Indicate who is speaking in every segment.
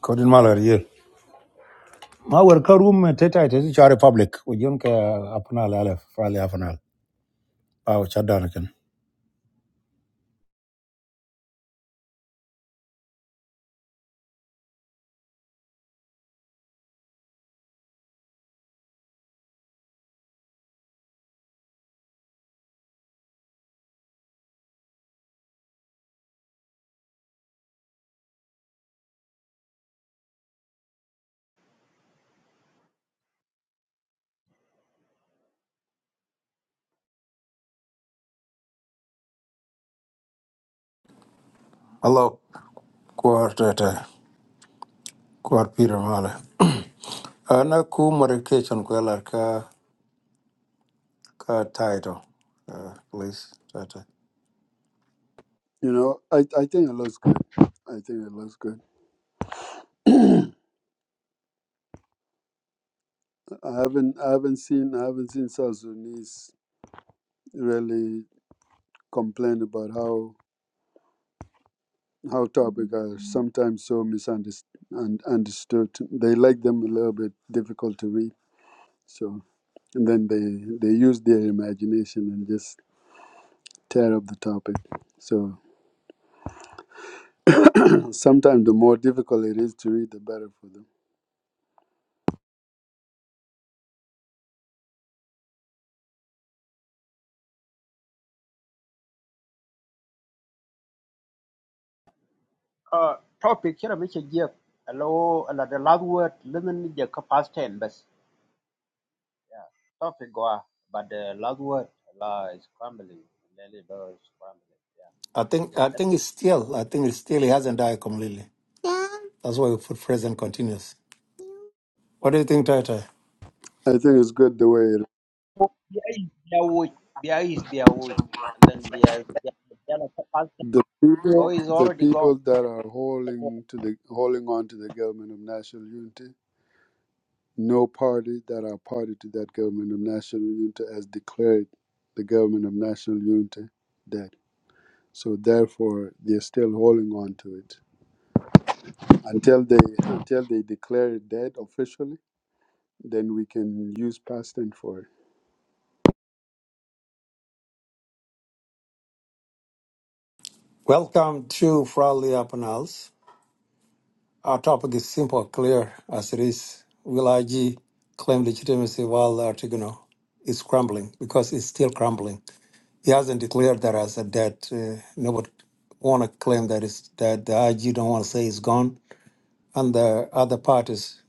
Speaker 1: Kodin malar yeah. Ma wer ka room me teta ite zi chare public. Ujion ke apanal ale fali apanal. Pao chadana ken. Hello. Kuar teta. Kuar pira male. Ana ku modification ku ka ka title. Uh, please teta.
Speaker 2: You know, I, I think it looks good. I think it looks good. I haven't I haven't seen I haven't seen South Sudanese really complain about how how topic are sometimes so misunderstood. They like them a little bit difficult to read. So and then they they use their imagination and just tear up the topic. So sometimes the more difficult it is to read, the better for them.
Speaker 3: Uh, topic kira muke jiya alo ala the last word limin je ka past ten bas. Yeah. Topic goa but the last word la is crumbling. Lele ba is crumbling. Yeah.
Speaker 1: I think I
Speaker 3: That
Speaker 1: think it's still I think it's still he hasn't died completely. That's why we put present continuous. What do you think, Tata?
Speaker 2: I think it's good the way
Speaker 3: biya is biya wood. Biya is biya wood. And then biya biya biya la ka past ten.
Speaker 2: The
Speaker 3: Ko
Speaker 2: people,
Speaker 3: is
Speaker 2: the
Speaker 3: already
Speaker 2: people
Speaker 3: gone.
Speaker 2: that are
Speaker 3: That's what-
Speaker 2: holding to the holding on to the government of national unity, no party that are party to that government of national unity has declared the government of national unity dead. So therefore, they're still holding on to it until they until they declare it dead officially. Then we can use past tense for it.
Speaker 1: Welcome to Frowley Apanals. Our topic is simple, clear as it is. Will IG claim legitimacy while the Artigono is crumbling? Because it's still crumbling. He hasn't declared that as a dead. Uh, nobody want to claim that it's dead. The IG don't want to say it's gone. And the other parties,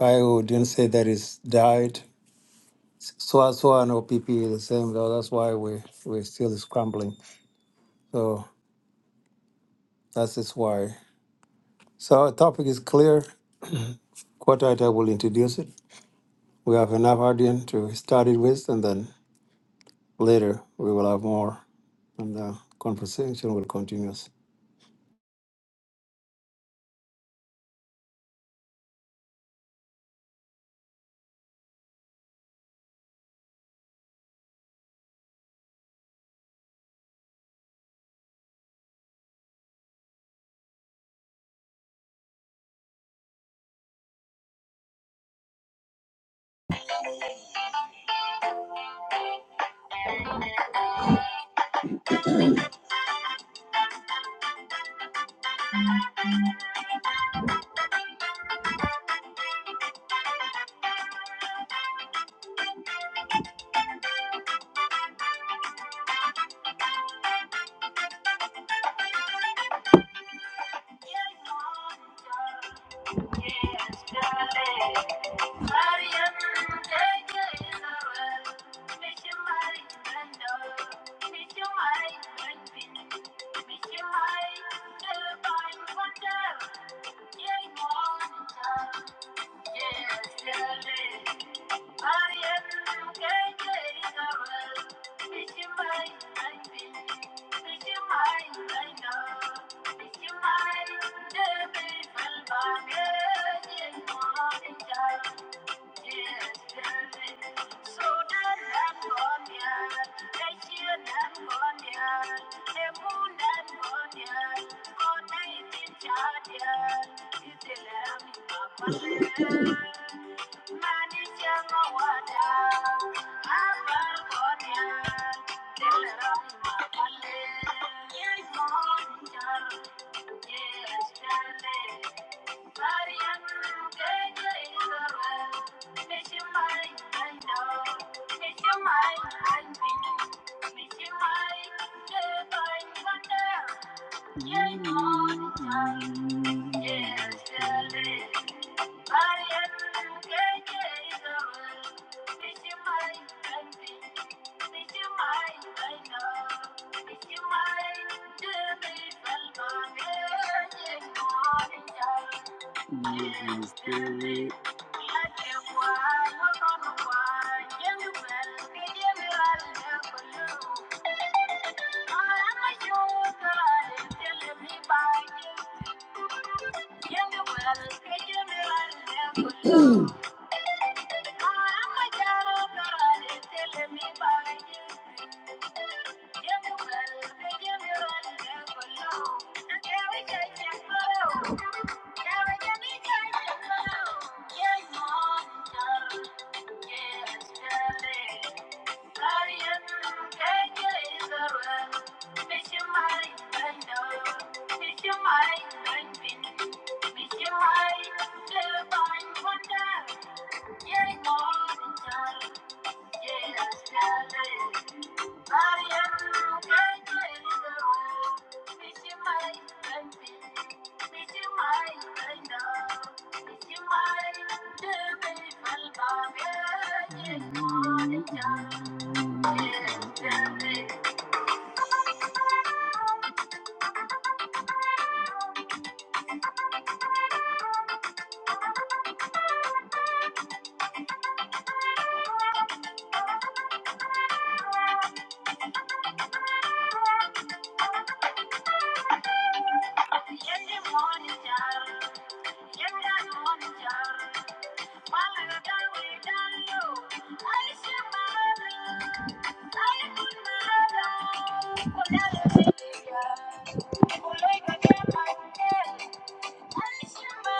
Speaker 1: IO didn't say that it's died. So as so and OPP is the same. Though. That's why we we still is crumbling. So that's just why. So our topic is clear. Quite I will introduce it. we have enough audience to start it with, and then later we will have more, and the conversation will continue.
Speaker 2: Thank you. Thank you. Yeah. Make your mind, I'm thinking. Make your mind, if I'm wondering. Thank you. Thank you. Yeah. Thank you.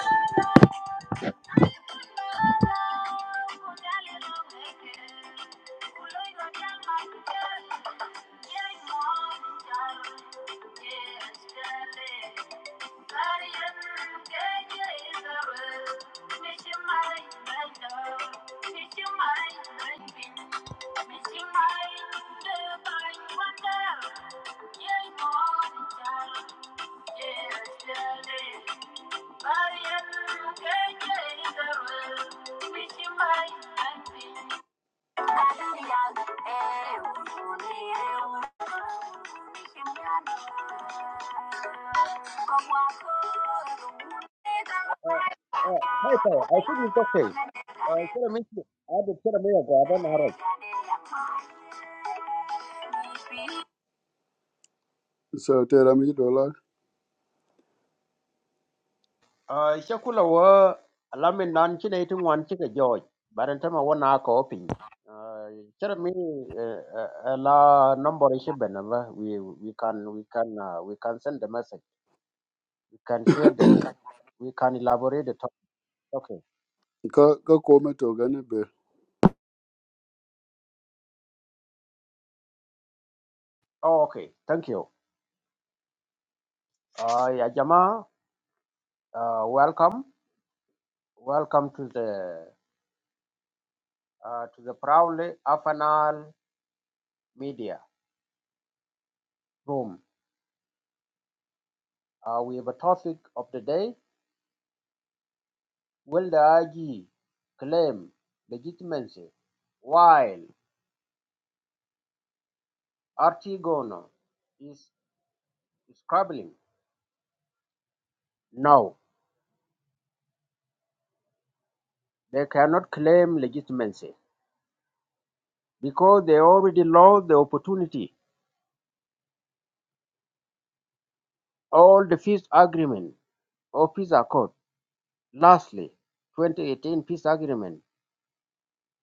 Speaker 2: Thank you. Wonder, yeah, more than child, yeah, still
Speaker 3: Yeah. Hi, sir. I think it's okay. Uh,
Speaker 2: so tera mi dollar
Speaker 3: Uh, chakula wa alamin nan chine itu ngwan chika joj. Baran tama wa na ko pin. Uh, chara mi uh, uh, la number ishi benamba. We we can we can uh, we can send the message. We can share the we can elaborate the topic. Okay.
Speaker 2: ka ka ko me to gane
Speaker 3: Oh, okay. Thank you. Uh, ya jama, uh, welcome. Welcome to the uh, to the proudly Afanal Media Room. Uh, we have a topic of the day. will the AG claim legitimacy while Artigono is scrabbling No, they cannot claim legitimacy because they already lost the opportunity. All the peace agreement or peace accord, lastly, 2018 peace agreement,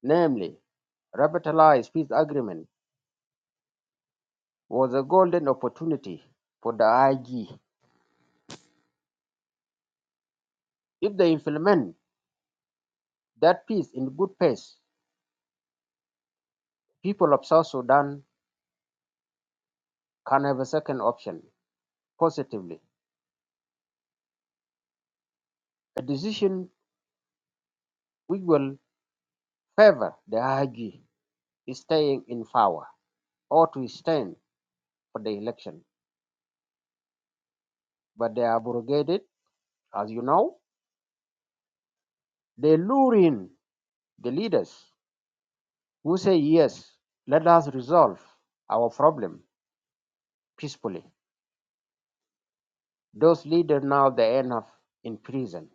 Speaker 3: namely revitalized peace agreement, was a golden opportunity for the IG. If they implement that peace in good pace, people of South Sudan can have a second option, positively, a decision which will favor the Hagi staying in power or to stand for the election. But they are abrogated, as you know. They lure in the leaders who say, yes, let us resolve our problem peacefully. Those leaders now they end up in prison.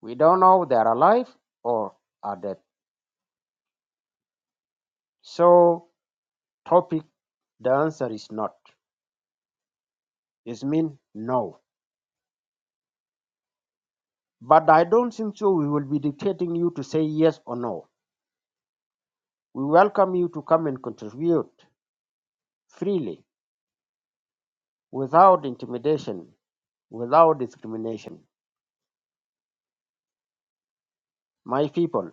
Speaker 3: We don't know they are alive or are dead. So topic the answer is not. It means no. But I don't think so. We will be dictating you to say yes or no. We welcome you to come and contribute freely, without intimidation, without discrimination. My people,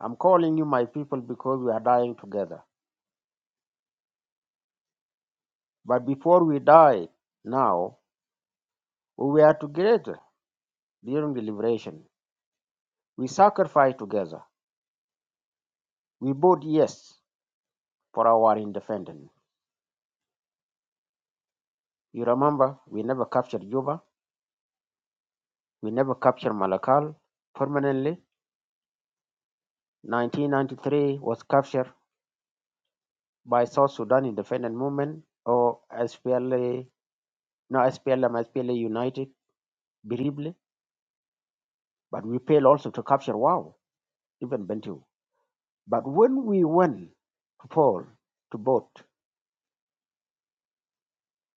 Speaker 3: I'm calling you my people because we are dying together. But before we died, now, we were together during the liberation. We sacrificed together. We vote yes for our independence. You remember, we never captured Juba, we never captured Malakal permanently. 1993 was captured by South Sudan Independent Movement or SPLA, no SPLM, SPLA United, briefly, but we failed also to capture Wow, even Bentiu. But when we went to poll, to vote,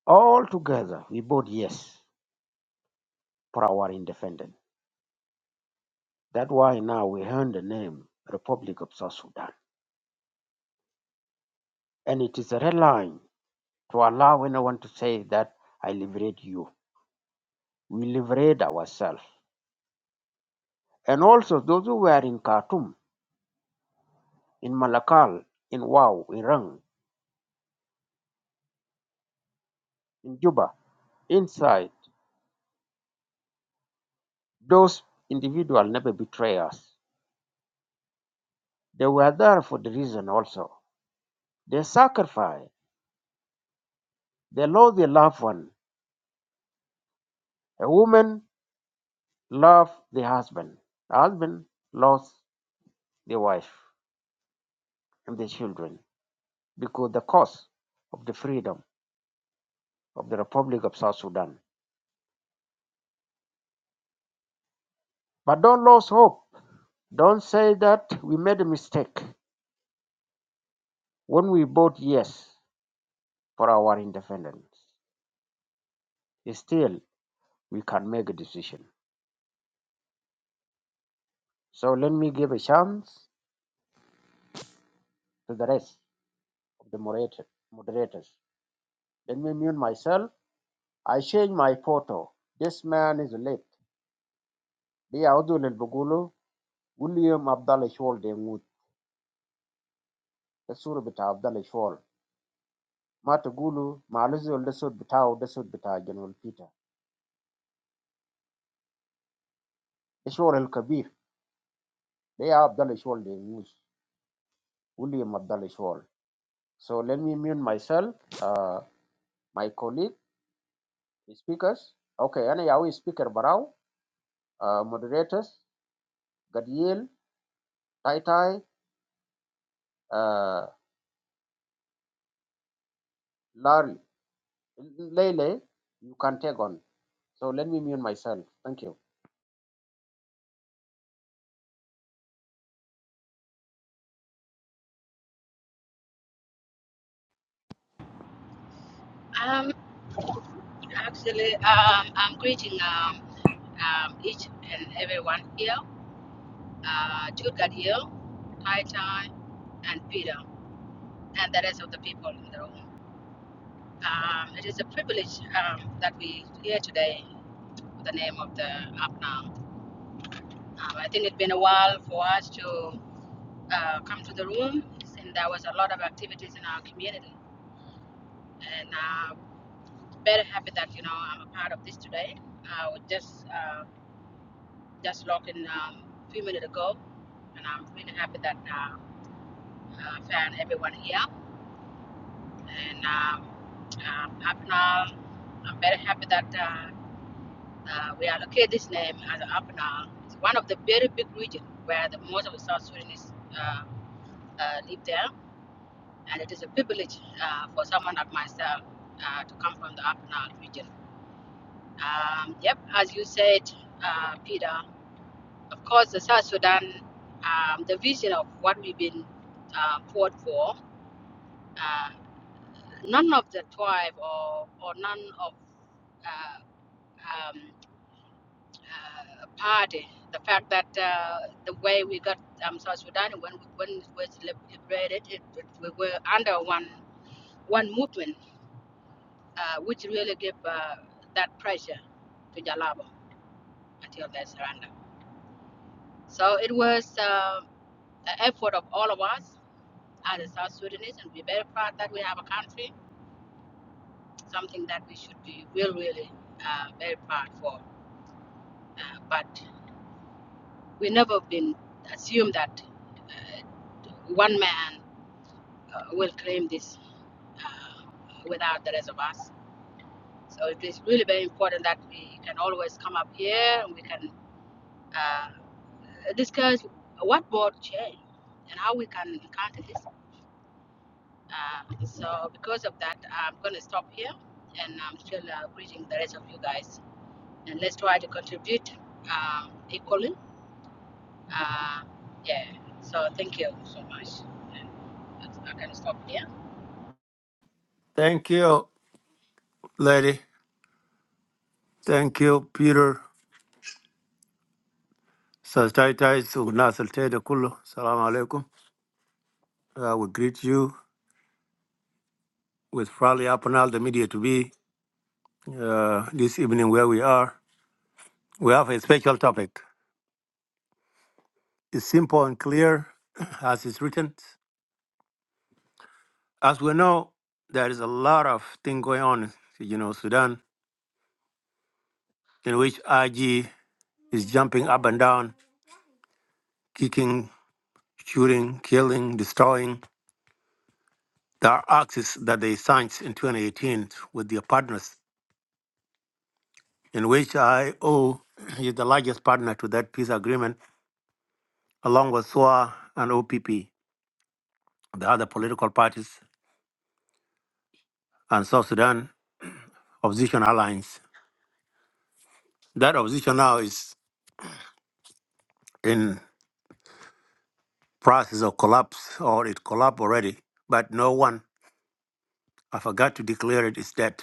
Speaker 3: all together we voted yes for our independence. That's why now we earn the name Republic of South Sudan. And it is a red line to allow anyone to say that I liberate you. We liberate ourselves and also those who were in Khartoum, in Malakal, in Wau, in Rang, in Juba, inside, those individuals never betray us. They were there for the reason also. They sacrifice. They lost their loved one. A woman loves the husband. The husband lost the wife and the children because the cause of the freedom of the Republic of South Sudan. But don't lose hope. Don't say that we made a mistake when we bought yes. for our independence. Still, we can make a decision. So let me give a chance to the rest of the moderator, moderators. Let me mute myself. I change my photo. This man is late. بيعودوا للبقولوا William Abdallah Shawl Demut. ده الصورة بتاع Abdallah Shawl. ما تقولوا مع الزول ده صوت بتاعه ده صوت بتاع جنرال بيتر. ده شغل الكبير. ده يا Abdallah Shawl Demut. William Abdallah Shawl. So let me mute myself, uh, my colleague. Speakers, okay, ana yawi speaker baraw, uh, moderators, Gadiel, Tai Tai, uh, Larry, Lele, you can take on. So let me mute myself. Thank you.
Speaker 4: Um, actually, um, I'm greeting um, um, each and everyone here, uh, Jude Gadiel, Tai Tai, and Peter, and the rest of the people in the room. Um, it is a privilege um, that we here today with the name of the APNAM. Um, I think it's been a while for us to uh, come to the room, and there was a lot of activities in our community, and uh, very happy that you know I'm a part of this today. I would just. Uh, just logged in um, a few minutes ago, and I'm really happy that uh, I found everyone here. And um, um, Apnal, I'm very happy that uh, uh, we allocate this name as Apnal. It's one of the very big regions where the most of the South Sudanese uh, uh, live there, and it is a privilege uh, for someone like myself uh, to come from the Apnal region. Um, yep, as you said, uh, Peter. Of course, the South Sudan, um, the vision of what we've been uh, fought for, uh, none of the tribe or, or none of uh, um, uh, party, the fact that uh, the way we got um, South Sudan when, when it was liberated, it, it, we were under one, one movement, uh, which really gave uh, that pressure to Jalabo until their surrender. So it was uh, an effort of all of us as a South Sudanese, and we're very proud that we have a country, something that we should be really, really uh, very proud for. Uh, But we never been assumed that one man uh, will claim this uh, without the rest of us. So it is really very important that we can always come up here and we can uh, discuss what brought change and how we can counter this. Uh, so because of that, I'm going to stop here and I'm still uh, greeting the rest of you guys. and let's try to contribute um, equally. Uh, yeah. So thank you so much. I can stop there.
Speaker 1: Thank you, lady. Thank you, Peter. Sastaitai Sugnasal Teda Kullu. Salam alaikum. I will greet you with Frali Apanal, the media to be uh, this evening where we are. We have a special topic. It's simple and clear as it's written. As we know, there is a lot of thing going on, in you know, Sudan, in which IG is jumping up and down, kicking, shooting, killing, destroying. There are axes that they signed in 2018 with their partners, in which IO is the largest partner to that peace agreement, along with SWA and OPP, the other political parties, and South Sudan opposition alliance. That opposition now is in process of collapse, or it collapsed already, but no one, I forgot to declare it, is dead,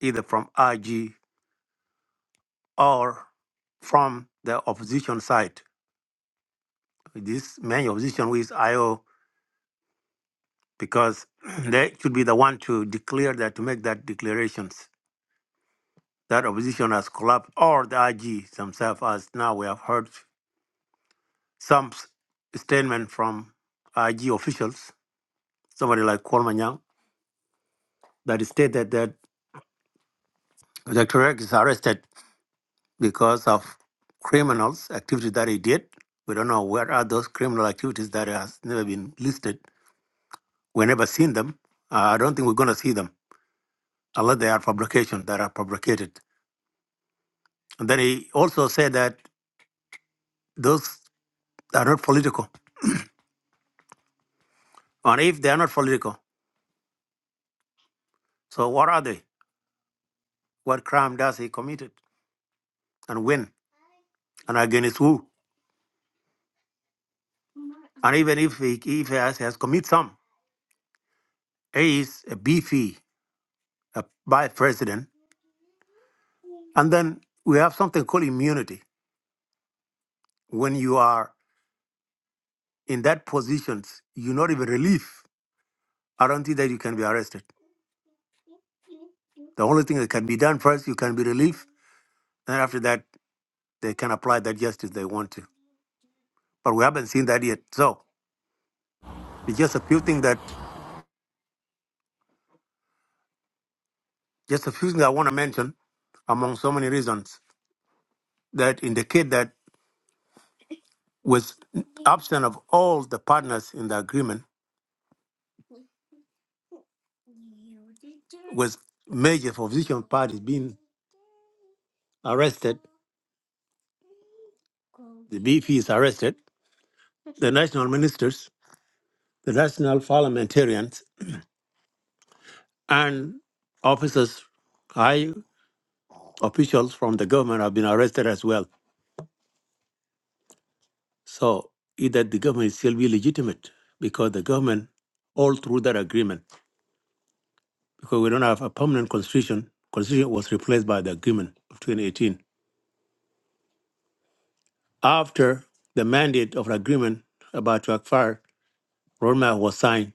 Speaker 1: either from IG or from the opposition side. This main opposition with IO because they should be the one to declare that to make that declarations that opposition has collapsed or the IG themselves as now we have heard some s- statement from IG officials, somebody like Kualmanyang, that stated that the Turek is arrested because of criminals activities that he did. We don't know what are those criminal activities that has never been listed We never seen them. Uh, I don't think we're going to see them unless they are publications that are fabricated. And then he also said that those are not political. And if they are not political, so what are they? What crime does he committed and when and against who? And even if he, if he has, has committed some, he is a beefy a vice president. And then we have something called immunity. When you are in that position, you're not even relief. I don't think that you can be arrested. The only thing that can be done first, you can be relieved Then after that, they can apply that justice they want to. But we haven't seen that yet. So it's just a few things that, just a few things I want to mention among so many reasons that indicate that with absent of all the partners in the agreement, with major opposition parties being arrested, the BP is arrested, the national ministers, the national parliamentarians, and officers, high officials from the government have been arrested as well. So i- that the government is still be legitimate because the government, all through that agreement, because we don't have a permanent constitution, constitution was replaced by the agreement of 2018. After the mandate of the agreement about to expire, roadmap was signed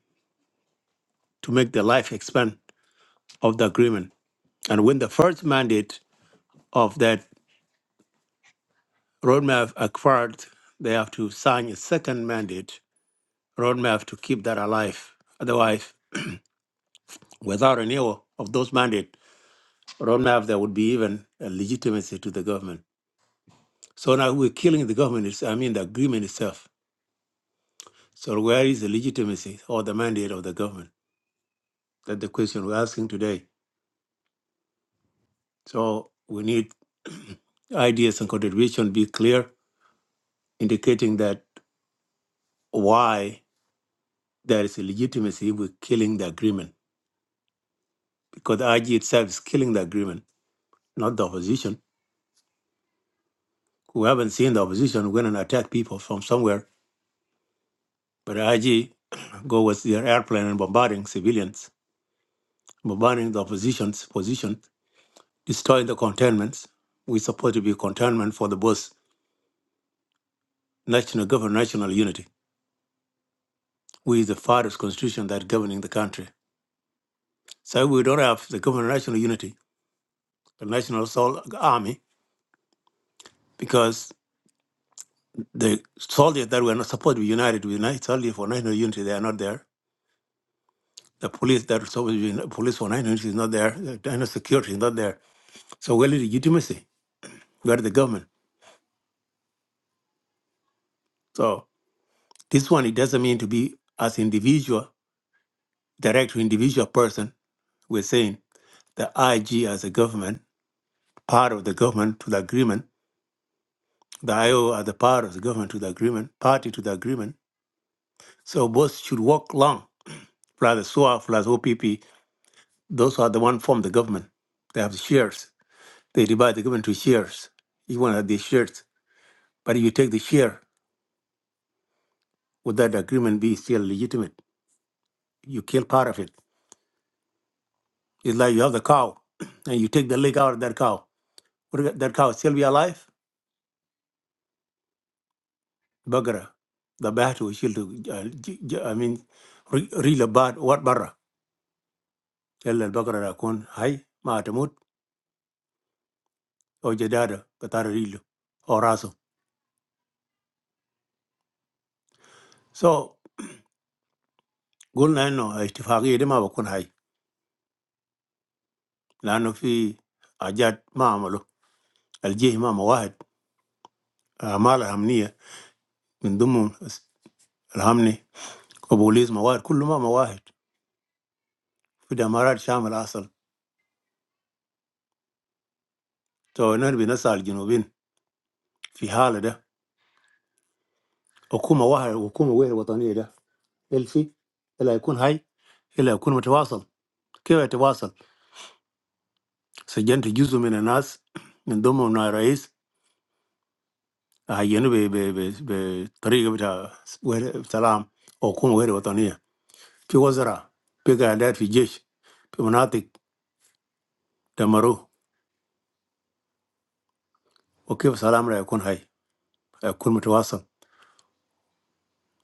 Speaker 1: to make the life expand of the agreement. And when the first mandate of that roadmap expired, they have to sign a second mandate roadmap to keep that alive. Otherwise, without renewal of those mandates, roadmap there would be even a legitimacy to the government. So now we're killing the government, it's- I mean the agreement itself. So where is the legitimacy or the mandate of the government? That's the question we're asking today. So we need ideas and contribution be clear, indicating that why there is a legitimacy with killing the agreement. Because the IG itself is killing the agreement, not the opposition. We haven't seen the opposition go and attack people from somewhere, but IG go with their airplane and bombarding civilians by burning the opposition's position, destroying the containments. We support to be containment for the both national government, national unity. We the fathers' constitution that governing the country. So we don't have the government, national unity, the national sol- army, because the soldiers that were not supposed to be united with night soldiers for national unity, they are not there. The police that are supposed to be police for national unity is not there. The national security is not there. So where is legitimacy? Where is the government? So this one, it doesn't mean to be as individual direct to individual person, we're saying the IG as a government, part of the government to the agreement, the IO as a part of the government to the agreement, party to the agreement. So both should work long. Plus the SWA, plus OPP, those are the one form the government. They have shares. They divide the government to shares. You want to have the shares. But if you take the share, would that agreement be still legitimate? You kill part of it. It's like you have the cow and you take the leg out of that cow. Would that cow still be alive? Bagara, the battle shield to, uh, j- j- I mean, re- real about what barra. Tell the Bagara Rakun, hi, Matamut, or Jadada, Batara Rilo, or Raso. So, Gul Nano, Istifagi, the Mavakun Hai, Lano fi Ajat Mamalo, Alji Mama Wahid, Amala Hamnia, من ضمن الهمني وبوليس مواد كل ما مواهد في دمارات شامل أصل تو نربي نسعى الجنوبين في حالة ده حكومة واحدة حكومة غير وطنية ده Elfi, ela ikun high, ela ikun matiwasa. Kefi matiwasa. Sajenti yuzu min anas ndomo na rais ahiye nube be be be tariqa be ta taalam okum wahele wataniya. Pigozara pika adat vigesh pimanati tamaro oku salama ikun high ikun matiwasa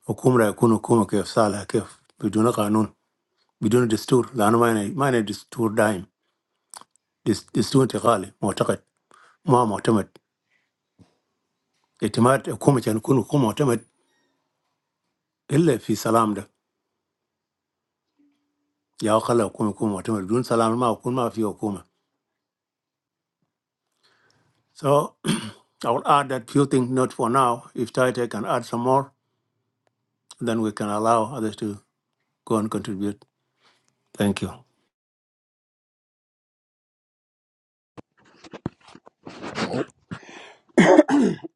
Speaker 1: okum ra ikun okum kaf salah kaf bidunu kanun bidunu distur lanu maine maine distur daim dist distur tigali muataket muam matemat. itimat kuma can kun kuma wata illa fi salam da ya kala kuma kuma wata mai dun salam ma kun ma fi so I will add that few things not for now if Taita can add some more then we can allow others to go and contribute thank you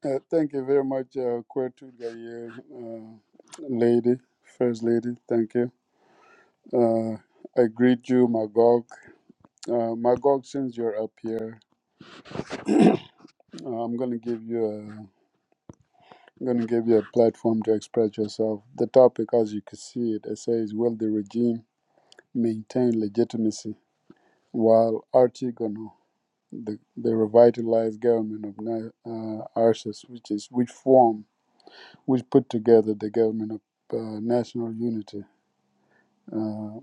Speaker 2: Uh, thank you very much, uh, Kwetu Gaye, uh, lady, first lady. Thank you. Uh, I greet you, Magog. Uh, Magog, since you're up here, uh, I'm gonna give you a, I'm gonna give you a platform to express yourself. The topic, as you can see it, it says, "Will the regime maintain legitimacy while Artigono, the, the revitalized government of Na- uh, Arsis, which is which form, which put together the government of uh, national unity?" Uh,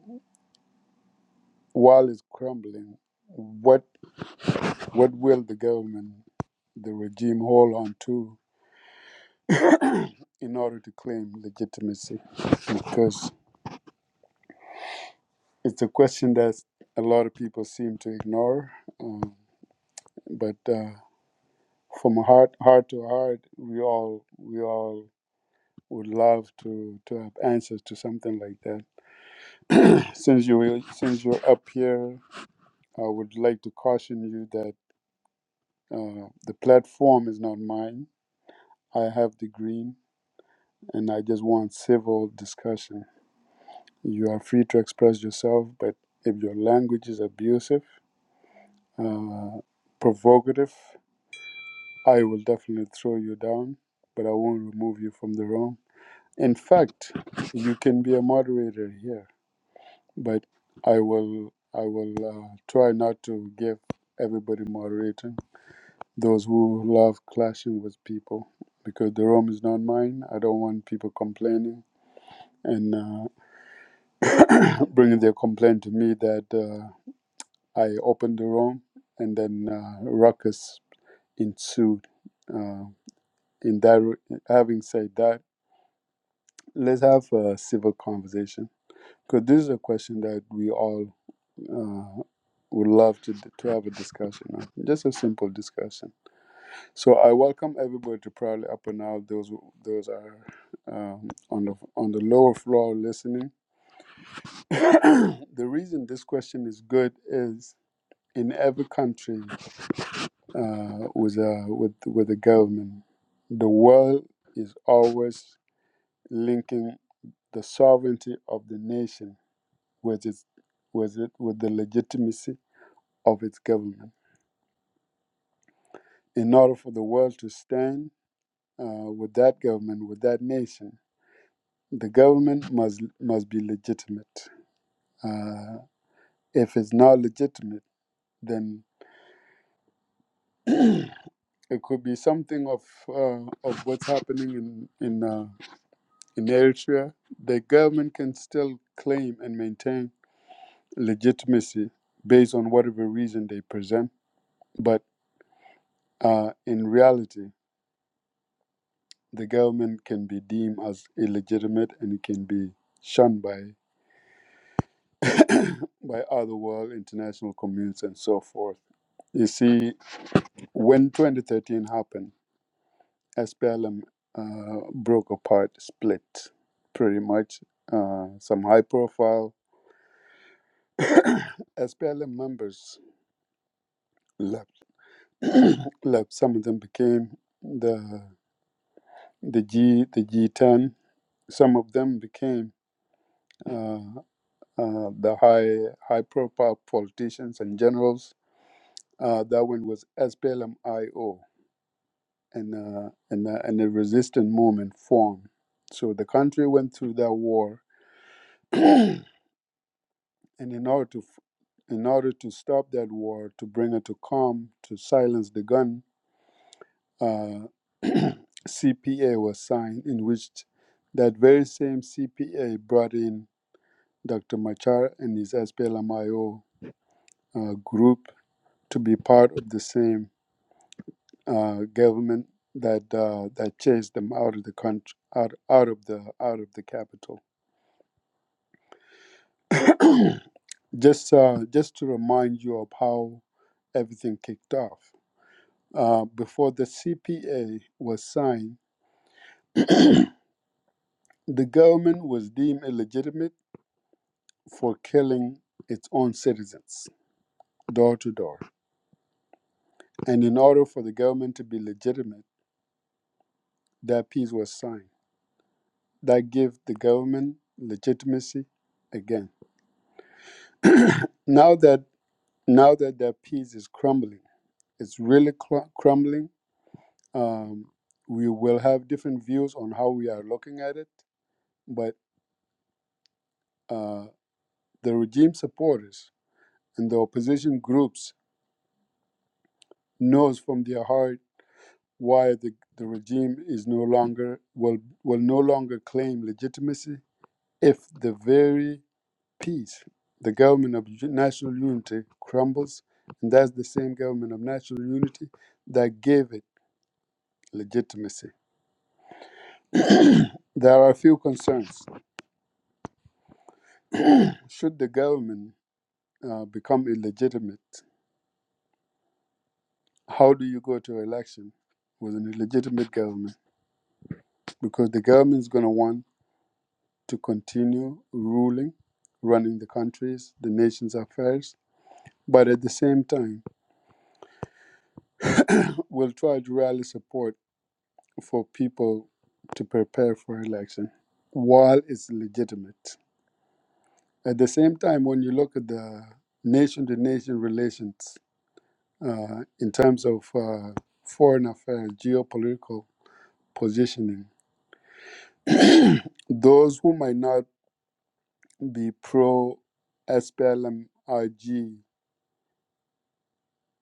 Speaker 2: while it's crumbling, what what will the government, the regime, hold on to in order to claim legitimacy? Because it's a question that a lot of people seem to ignore, um, but. Uh, from heart, heart to heart, we all we all would love to to have answers to something like that. Since you since you're up here, I would like to caution you that uh, the platform is not mine. I have the green. and I just want civil discussion. You are free to express yourself, but if your language is abusive, uh, provocative, I will definitely throw you down, but I won't remove you from the room. In fact, you can be a moderator here, but I will I will uh, try not to give everybody moderator. Those who love clashing with people, because the room is not mine. I don't want people complaining and. Uh, bringing their complaint to me that uh, I opened the room, and then uh, ruckus ensued. Uh, in that, having said that, let's have a civil conversation because this is a question that we all uh, would love to to have a discussion on. Just a simple discussion. So I welcome everybody to probably up and out. Those those are um, on the on the lower floor listening. the reason this question is good is in every country uh, with a with with the government. The world is always linking the sovereignty of the nation with its with it with the legitimacy of its government. In order for the world to stand uh, with that government, with that nation, the government must must be legitimate. Uh, if it's not legitimate, then it could be something of uh, of what's happening in in. uh, In Eritrea, the government can still claim and maintain legitimacy based on whatever reason they present, but uh, in reality, the government can be deemed as illegitimate and it can be shunned by by other world, international communities, and so forth. You see, when 2013 happened, SPLM uh, broke apart, split pretty much. Uh, some high profile SPLM members left like some of them became the the G the G10. Some of them became uh, uh, the high high profile politicians and generals. Uh, that one was SPLM-IO, and uh, and uh, and a resistance movement formed. So the country went through that war, and in order to f- in order to stop that war, to bring it to calm, to silence the gun, uh, CPA was signed, in which that very same CPA brought in Dr. Machar and his SPLMIO uh, group to be part of the same uh, government that uh, that chased them out of the country, out, out of the out of the capital. just uh, just to remind you of how everything kicked off. Uh, before the CPA was signed, the government was deemed illegitimate for killing its own citizens door to door. And in order for the government to be legitimate, that peace was signed. That gave the government legitimacy again. Now that now that that peace is crumbling, it's really cl- crumbling. Um, we will have different views on how we are looking at it, but uh, the regime supporters and the opposition groups knows from their heart why the, the regime is no longer will will no longer claim legitimacy if the very peace the government of national unity crumbles and that's the same government of national unity that gave it legitimacy there are a few concerns should the government uh, become illegitimate how do you go to election with an illegitimate government because the government is going to want to continue ruling running the countries the nation's affairs But at the same time, we'll try to rally support for people to prepare for election while it's legitimate. At the same time, when you look at the nation to nation relations uh, in terms of uh, foreign affairs, geopolitical positioning, those who might not be pro SPLMIG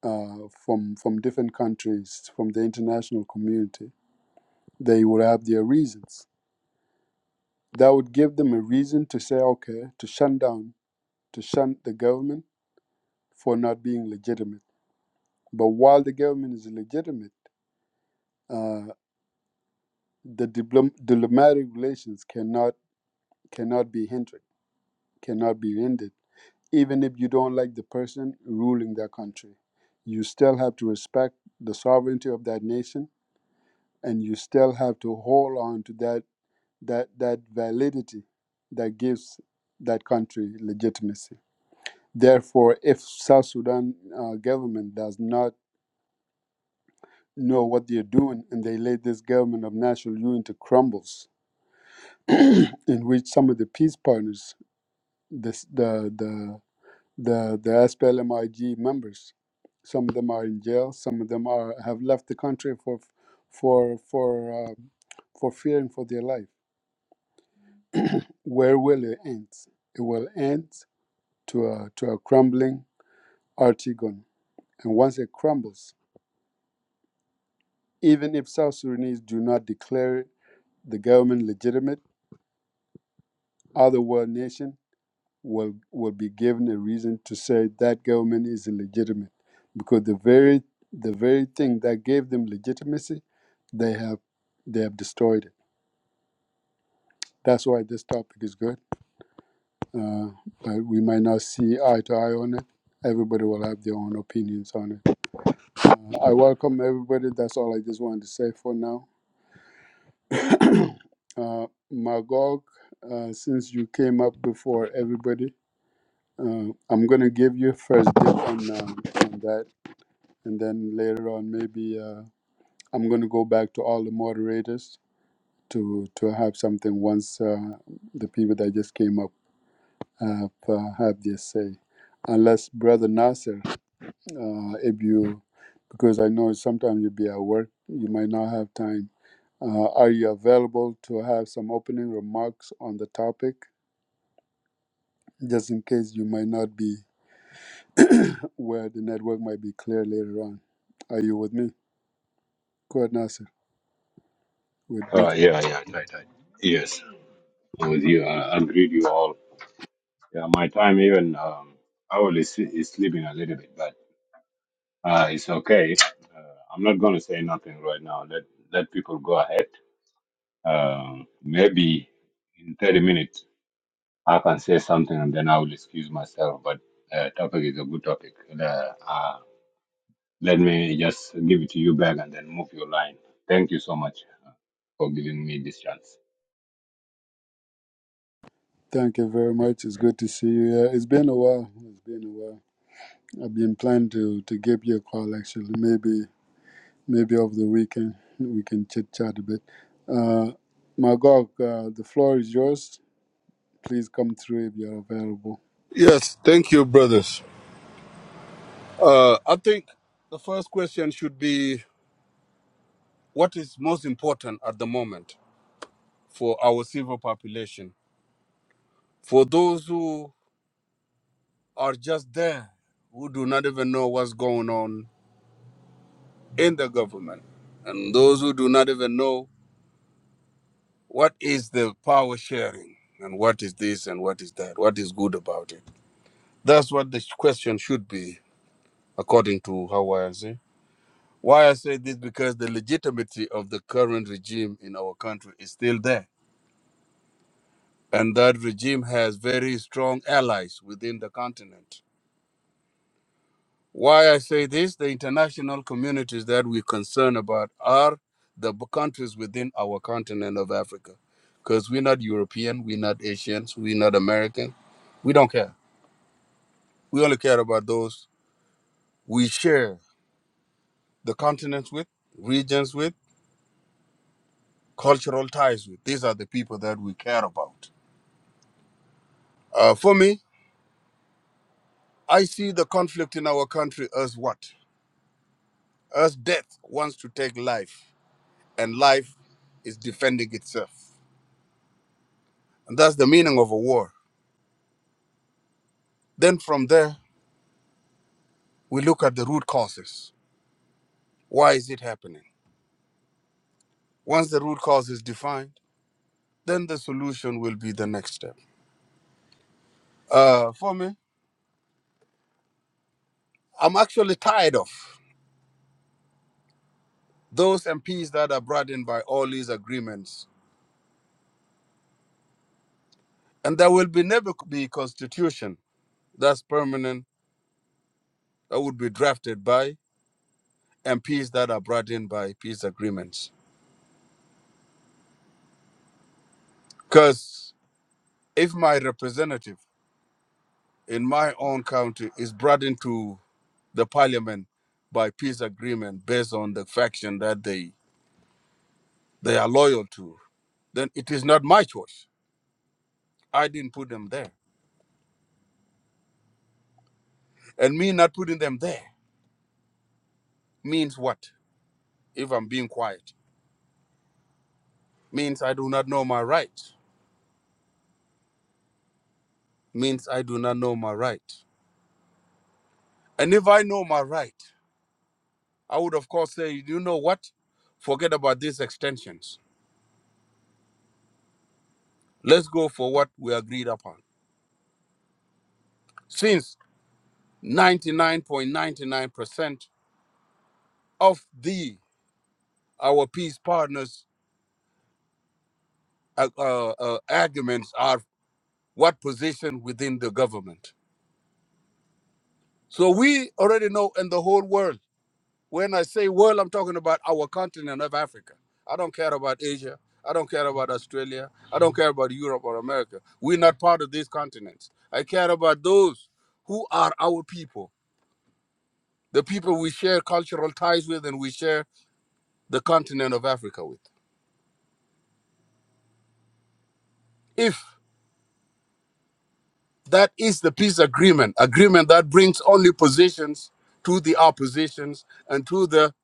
Speaker 2: uh, from, from different countries, from the international community, they would have their reasons That would give them a reason to say, okay, to shut down, to shun the government for not being legitimate. But while the government is legitimate, uh, the diplom- diplomatic relations cannot cannot be hindered, cannot be ended. Even if you don't like the person ruling that country, you still have to respect the sovereignty of that nation, and you still have to hold on to that that that validity that gives that country legitimacy. Therefore, if South Sudan uh, government does not know what they're doing and they let this government of national unity crumbles, in which some of the peace partners, this, the the the the SPLMIG members, some of them are in jail, some of them are have left the country for for for uh, for fearing for their life. Where will it end? It will end to a to a crumbling Artigon, and once it crumbles, even if South Sudanese do not declare the government legitimate, other world nations will, will be given a reason to say that government is illegitimate because the very the very thing that gave them legitimacy, they have they have destroyed it. That's why this topic is good, uh, but we might not see eye to eye on it. Everybody will have their own opinions on it. Uh, I welcome everybody. That's all I just wanted to say for now. Uh, Magog, uh, since you came up before everybody, uh, I'm going to give you first dip on, um, on that. And then later on, maybe uh, I'm going to go back to all the moderators to, to have something once uh, the people that just came up have, uh, have their say. Unless, Brother Nasser, uh, if you, because I know sometimes you'll be at work, you might not have time. Uh, are you available to have some opening remarks on the topic? just in case you might not be where the network might be clear later on. Are you with me? Quad Nasser would be.
Speaker 5: Uh, yeah, yeah, right, right. Yes, I'm with you. I I agree with you all. Yeah, my time even um, I will is, is sleeping a little bit, but uh, it's okay. Uh, I'm not going to say nothing right now. Let let people go ahead. Um, maybe in 30 minutes I can say something and then I will excuse myself. But uh, topic is a good topic. And, Uh, uh, let me just give it to you back and then move your line. Thank you so much for giving me this chance.
Speaker 2: Thank you very much. It's good to see you. Yeah, it's been a while. It's been a while. I've been planning to to give you a call actually. Maybe maybe over the weekend we can chit chat a bit. Uh, Magog, uh, the floor is yours. Please come through if you're available.
Speaker 6: Yes, thank you, brothers. Uh, I think the first question should be what is most important at the moment for our civil population? For those who are just there, who do not even know what's going on in the government, and those who do not even know what is the power sharing and what is this and what is that, what is good about it. That's what the question should be, according to how I see. Why I say this because the legitimacy of the current regime in our country is still there. And that regime has very strong allies within the continent. Why I say this, the international communities that we concern about are the b- countries within our continent of Africa. Because we're not European, we're not Asians, we're not American. We don't care. We only care about those we share the continents with, regions with, cultural ties with. These are the people that we care about. Uh, for me, I see the conflict in our country as what? As death wants to take life, and life is defending itself. And that's the meaning of a war. Then from there, we look at the root causes. Why is it happening? Once the root cause is defined, then the solution will be the next step. Uh, for me, I'm actually tired of those MPs that are brought in by all these agreements. And there will be never be a constitution that's permanent that would be drafted by and peace that are brought in by peace agreements. Because if my representative in my own county is brought into the parliament by peace agreement based on the faction that they they are loyal to, then it is not my choice. I didn't put them there. And me not putting them there means what? If I'm being quiet, means I do not know my right. Means I do not know my right. And if I know my right, I would of course say, you know what? Forget about these extensions Let's go for what we agreed upon. Since 99.99% of the our peace partners uh, uh, uh, arguments are what position within the government. So we already know in the whole world. When I say world, I'm talking about our continent of Africa. I don't care about Asia. I don't care about Australia. I don't care about Europe or America. We're not part of these continents. I care about those who are our people, the people we share cultural ties with and we share the continent of Africa with. If that is the peace agreement, agreement that brings only positions to the oppositions and to the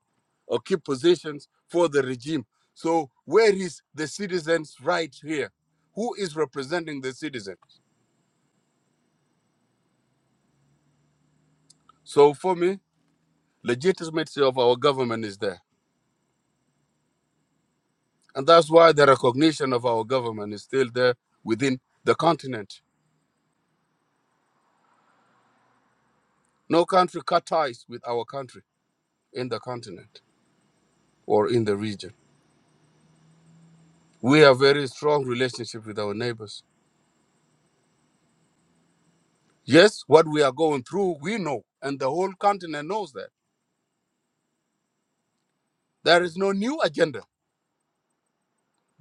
Speaker 6: or keep positions for the regime. So where is the citizens' right here? Who is representing the citizens? So for me, legitimacy of our government is there. And that's why the recognition of our government is still there within the continent. No country cut ties with our country in the continent or in the region. We have very strong relationship with our neighbors. Yes, what we are going through, we know, and the whole continent knows that. There is no new agenda.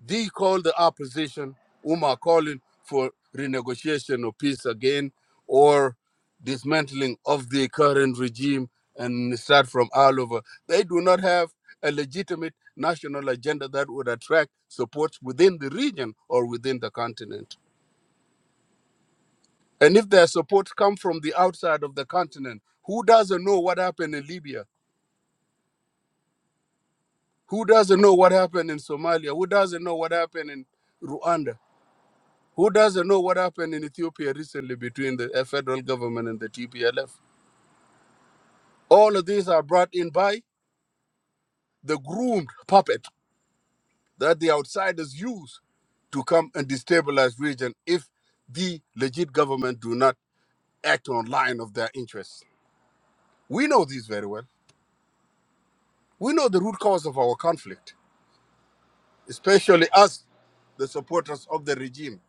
Speaker 6: They call the opposition, whom are calling for renegotiation of peace again or dismantling of the current regime and start from all over. They do not have a legitimate national agenda that would attract support within the region or within the continent. And if their support comes from the outside of the continent, who doesn't know what happened in Libya? Who doesn't know what happened in Somalia? Who doesn't know what happened in Rwanda? Who doesn't know what happened in Ethiopia recently between the uh, federal government and the TPLF? All of these are brought in by the groomed puppet that the outsiders use to come and destabilize region if the legit government do not act on line of their interests. We know this very well. We know the root cause of our conflict especially us, the supporters of the regime,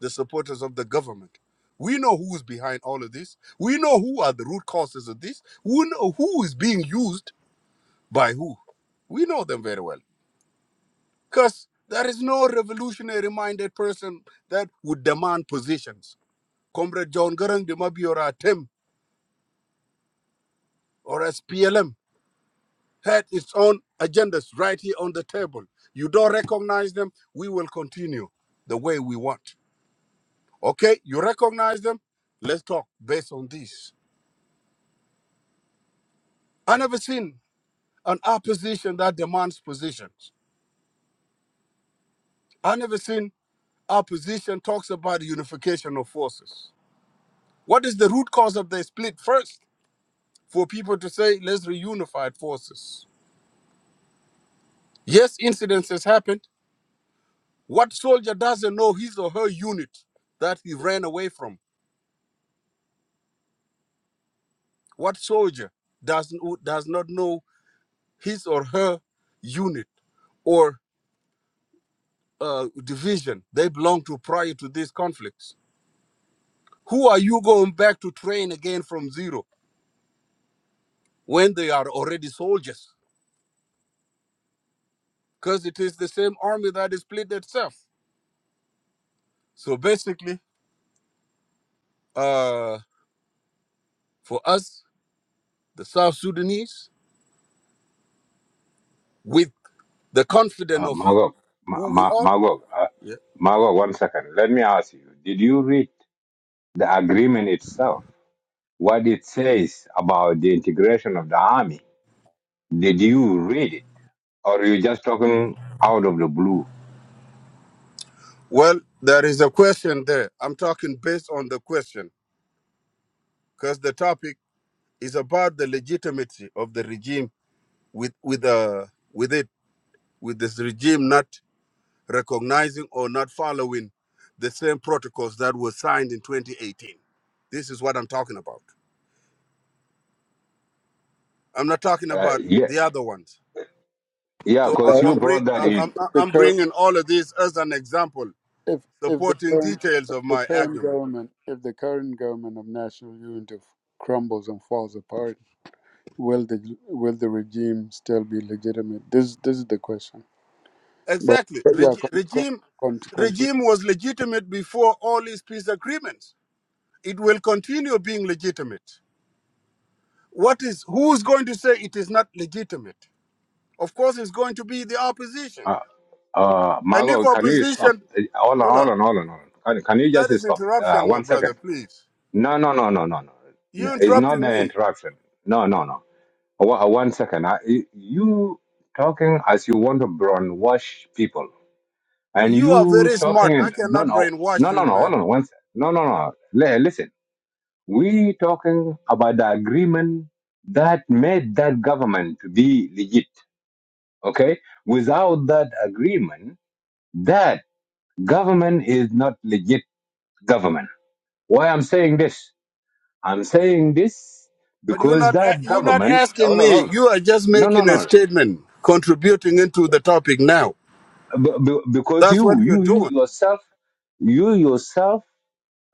Speaker 6: the supporters of the government. We know who is behind all of this. We know who are the root causes of this. We know who is being used by who. We know them very well. Because there is no revolutionary minded person that would demand positions. Comrade John Garang de Mabi or ATEM or SPLM had its own agendas right here on the table. You don't recognize them, we will continue the way we want Okay, you recognize them. Let's talk based on this. I never seen an opposition that demands positions. I never seen opposition talks about unification of forces. What is the root cause of the split first? For people to say, let's reunify forces. Yes, incidents has happened. What soldier doesn't know his or her unit that he ran away from? What soldier does, does not know his or her unit or? uh, division they belong to prior to these conflicts. Who are you going back to train again from zero when they are already soldiers? Because it is the same army that is split itself. So basically, uh, for us, the South Sudanese, with the confidence
Speaker 5: Uh,
Speaker 6: of
Speaker 5: Magog, Ma-
Speaker 6: who we
Speaker 5: Ma-
Speaker 6: are,
Speaker 5: Magog, uh,
Speaker 6: yeah.
Speaker 5: Magog, one second. Let me ask you, did you read the agreement itself? What it says about the integration of the army? Did you read it? Or are you just talking out of the blue?
Speaker 6: well, there is a question there. I'm talking based on the question because the topic is about the legitimacy of the regime with with uh, with it with this regime not recognizing or not following the same protocols that were signed in 2018. This is what I'm talking about. I'm not talking
Speaker 5: Uh,
Speaker 6: about
Speaker 5: yeah,
Speaker 6: the other ones.
Speaker 5: yeah,
Speaker 6: So I,
Speaker 5: because
Speaker 2: Yeah,
Speaker 5: you
Speaker 6: I'm, bring,
Speaker 5: brought that
Speaker 6: I,
Speaker 2: if, if
Speaker 5: in.
Speaker 6: I'm,
Speaker 2: the
Speaker 6: I'm
Speaker 2: cur-
Speaker 6: bringing all of this as an example,
Speaker 2: if if the
Speaker 6: supporting
Speaker 2: current
Speaker 6: details
Speaker 2: if
Speaker 6: of
Speaker 2: the
Speaker 6: my
Speaker 2: current
Speaker 6: argument.
Speaker 2: government if the current government of national unity crumbles and falls apart, will the will the regime still be legitimate? This this is the question. But,
Speaker 6: Exactly.
Speaker 2: but yeah,
Speaker 6: Reg-
Speaker 2: con, con,
Speaker 6: regime,
Speaker 2: con, continue.
Speaker 6: regime was legitimate before all these peace agreements. It will continue being legitimate. What is who is going to say it is not legitimate? Of course, it's going to be the opposition.
Speaker 5: Uh, uh,
Speaker 6: And if
Speaker 5: Magog, can you stop?
Speaker 6: opposition
Speaker 5: Uh, Hold on,
Speaker 6: Hold
Speaker 5: hold
Speaker 6: on.
Speaker 5: on, hold on, hold on. Can, can you
Speaker 6: That
Speaker 5: just
Speaker 6: is
Speaker 5: stop? Uh,
Speaker 6: interruption, my
Speaker 5: one
Speaker 6: brother,
Speaker 5: second.
Speaker 6: please.
Speaker 5: No, no, no, no, no, no.
Speaker 6: You
Speaker 5: It's not
Speaker 6: interrupting
Speaker 5: an
Speaker 6: me.
Speaker 5: interruption. No, no, no. Wa- One second. I, you talking as you want to brainwash people, and
Speaker 6: You are
Speaker 5: you
Speaker 6: very
Speaker 5: talking
Speaker 6: smart. I
Speaker 5: in no,
Speaker 6: cannot
Speaker 5: no,
Speaker 6: brainwash
Speaker 5: no, no,
Speaker 6: you,
Speaker 5: no. Hold
Speaker 6: man.
Speaker 5: on one second. No, no, no. Li- listen, we talking about the agreement that made that government to be legit. Okay, without that agreement, that government is not legit government. Why I'm saying this? I'm saying this
Speaker 6: But you're
Speaker 5: because
Speaker 6: not a-
Speaker 5: that
Speaker 6: you're not
Speaker 5: government.
Speaker 6: asking
Speaker 5: Hold on,
Speaker 6: me.
Speaker 5: hold on.
Speaker 6: You are just
Speaker 5: No, no,
Speaker 6: making a
Speaker 5: no.
Speaker 6: statement, contributing into the topic now.
Speaker 5: b- b- because
Speaker 6: That's
Speaker 5: you,
Speaker 6: what you're
Speaker 5: you, you
Speaker 6: doing.
Speaker 5: yourself, you yourself,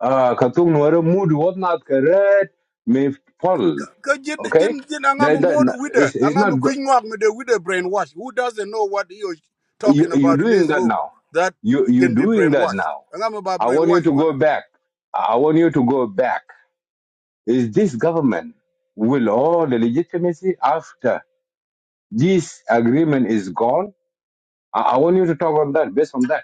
Speaker 5: uh, katung nuara mood what not correct may fall.
Speaker 6: Ka- ka jin-
Speaker 5: Okay,
Speaker 6: jin- am
Speaker 5: that
Speaker 6: a
Speaker 5: that
Speaker 6: mod with
Speaker 5: is it's
Speaker 6: a- i
Speaker 5: it's
Speaker 6: am
Speaker 5: not
Speaker 6: a
Speaker 5: good.
Speaker 6: queen wag with a- with a brainwash. Who doesn't know what you're
Speaker 5: You
Speaker 6: talking
Speaker 5: you're
Speaker 6: about in
Speaker 5: doing
Speaker 6: this
Speaker 5: that
Speaker 6: room
Speaker 5: now.
Speaker 6: that
Speaker 5: You you're
Speaker 6: can be
Speaker 5: doing that
Speaker 6: brainwashed?
Speaker 5: now.
Speaker 6: i am about
Speaker 5: I want you
Speaker 6: brainwash,
Speaker 5: to
Speaker 6: you
Speaker 5: go
Speaker 6: wanna-
Speaker 5: back. I want you to go back. Is this government will all the legitimacy after this agreement is gone? I, I want you to talk on that based on that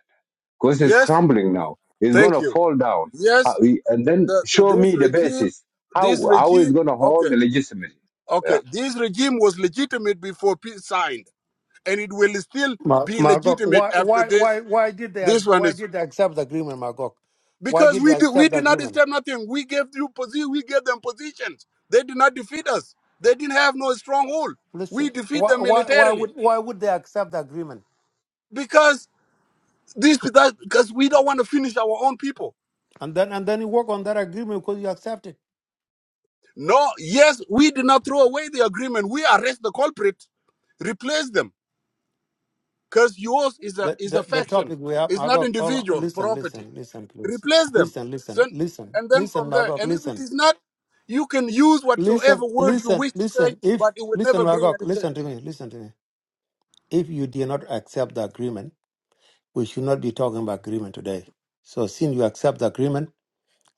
Speaker 5: because it's
Speaker 6: Yes,
Speaker 5: crumbling now. It's
Speaker 6: thank
Speaker 5: gonna
Speaker 6: you.
Speaker 5: fall down.
Speaker 6: Yes,
Speaker 5: How, and then
Speaker 6: the, the-
Speaker 5: show
Speaker 6: this
Speaker 5: me the
Speaker 6: regime,
Speaker 5: basis.
Speaker 6: this
Speaker 5: How how is
Speaker 6: regime,
Speaker 5: gonna hold
Speaker 6: okay,
Speaker 5: the legitimacy? Yeah.
Speaker 6: okay, this regime was legitimate before peace signed, and it will still
Speaker 1: Ma-
Speaker 6: be
Speaker 1: Magog,
Speaker 6: legitimate
Speaker 1: why,
Speaker 6: after
Speaker 1: why,
Speaker 6: this.
Speaker 1: why did they,
Speaker 6: This
Speaker 1: ag-
Speaker 6: one
Speaker 1: why
Speaker 6: is
Speaker 1: did they accept Magog? Why
Speaker 6: because we do we did not disturb nothing. We gave you posi, we gave them positions. They did not defeat us. They didn't have no stronghold. We
Speaker 1: Listen,
Speaker 6: defeat
Speaker 1: Woman,
Speaker 6: them militarily because this that because we don't want to finish our own people.
Speaker 1: And then, and then you work on that agreement because you accepted
Speaker 6: No, yes, we did not throw away the agreement. We arrest the culprit, replace them. because yours is a
Speaker 1: the,
Speaker 6: is a
Speaker 1: the, the
Speaker 6: faction.
Speaker 1: topic we have.
Speaker 6: It's not
Speaker 1: Magog, hold on.
Speaker 6: individual
Speaker 1: Listen,
Speaker 6: property.
Speaker 1: listen, listen, please.
Speaker 6: Replace them,
Speaker 1: Listen,
Speaker 6: so,
Speaker 1: listen, listen,
Speaker 6: and then
Speaker 1: listen,
Speaker 6: from there.
Speaker 1: Magog,
Speaker 6: And if it
Speaker 1: listen.
Speaker 6: is not, you can use whatsoever
Speaker 1: Listen,
Speaker 6: word you
Speaker 1: listen,
Speaker 6: wish to say,
Speaker 1: listen.
Speaker 6: but
Speaker 1: If
Speaker 6: it will
Speaker 1: listen,
Speaker 6: never bring
Speaker 1: Magog,
Speaker 6: any
Speaker 1: listen
Speaker 6: change.
Speaker 1: to me, listen to me. If you did not accept the agreement, we should not be talking about agreement today. So since you accept the agreement,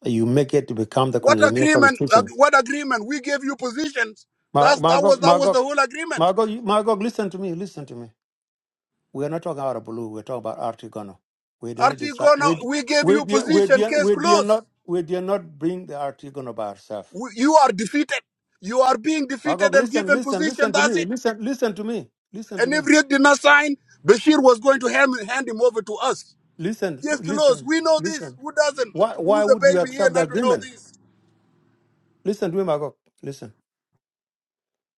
Speaker 1: you make it to become the
Speaker 6: What
Speaker 1: colonial
Speaker 6: agreement?
Speaker 1: constitution.
Speaker 6: ag- What agreement? We gave you positions.
Speaker 1: Ma-
Speaker 6: That's that was
Speaker 1: Magog,
Speaker 6: that was
Speaker 1: Magog,
Speaker 6: the whole agreement.
Speaker 1: Magog, you- Magog, listen to me, listen to me. We are not talking about a blue. We're talking about Artigono. We did not decide.
Speaker 6: Artigo, now
Speaker 1: We
Speaker 6: we gave
Speaker 1: we
Speaker 6: you
Speaker 1: did we
Speaker 6: position.
Speaker 1: did
Speaker 6: Case
Speaker 1: we did
Speaker 6: closed.
Speaker 1: not we did not bring the Artigono by ourselves.
Speaker 6: We, you are defeated. You are being defeated
Speaker 1: Magog,
Speaker 6: and
Speaker 1: listen,
Speaker 6: given
Speaker 1: listen,
Speaker 6: position.
Speaker 1: listen to me.
Speaker 6: That's it.
Speaker 1: Listen, listen to me. Listen to
Speaker 6: And if
Speaker 1: me.
Speaker 6: Riek did not sign, Bashir was going to hand, hand him over to us.
Speaker 1: Listen,
Speaker 6: Just close.
Speaker 1: listen.
Speaker 6: We know
Speaker 1: Listen.
Speaker 6: this. Who doesn't?
Speaker 1: Why why
Speaker 6: Who's a
Speaker 1: would you
Speaker 6: baby here
Speaker 1: accept the
Speaker 6: not to know
Speaker 1: agreement?
Speaker 6: this?
Speaker 1: Listen to him, Agok. Listen.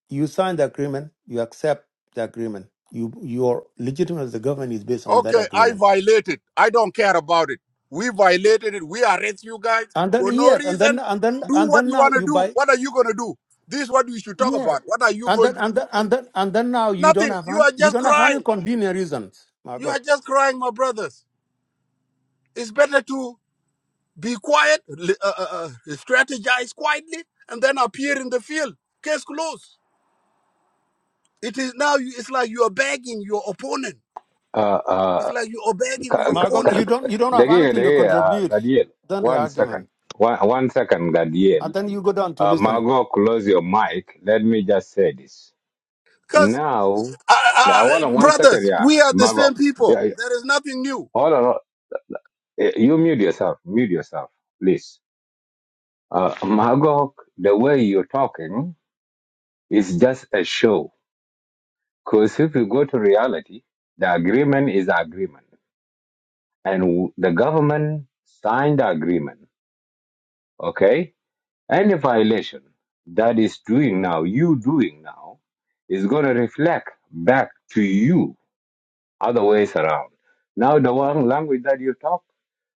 Speaker 1: You sign the agreement, you accept the agreement. You your legitimacy as the government is based on that
Speaker 6: Okay, I
Speaker 1: agreement.
Speaker 6: violated. I don't care about it. We violated it. We arrest you guys
Speaker 1: And then
Speaker 6: for no
Speaker 1: yes, and then
Speaker 6: reason.
Speaker 1: and then
Speaker 6: Do
Speaker 1: and
Speaker 6: what
Speaker 1: then
Speaker 6: you
Speaker 1: now
Speaker 6: want to
Speaker 1: you
Speaker 6: do.
Speaker 1: buy
Speaker 6: What are you going to do? This is what we should talk
Speaker 1: yeah.
Speaker 6: about. What are you
Speaker 1: And
Speaker 6: going
Speaker 1: then
Speaker 6: to
Speaker 1: and
Speaker 6: do?
Speaker 1: then and then and then now you don't
Speaker 6: Nothing.
Speaker 1: have
Speaker 6: You
Speaker 1: an,
Speaker 6: are
Speaker 1: you
Speaker 6: just
Speaker 1: don't have any
Speaker 6: crying.
Speaker 1: convenient reasons,
Speaker 6: You
Speaker 1: Magok.
Speaker 6: are just crying, my brothers. It's better to be quiet, li- uh, uh, uh, strategize quietly, and then appear in the field. Case closed. It is now. you- It's like you are begging your opponent.
Speaker 5: Uh,
Speaker 6: It's
Speaker 5: uh,
Speaker 6: like you're begging
Speaker 5: ka-
Speaker 6: your
Speaker 5: ka-
Speaker 1: Magok,
Speaker 5: ka-
Speaker 6: opponent.
Speaker 1: you
Speaker 5: ka-
Speaker 1: don't you don't have
Speaker 5: dagiga,
Speaker 1: anything to
Speaker 5: dagiga, uh,
Speaker 1: contribute.
Speaker 5: Gadiel.
Speaker 1: Then the
Speaker 5: One
Speaker 1: argument.
Speaker 5: second. One, one second, Gadiel.
Speaker 1: And then you go down to
Speaker 5: Uh,
Speaker 1: listener.
Speaker 5: Margot, close your mic. Let me just say this.
Speaker 6: Because,
Speaker 5: Now,
Speaker 6: uh,
Speaker 5: now hold
Speaker 6: uh,
Speaker 5: on one second,
Speaker 6: brothers,
Speaker 5: yeah,
Speaker 6: we are the
Speaker 5: Margot.
Speaker 6: same
Speaker 5: Yeah,
Speaker 6: people.
Speaker 5: yeah.
Speaker 6: There is nothing new.
Speaker 5: hold on. Eh, You mute yourself. Mute yourself, please. Uh, Margot, the way you're talking. It's just a show. Because if you go to reality, the agreement is agreement. And w- the government signed the agreement. Okay? Any violation that is doing now, you doing now, is going to reflect back to you other ways around. Now, the one language that you talk,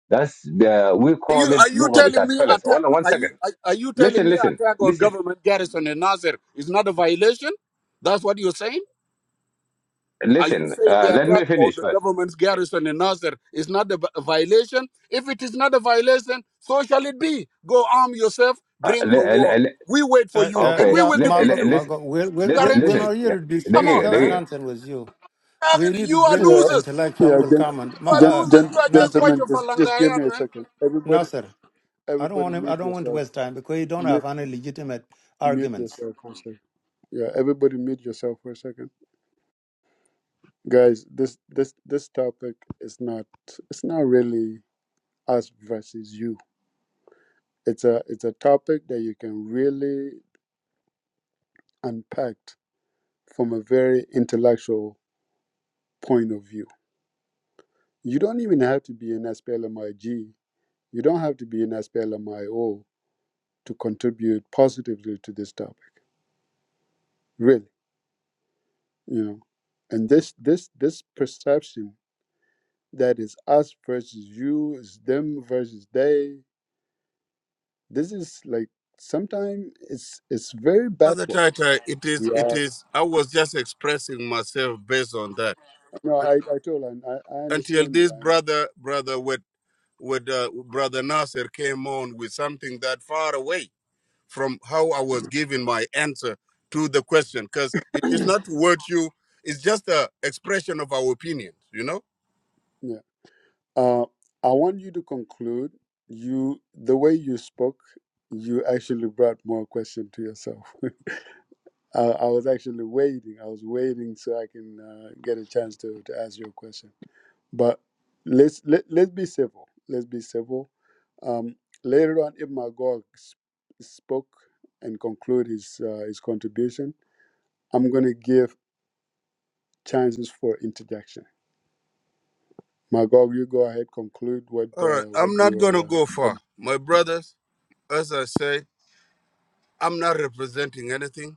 Speaker 5: that's the, we
Speaker 6: Are
Speaker 5: call
Speaker 6: you
Speaker 5: it
Speaker 6: are you telling
Speaker 5: Lugabitat
Speaker 6: me
Speaker 5: fellas.
Speaker 6: attack?
Speaker 5: Hold on one
Speaker 6: Are you
Speaker 5: second.
Speaker 6: are, are you telling
Speaker 5: Listen,
Speaker 6: me
Speaker 5: listen,
Speaker 6: attack on
Speaker 5: listen,
Speaker 6: government garrison in Nasser is not a violation? That's what you're saying. Are you
Speaker 5: listen.
Speaker 6: saying
Speaker 5: Uh,
Speaker 6: the
Speaker 5: let me
Speaker 6: attack on
Speaker 5: finish
Speaker 6: the
Speaker 5: first.
Speaker 6: government's garrison in Nasser is not a, vi- a violation? If it is not a violation, so shall it be. Go arm yourself.
Speaker 5: Uh,
Speaker 6: Bring your
Speaker 5: le-
Speaker 6: war.
Speaker 5: le- le-
Speaker 6: We wait for
Speaker 1: Uh,
Speaker 6: you,
Speaker 1: uh,
Speaker 6: and
Speaker 5: okay,
Speaker 6: we
Speaker 1: yeah,
Speaker 6: will
Speaker 5: le-
Speaker 6: defeat
Speaker 5: le-
Speaker 1: Magok,
Speaker 6: you.
Speaker 5: listen.
Speaker 1: Magok, we're, we're,
Speaker 5: Listen,
Speaker 1: we're we're
Speaker 5: listen.
Speaker 6: Guarantee.
Speaker 1: not here
Speaker 5: Yeah,
Speaker 1: to dis-
Speaker 6: Come
Speaker 5: okay,
Speaker 6: on,
Speaker 1: discuss
Speaker 6: man.
Speaker 5: okay.
Speaker 1: nonsense with you. we need
Speaker 6: You
Speaker 1: to
Speaker 6: are
Speaker 1: bring an
Speaker 2: Yeah,
Speaker 6: losers.
Speaker 1: intellectual
Speaker 2: yeah,
Speaker 1: will
Speaker 2: gen,
Speaker 1: come and
Speaker 6: You
Speaker 1: Ma-
Speaker 6: are
Speaker 2: gen,
Speaker 1: uh,
Speaker 6: losers.
Speaker 2: gen,
Speaker 6: You are just
Speaker 1: Nasser,
Speaker 6: bunch
Speaker 2: gentlemen,
Speaker 6: of
Speaker 2: just just give
Speaker 6: falangayat,
Speaker 2: me a
Speaker 6: man.
Speaker 2: second. Everybody,
Speaker 1: Nasser. I don't
Speaker 2: everybody,
Speaker 1: want him. I
Speaker 2: mute
Speaker 1: don't want to
Speaker 2: yourself.
Speaker 1: waste time because you don't
Speaker 2: Mute,
Speaker 1: have any legitimate
Speaker 2: mute
Speaker 1: arguments.
Speaker 2: yourself for a second. Yeah, everybody, mute yourself for a second, guys. This this this topic is not it's not really. us versus you. It's a it's a topic that you can really unpack from a very intellectual point of view. You don't even have to be an SPLMIG. You don't have to be an SPLMIO to contribute positively to this topic. Really, you know. And this this this perception that is us versus you, is them versus they. This is like sometimes it's it's very
Speaker 6: Brother
Speaker 2: backwards.
Speaker 6: Tata, it is,
Speaker 2: We
Speaker 6: it
Speaker 2: are
Speaker 6: is, I was just expressing myself based on that.
Speaker 2: No, I, I told and I, I
Speaker 6: Until
Speaker 2: understand you.
Speaker 6: this
Speaker 2: I understand.
Speaker 6: brother, brother with, with uh, brother Nasser came on with something that far away from how I was giving my answer to the question, because it is not what you, it's just a expression of our opinions, you know?
Speaker 2: Yeah. Uh, I want you to conclude. You the way you spoke, you actually brought more question to yourself. Uh, I was actually waiting. I was waiting so I can uh, get a chance to, to ask your question. But let's let let's be civil. Let's be civil. Um, later on, if Magog sp- spoke and conclude his uh, his contribution, I'm gonna give chances for interjection Magog, you go ahead, conclude what
Speaker 6: All right,
Speaker 2: uh,
Speaker 6: I'm
Speaker 2: what you
Speaker 6: not going to
Speaker 2: were. Uh,
Speaker 6: go
Speaker 2: but
Speaker 6: far. My brothers, as I say, I'm not representing anything.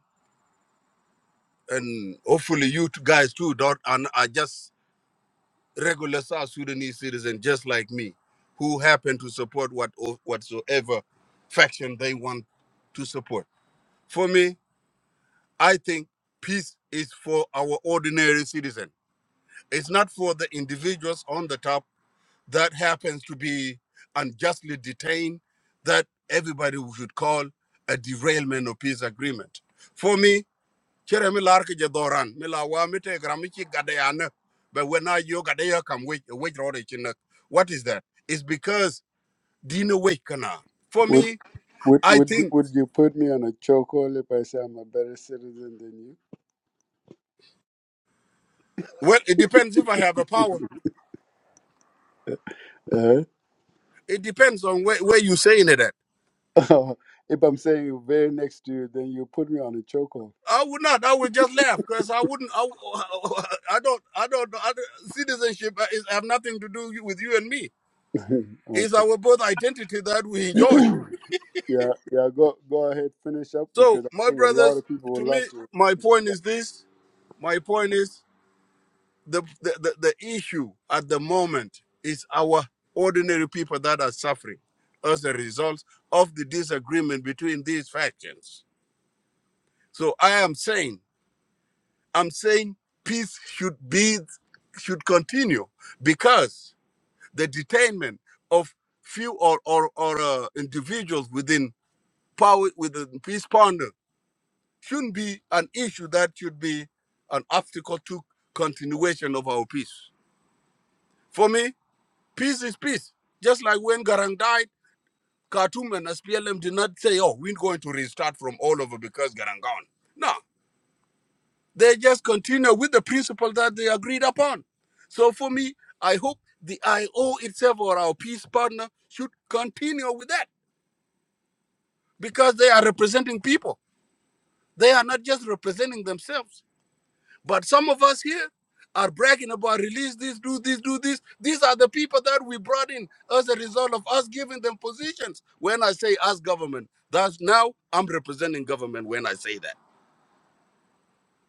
Speaker 6: and hopefully you two guys too don't and are just regular South Sudanese citizens just like me, who happen to support what whatsoever faction they want to support. For me, I think peace is for our ordinary citizen. It's not for the individuals on the top that happens to be unjustly detained that everybody should call a derailment of peace agreement. For me, chere mi lar ki je mi la wa mi te gram mi chi gade but when i yo gade kam we we rode chi what is that it's because dino we kana for
Speaker 2: would
Speaker 6: me
Speaker 2: would
Speaker 6: i
Speaker 2: would you,
Speaker 6: think
Speaker 2: would you put me on a chokehold if I say I'm a better citizen than you?
Speaker 6: well it depends if i have a power it depends on where, where you saying it at
Speaker 2: uh if I'm saying very next to you, then you put me on a chokehold.
Speaker 6: i would not i would just laugh because i wouldn't I, I don't i don't I, don't- citizenship is have nothing to do with you and me it's
Speaker 2: okay.
Speaker 6: our both identity that we enjoy
Speaker 2: Yeah, yeah. Go go ahead, finish up
Speaker 6: so
Speaker 2: because I
Speaker 6: my
Speaker 2: think a lot
Speaker 6: brothers
Speaker 2: of people
Speaker 6: to
Speaker 2: would
Speaker 6: me
Speaker 2: love to.
Speaker 6: my point is this my point is the, the, the, the issue at the moment is our ordinary people that are suffering as a result of the disagreement between these factions. So I am saying, I'm saying peace should be should continue because the detainment of few or or, or uh, individuals within power within peace ponder shouldn't be an issue that should be an obstacle to continuation of our peace. For me, Peace is peace. Just like when Garang died, Khartoum and SPLM did not say, oh, we're going to restart from all over because Garang gone. No, they just continue with the principle that they agreed upon. So for me, I hope the IO itself or our peace partner should continue with that because they are representing people. They are not just representing themselves. But some of us here are bragging about release this, do this, do this. These are the people that we brought in as a result of us giving them positions. When I say us government, that's now I'm representing government when I say that.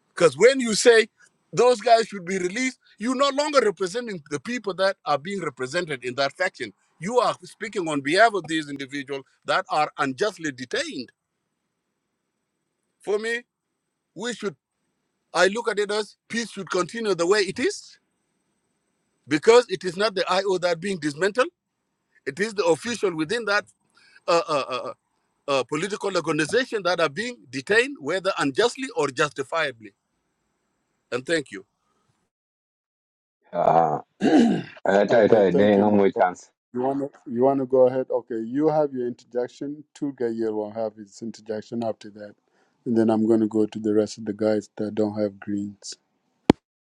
Speaker 6: Because when you say those guys should be released, you're no longer representing the people that are being represented in that faction. You are speaking on behalf of these individuals that are unjustly detained. For me, we should I look at it as peace should continue the way it is because it is not the IO that being dismantled. It is the official within that uh, uh, uh, uh, political organization that are being detained, whether unjustly or justifiably. And thank you.
Speaker 5: Ah, ah, try,
Speaker 2: okay,
Speaker 5: try. There
Speaker 2: thank
Speaker 5: is
Speaker 2: you. Ma.
Speaker 5: no chance.
Speaker 2: You wanna you wanna go ahead? Okay, you have your interjection. Tulga will have his interjection after that, and then I'm gonna go to the rest of the guys that don't have greens.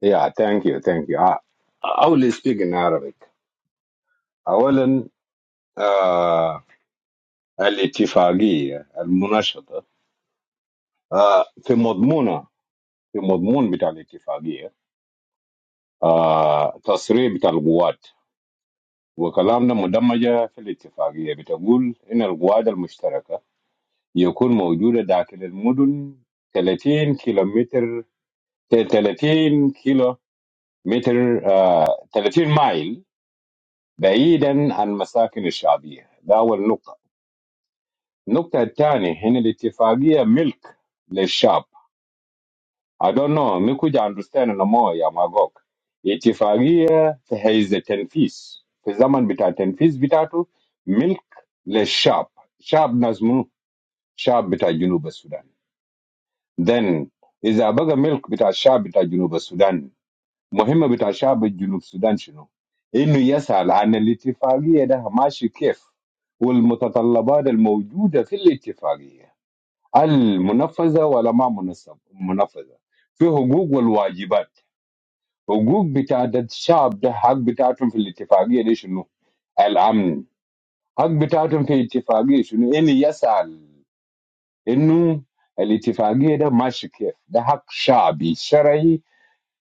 Speaker 5: Yeah, thank you, thank you. Ah, I will speak in Arabic. Ah, well, in ah the agreement, the Musharraf, ah the document, the document of the agreement, ah the description of the guards. We talked about the agreement. We said that the common guards will be present in the area of 30 kilometers. 30 kilometers. 30 miles, far from the common people. That's the first point. The second point is the agreement of the milk for the people. I don't know. I don't understand. No more. I'm a joke. Agreement to halt tenfis. In the time of tenfis, it is milk for the people. People are from the south Sudan. Then, if you ask for milk, the people are from the south Sudan. مهمة بتاع شعب جنوب السودان شنو؟ انه يسال عن الاتفاقية ده ماشي كيف؟ والمتطلبات الموجودة في الاتفاقية المنفذة ولا ما منصب منفذه؟ في حقوق والواجبات، حقوق بتاعت الشعب ده حق بتاعتهم في الاتفاقية دي شنو؟ الامن، حق بتاعتهم في الاتفاقية شنو؟ انه يسال انه الاتفاقية ده ماشي كيف؟ ده حق شعبي شرعي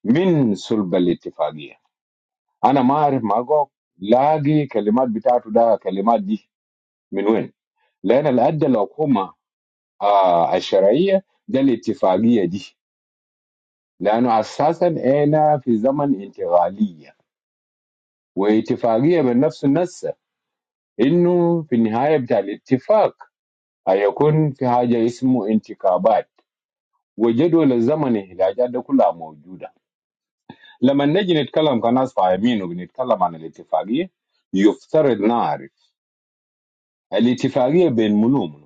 Speaker 5: من صلب الاتفاقية. انا ما اعرف ماجوك لاقي كلمات بتاعته ده كلمات دي من وين لان اللي ادى الحكومه آه الشرعيه ده الاتفاقيه دي لانه اساسا انا في زمن انتقاليه واتفاقيه من نفس النسه انه في النهايه بتاع الاتفاق هيكون في حاجه اسمه انتخابات وجدول الزمن الاحتياجات ده كلها موجوده لما نجي نتكلم كناس فاهمين وبنتكلم عن الاتفاقيه يفترض نعرف الاتفاقيه بين منو ومنو؟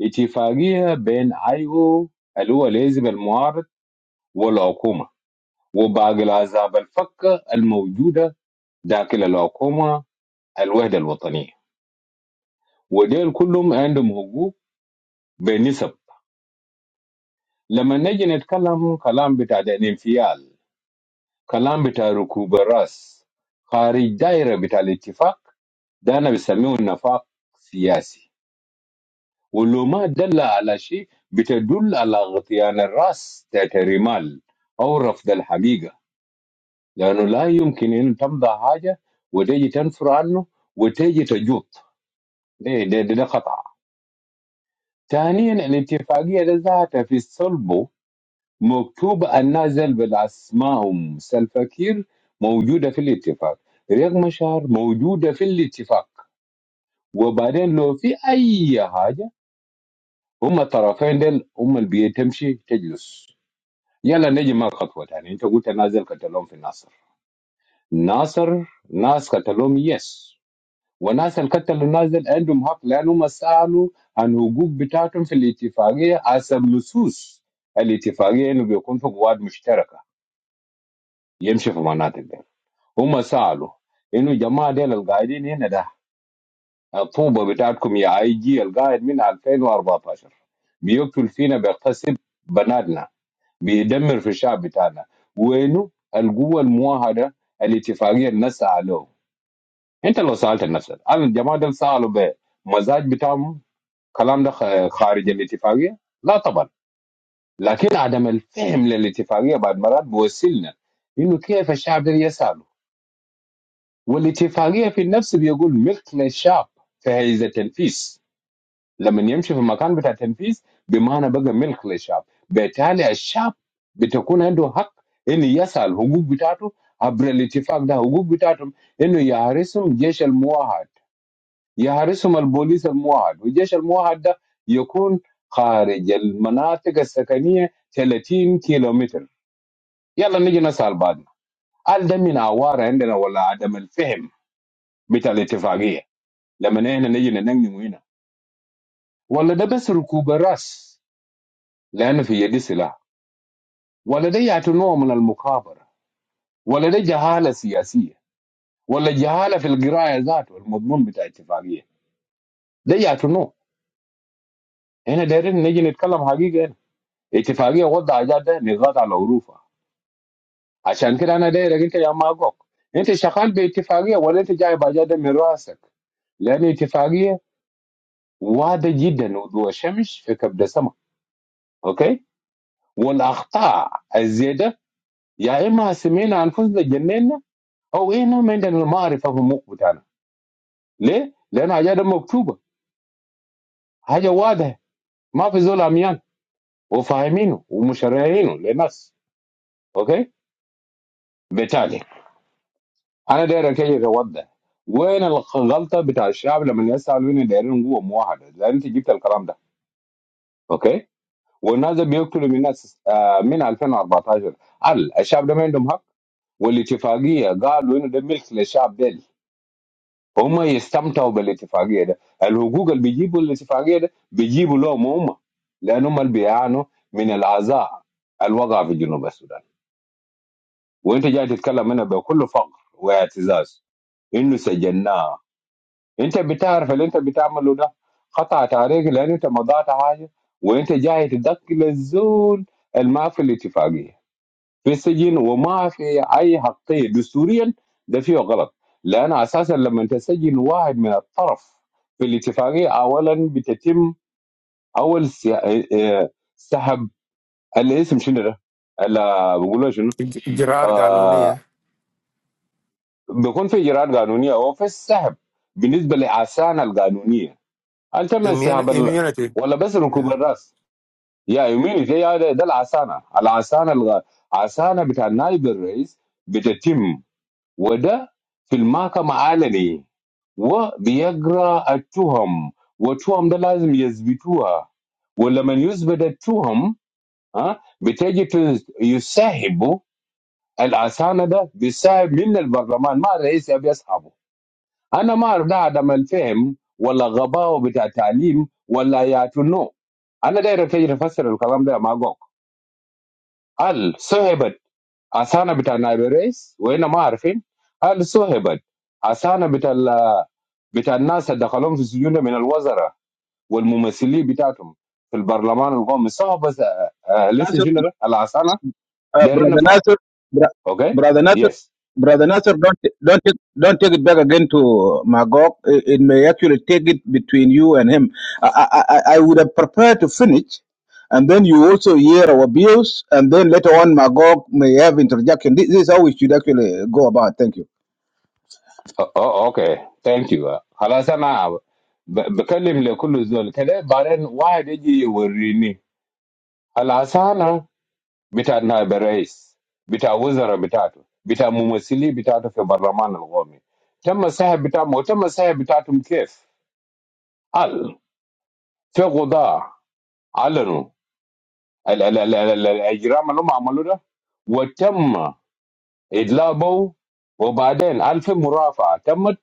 Speaker 5: اتفاقية بين ايو اللي هو الحزب المعارض والحكومة وباقي الأحزاب الفكة الموجودة داخل الحكومة الوحدة الوطنية وديل كلهم عندهم حقوق بنسب لما نجي نتكلم كلام بتاع ده الانفيال كلام بتاع ركوب الراس خارج دايرة بتاع الاتفاق ده أنا بسميه النفاق السياسي ولو ما دل على شيء بتدل على غطيان الراس تحت الرمال أو رفض الحقيقة لانه لا يمكن ان تمضى حاجه وتيجي تنفر عنه وتيجي تجوط ده, ده, ده, ده خطا ثانيا الاتفاقيه ده ذاتها في صلبه مكتوبه النازل بالاسمائهم سلفكير موجوده في الاتفاق رياض مشار موجوده في الاتفاق وبعدين لو في اي حاجه هم الطرفين دول هم اللي بيتمشي تجلس يلا نجي مع خطوه ثانيه انت قلت نازل قتلهم في ناصر ناصر ناس قتلهم يس والناس القتلوا الناس دي عندهم حق لانهم سالوا عن حقوق بتاعتهم في الاتفاقيه حسب نصوص الاتفاقيه انه بيكون في قواعد مشتركه يمشي في مناطق دي هم سالوا انه جماعه ديل القاعدين هنا ده الطوبه بتاعتكم يا اي جي القاعد من 2014 بيقتل فينا بيغتصب بناتنا بيدمر في الشعب بتاعنا وينه القوه الموحده الاتفاقيه اللي نسعى له انت لو سالت نفسك هل الجماعه دول سالوا ب مزاج بتاعهم كلام ده خ- خارج الاتفاقيه لا طبعا لكن عدم الفهم للاتفاقيه بعد مرات بيوصلنا انه كيف الشعب ده يساله والاتفاقيه في النفس بيقول ملك للشعب فهي تنفيذ لما يمشي في المكان بتاع التنفيذ بمعنى بقى ملك للشعب بالتالي الشعب بتكون عنده حق انه يسال حقوق بتاعته عبر الاتفاق ده حقوق بتاعتهم انه يحرسهم جيش الموحد يحرسهم البوليس الموحد والجيش الموحد ده يكون خارج المناطق السكنية 30 كيلومتر يلا نيجي نسأل بعضنا هل ده من عوارة عندنا ولا عدم الفهم بتاع الاتفاقية لما احنا نيجي ننجم هنا ولا ده بس ركوب الراس لأنه في يدي سلاح ولا ده يعتنوه من المكابرة ولا ده جهالة سياسية ولا جهالة في القراية ذاته المضمون بتاع الاتفاقية ده يعتنوه هنا دايرين نيجي نتكلم حقيقة اتفاقيه وضع ايجار ده نضغط على الوروفه عشان كده انا دايرك انت يا ماجوك انت شغال باتفاقيه ولا انت جايب ايجار ده من راسك لان اتفاقيه واضحه جدا وضوء الشمس في كبد السماء اوكي والاخطاء الزياده يا اما سمينا انفسنا جننا او احنا ما عندنا المعرفه في المخ بتاعنا ليه؟ لان حاجه ده مكتوبه حاجه واضحه ما في زول عميان وفاهمينه ومشرعينه للناس اوكي بالتالي انا داير اكيد اوضح وين الغلطه بتاع الشعب لما يسال وين دايرين قوه موحده لان انت جبت الكلام ده اوكي والناس ده بيقتلوا من ناس آه، من 2014 هل الشعب ده ما عندهم حق والاتفاقيه قالوا انه ده ملك للشعب ديل هم يستمتعوا بالاتفاقيه ده الحقوق اللي بيجيبوا الاتفاقيه ده بيجيبوا لهم هم لان هم اللي بيعانوا من العذاب الوضع في جنوب السودان وانت جاي تتكلم هنا بكل فقر واعتزاز انه سجناه انت بتعرف اللي انت بتعمله ده خطأت عليك لان انت مضيت حاجه وانت جاي تدخل الزول الما في الاتفاقيه في السجن وما في اي حقيه دستوريا ده فيه غلط لان اساسا لما تسجن واحد من الطرف في الاتفاقيه اولا بتتم اول سي- اه- اه، سحب الاسم شنو ده؟ ال- بيقولوا شنو؟
Speaker 1: Gerard Ganoni,
Speaker 5: آه
Speaker 1: eh?
Speaker 5: بيكون في اجراءات قانونيه وفي السحب بالنسبه لاعسان القانونيه انت من
Speaker 1: Immun-
Speaker 5: استهاب ال...
Speaker 1: immunity.
Speaker 5: ولا بس ركوب
Speaker 1: Yeah,
Speaker 5: الراس يا يميني ده يا ده ده العسانه العسانه الغ... عسانه بتاع نائب الرئيس بتتم وده في المحكمه علني وبيقرا التهم والتهم ده لازم يثبتوها ولما يثبت التهم ها بتجي تس- يسحب العسانه ده بيسحب من البرلمان ما الرئيس يبي يسحبه انا ما اعرف ده عدم الفهم ولا غباوه بتاع تعليم ولا يا تو انا داير تجي افسر الكلام ده مع جوك هل صهبت اسانا بتاع نايب الرئيس وهنا ما عارفين هل صهبت اسانا بتاع ال- بتاع الناس اللي دخلوهم في السجون من الوزراء والممثلين بتاعتهم في البرلمان القومي صهبة لسه
Speaker 7: Nasser,
Speaker 5: شنو ده العسانه
Speaker 7: uh,
Speaker 5: دايرين
Speaker 7: brother
Speaker 5: نفهم
Speaker 7: Nasser, br-
Speaker 5: اوكي
Speaker 7: brother Nasser,
Speaker 5: يس
Speaker 7: brother Nasser, don't don't take, don't take it back again to Magog. It, it may actually take it between you and him. I, I I I would have prepared to finish, and then you also hear our views, and then later on Magog may have interjection. This, this is how we should actually go about. Thank you.
Speaker 5: Oh, okay. Thank you. Halasa na be be kelim le kulu zool. Kila baran wahde jiyi wuri ni. Halasa na bitta na berais, bitta wizara bitta, bitta mumusili bitta tu fi barman alghomi. Tama saha bitta, tama saha bitta tum kif? Al fagoda alno al al al al al ajram alo maaludha. Wachama idlabo wobaden alfi murafa tama.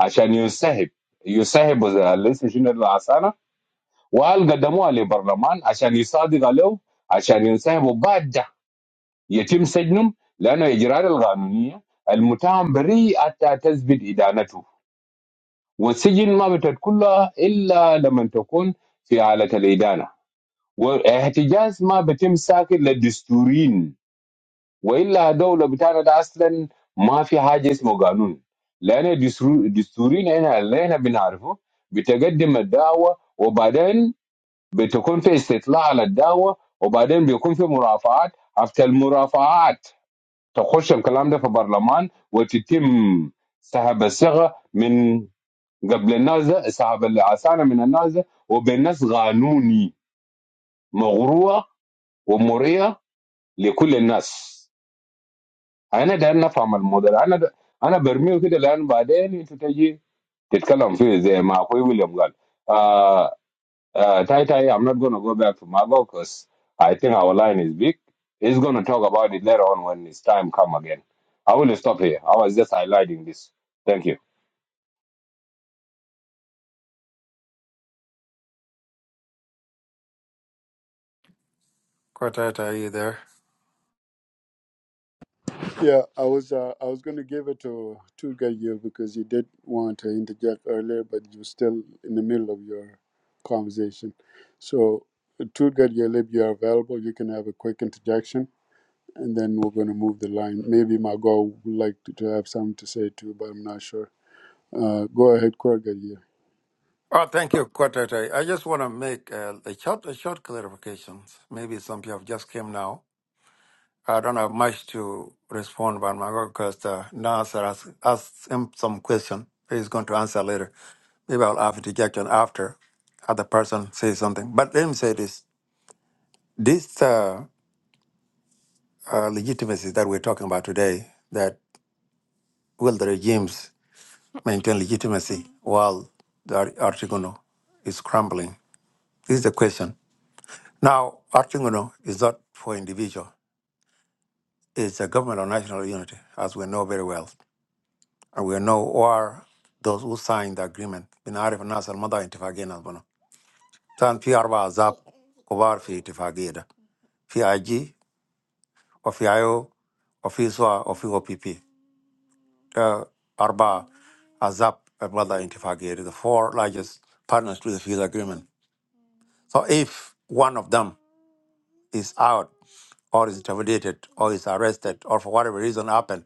Speaker 5: عشان ينسحب ينسحب الرئيس شنو العسانه وقال قدموها للبرلمان عشان يصادق له عشان ينسحب وبعد ده يتم سجنهم لانه الاجراءات القانونيه المتهم بريء حتى تثبت ادانته والسجن ما بتدخلها الا لما تكون في حاله الادانه واحتجاز ما بتم ساكن للدستوريين والا دوله بتاعنا ده اصلا ما في حاجه اسمه قانون لان دستور- دستورينا هنا اللي احنا بنعرفه بتقدم الدعوه وبعدين بتكون في استطلاع على الدعوه وبعدين بيكون في مرافعات after المرافعات تخش الكلام ده في برلمان وتتم سحب الصيغه من قبل الناس ده سحب العسانه من الناس ده وبالناس قانوني مغروه ومرئيه لكل الناس انا داير نفهم الموديل انا د... انا برميه كده لان بعدين انت تجي تتكلم فيه زي ما اخوي ويليام قال آه آه تاي تاي I'm not gonna go back to Mago because I think our line is big he's gonna talk about it later on when his time come again I will stop here I was just highlighting this thank you
Speaker 1: Quartet, are you there?
Speaker 2: Yeah, I was uh, I was going to give it to Turgayev because you did want to interject earlier, but you're still in the middle of your conversation. So, Turgayev, if you are available, you can have a quick interjection, and then we're going to move the line. Maybe Margot would like to, to have something to say too, but I'm not sure. Uh, go ahead, Turgayev.
Speaker 1: Oh, thank you, Quartet. I I just want to make uh, a short, a short clarification. Maybe some people just came now. I don't have much to respond, but my because uh, Nasser has asked him some question. He's going to answer later. Maybe I'll have rejection after other person says something. But let me say this: this uh, uh, legitimacy that we're talking about today, that will the regimes maintain legitimacy while the Ar- Artigono is crumbling? This is the question. Now, Artigono is not for individual; it's a government of national unity, as we know very well, and we know who are those who signed the agreement. بنعرف الناس المضى اتفاقية نظمنا. كان في أربع أحزاب كبار في اتفاقية ده. في I G وفي ايو وفي سوا وفي او بي بي اربعه ASAP brother intifagiri the four largest partners to the peace agreement so if one of them is out or is intimidated or is arrested or for whatever reason happened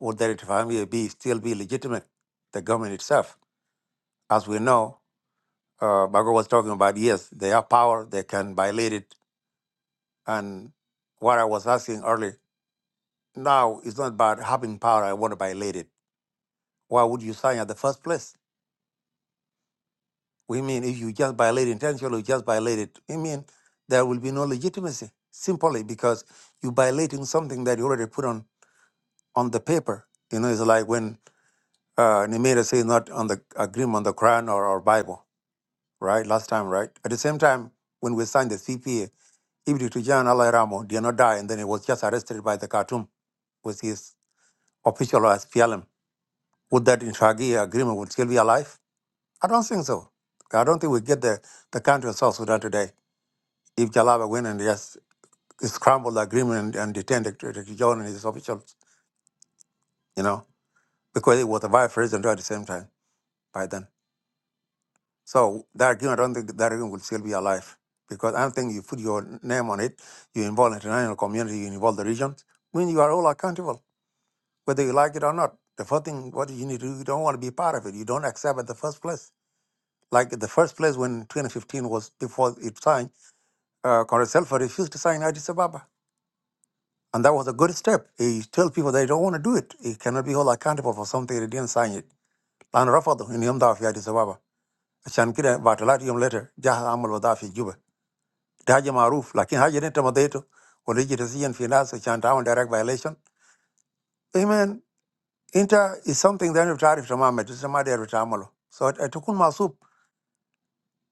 Speaker 1: would the family be still be legitimate the government itself as we know uh, Bago was talking about yes they have power they can violate it and what i was asking earlier now it's not about having power i want to violate it Why would you sign at the first place? We mean if you just violate intentionally, you just violate it. We mean there will be no legitimacy simply because you're violating something that you already put on on the paper. You know, it's like when uh, Nemeda say not on the agreement on the Quran or, or Bible, right? Last time, right? At the same time, when we signed the CPA, Ibn Tujan Allah Ramo did not die, and then he was just arrested by the Khartoum with his official as PLM. Would that Intraghi agreement would still be alive? I don't think so. I don't think we get the, the country of South Sudan today if Jalaba went and just scrambled the agreement and, and detain Dr. Dr. John and his officials, you know, because it was the vice president at the same time by then. So that agreement, I don't think that agreement will still be alive because I don't think you put your name on it, you involve international community, you involve the regions, when you are all accountable, whether you like it or not. The first thing what you need to do, you don't want to be part of it. You don't accept at the first place. Like the first place when 2015 was before it signed, uh, Conrad Selfer refused to sign Addis Ababa. And that was a good step. He told people they don't want to do it. He cannot be held accountable for something they didn't sign it. لأنه رفضه إنه يمضوا في أديس أبابا. عشان كده بعد ثلاثة يوم later جاه عمل وضع في جوبا. ده حاجة معروف لكن حاجة اللي أنت مضيته وليجي تزين في ناس عشان تعمل direct violation. I mean, أنت is something that you أنت to تماما أنت ما داير بتعمله. So تكون معصوب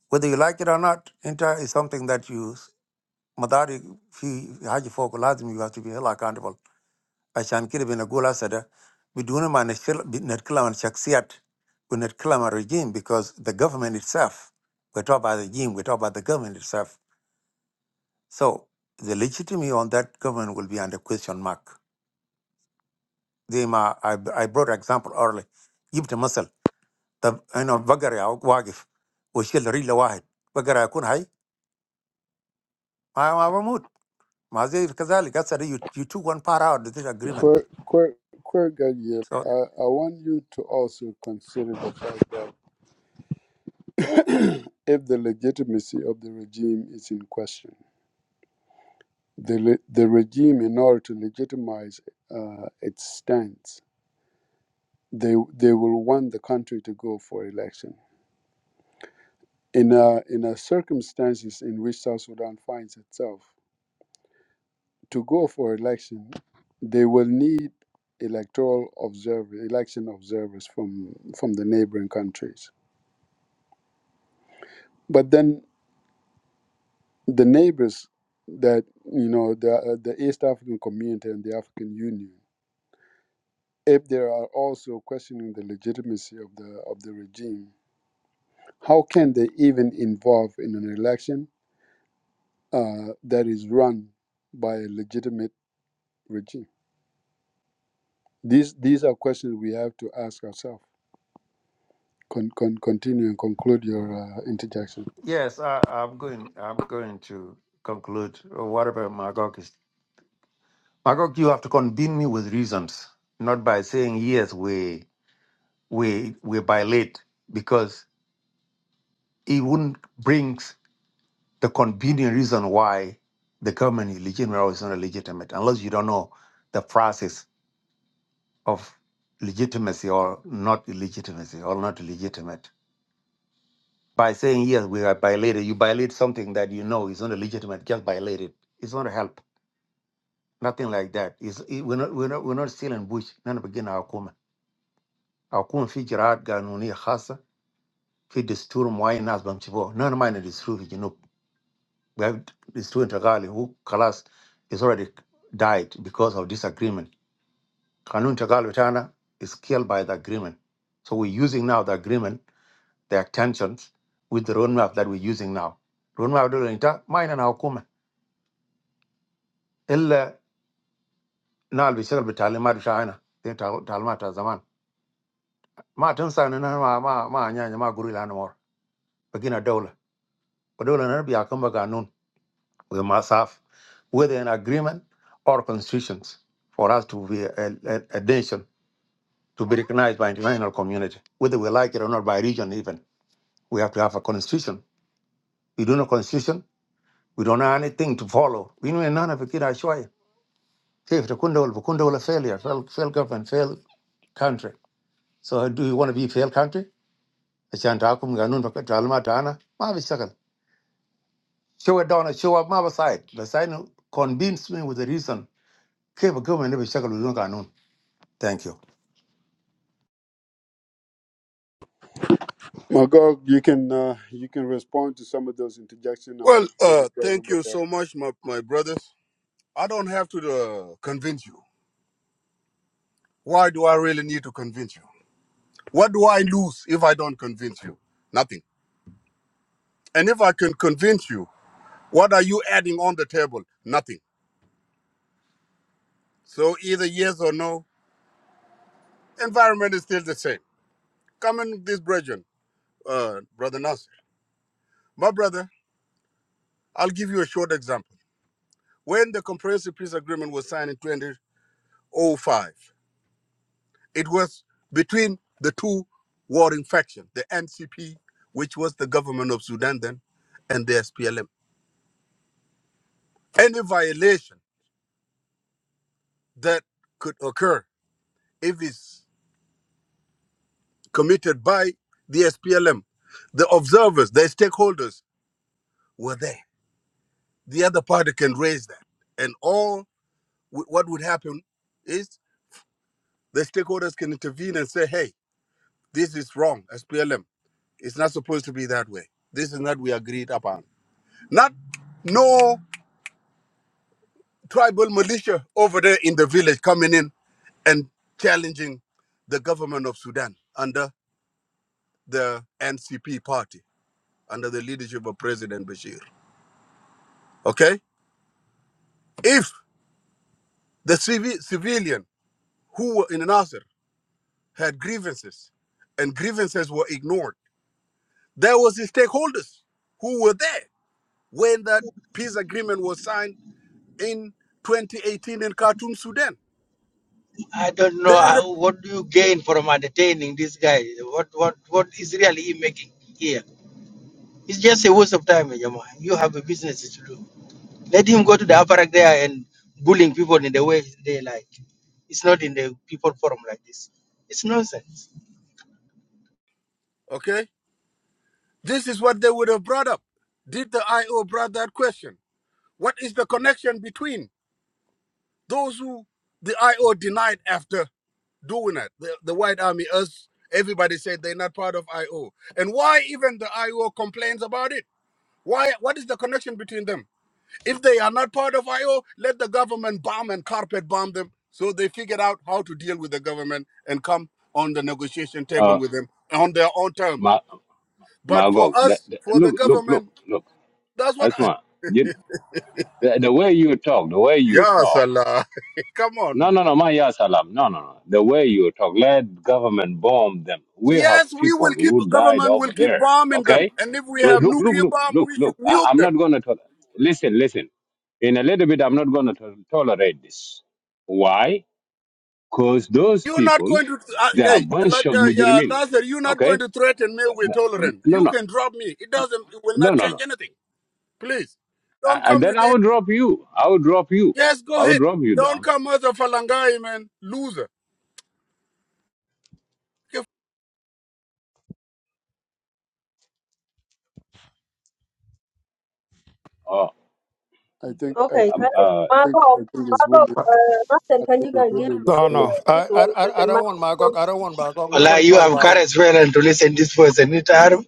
Speaker 1: whether you like it or not أنت is something that you مداري في حاجة فوق لازم you have to be held accountable. عشان كده بنقول هسه ده بدون ما نشل- نتكلم عن شخصيات ونتكلم عن regime because the government itself we talk about the regime we talk about the government itself so the legitimacy on that government will be under question mark they ma I, I brought example early جبت مثل طب انا بقرا واقف واشيل رجل واحد بقرا يكون حي ما ما بموت ما زي كذلك هسه you, you took one part out of this agreement
Speaker 2: Turgayev,
Speaker 1: So,
Speaker 2: I, I want you to also consider the fact that if the legitimacy of the regime is in question the le- the regime in order to legitimize uh, its stance they they will want the country to go for election in a, in a circumstances in which South Sudan finds itself to go for election they will need electoral observer election observers from from the neighboring countries but then the neighbors that you know the the East African community and the African Union if they are also questioning the legitimacy of the of the regime, how can they even involve in an election uh, that is run by a legitimate regime? These these are questions we have to ask ourselves. Con, con, continue and conclude your uh, interjection.
Speaker 1: Yes, I, I'm going. I'm going to conclude uh, whatever Magog is. Magog, you have to convince me with reasons, not by saying yes. We we we violate because it wouldn't bring the convenient reason why the government is legitimate or is not legitimate, unless you don't know the process of legitimacy or not illegitimacy or not legitimate. By saying yes, we are violated. You violate something that you know is not legitimate. Just violate it. It's not help. Nothing like that. Is it, we're, not, we're, not, we're not stealing bush. None begin our kuma. Our kuma fi jiraat ganunia khasa fi desturi muayin nas bamchibo. None of mine is true. You know, We have desturi Tagali who Kalas is already died because of disagreement. Kanun Tagali Tana is killed by the agreement. So we're using now the agreement, the tensions with the roadmap that we're using now. Roadmap don't dolinta mine and our kuma. Illa nal bishakal bitalimat shana. Talimat zaman. ma tun sa ni na ma ma ma nya nya ma guri la no mor bagina dola ko dola na bi akamba ga nun we must have whether an agreement or constitutions for us to be a, a, a nation to be recognized by international community whether we like it or not by region even we have to have a constitution we don't have a constitution we don't have anything to follow we know none of it ashway if the kundol the kundol failure failed fail government failed country so do you want to be a failed country ashan ta kum ga nun ta alma ta ana ma bi shakal show it down, show up my side. The sign convinced me with the reason. Keep a government never shackle with no Thank you.
Speaker 2: Magog, you can uh, you can respond to some of those interjections. I'm going
Speaker 6: Well,
Speaker 2: to give
Speaker 6: uh,
Speaker 2: it to
Speaker 6: thank you
Speaker 2: everybody. else.
Speaker 6: so much, my, my brothers. I don't have to uh, convince you. Why do I really need to convince you? What do I lose if I don't convince you? Nothing. And if I can convince you, what are you adding on the table? Nothing. So either yes or no, environment is still the same. Come in with this brethren. uh, Brother Nasser. My brother, I'll give you a short example. When the Comprehensive Peace Agreement was signed in 2005, it was between the two warring factions, the NCP, which was the government of Sudan then, and the SPLM. Any violation that could occur if it's committed by the SPLM, the observers, the stakeholders were there. The other party can raise that. And all wh- what would happen is The stakeholders can intervene and say, hey, this is wrong as PLM. It's not supposed to be that way. This is not we agreed upon. Not no tribal militia over there in the village coming in and challenging the government of Sudan under the NCP party, under the leadership of President Bashir. Okay? If the civi- civilian who were in Nasser had grievances and grievances were ignored, there was the stakeholders who were there. when that peace agreement was signed in 2018 in Khartoum, Sudan.
Speaker 8: I don't
Speaker 6: They
Speaker 8: know
Speaker 6: are
Speaker 8: uh,
Speaker 6: rep-
Speaker 8: what do you gain from entertaining this guy. What what what is really he making here? It's just a waste of time, Jama. You have a business to do. Let him go to the apparat there and bullying people in the way they like. It's not in the people forum like this. It's nonsense.
Speaker 6: okay. This is what they would have brought up. Did the IO brought that question? What is the connection between those who the IO denied after doing it? The, the White Army, us, everybody said they're not part of IO. And why even the IO complains about it? Why? What is the connection between them? If they are not part of IO, let the government bomb and carpet bomb them so they figure out how to deal with the government and come on the negotiation
Speaker 5: uh
Speaker 6: table with them on their own terms.
Speaker 5: Ma-
Speaker 6: But for
Speaker 5: Mago the,
Speaker 6: us,
Speaker 5: the,
Speaker 6: for the
Speaker 5: look look look
Speaker 6: government,
Speaker 5: look
Speaker 6: that's what.
Speaker 5: Asma you, the, the way you talk the way you
Speaker 6: Yeah,
Speaker 5: talk
Speaker 6: Salah. come
Speaker 5: No,
Speaker 6: on.
Speaker 5: no, no, my ya salam. No, no, no. The way you talk, let government bomb them. We have
Speaker 6: Yes, we
Speaker 5: people
Speaker 6: will keep,
Speaker 5: who died
Speaker 6: government
Speaker 5: over
Speaker 6: will keep
Speaker 5: there.
Speaker 6: bombing them.
Speaker 5: Okay,
Speaker 6: And if we
Speaker 5: look,
Speaker 6: have
Speaker 5: look,
Speaker 6: nuclear
Speaker 5: look,
Speaker 6: bomb,
Speaker 5: look,
Speaker 6: we
Speaker 5: look.
Speaker 6: should
Speaker 5: I,
Speaker 6: nuke
Speaker 5: I'm not
Speaker 6: them.
Speaker 5: going to tolerate. Listen, listen. In a little bit, I'm not going to to- tolerate this. Why? Because those
Speaker 6: You're not
Speaker 5: people,
Speaker 6: going to, uh,
Speaker 5: they are a
Speaker 6: hey,
Speaker 5: bunch
Speaker 6: like,
Speaker 5: of
Speaker 6: uh, yeah,
Speaker 5: mujrimin.
Speaker 6: Nasser, you're not going
Speaker 5: Okay?
Speaker 6: to threaten me with tolerance.
Speaker 5: No,
Speaker 6: You
Speaker 5: no,
Speaker 6: can drop me. It doesn't, it will
Speaker 5: no,
Speaker 6: not
Speaker 5: no,
Speaker 6: change
Speaker 5: no.
Speaker 6: anything. Please. Don't
Speaker 5: A- And
Speaker 6: come
Speaker 5: then
Speaker 6: with
Speaker 5: I
Speaker 6: it.
Speaker 5: will drop you. I will drop you.
Speaker 6: Yes,
Speaker 5: I
Speaker 6: go
Speaker 5: will
Speaker 6: ahead.
Speaker 5: drop you
Speaker 6: Don't
Speaker 5: down.
Speaker 6: come as a Falangai man. Loser.
Speaker 2: I think I
Speaker 9: Okay, can
Speaker 2: think
Speaker 9: I,
Speaker 5: Oh,
Speaker 2: I think I
Speaker 9: Marco,
Speaker 2: think it's
Speaker 9: Marco,
Speaker 2: William.
Speaker 9: uh, Martin,
Speaker 2: I
Speaker 9: can
Speaker 2: think
Speaker 9: you guys
Speaker 2: it's
Speaker 9: give me
Speaker 2: William's
Speaker 1: No,
Speaker 9: this, uh,
Speaker 2: turn.
Speaker 1: no.
Speaker 9: this
Speaker 1: I, I,
Speaker 9: one
Speaker 1: I I
Speaker 9: second?
Speaker 1: don't want Magog.
Speaker 9: Marco,
Speaker 1: I don't want Magog.
Speaker 8: Well,
Speaker 1: Nobody
Speaker 8: you
Speaker 1: talk
Speaker 8: have
Speaker 1: about him.
Speaker 8: courage well and to listen this person. It are,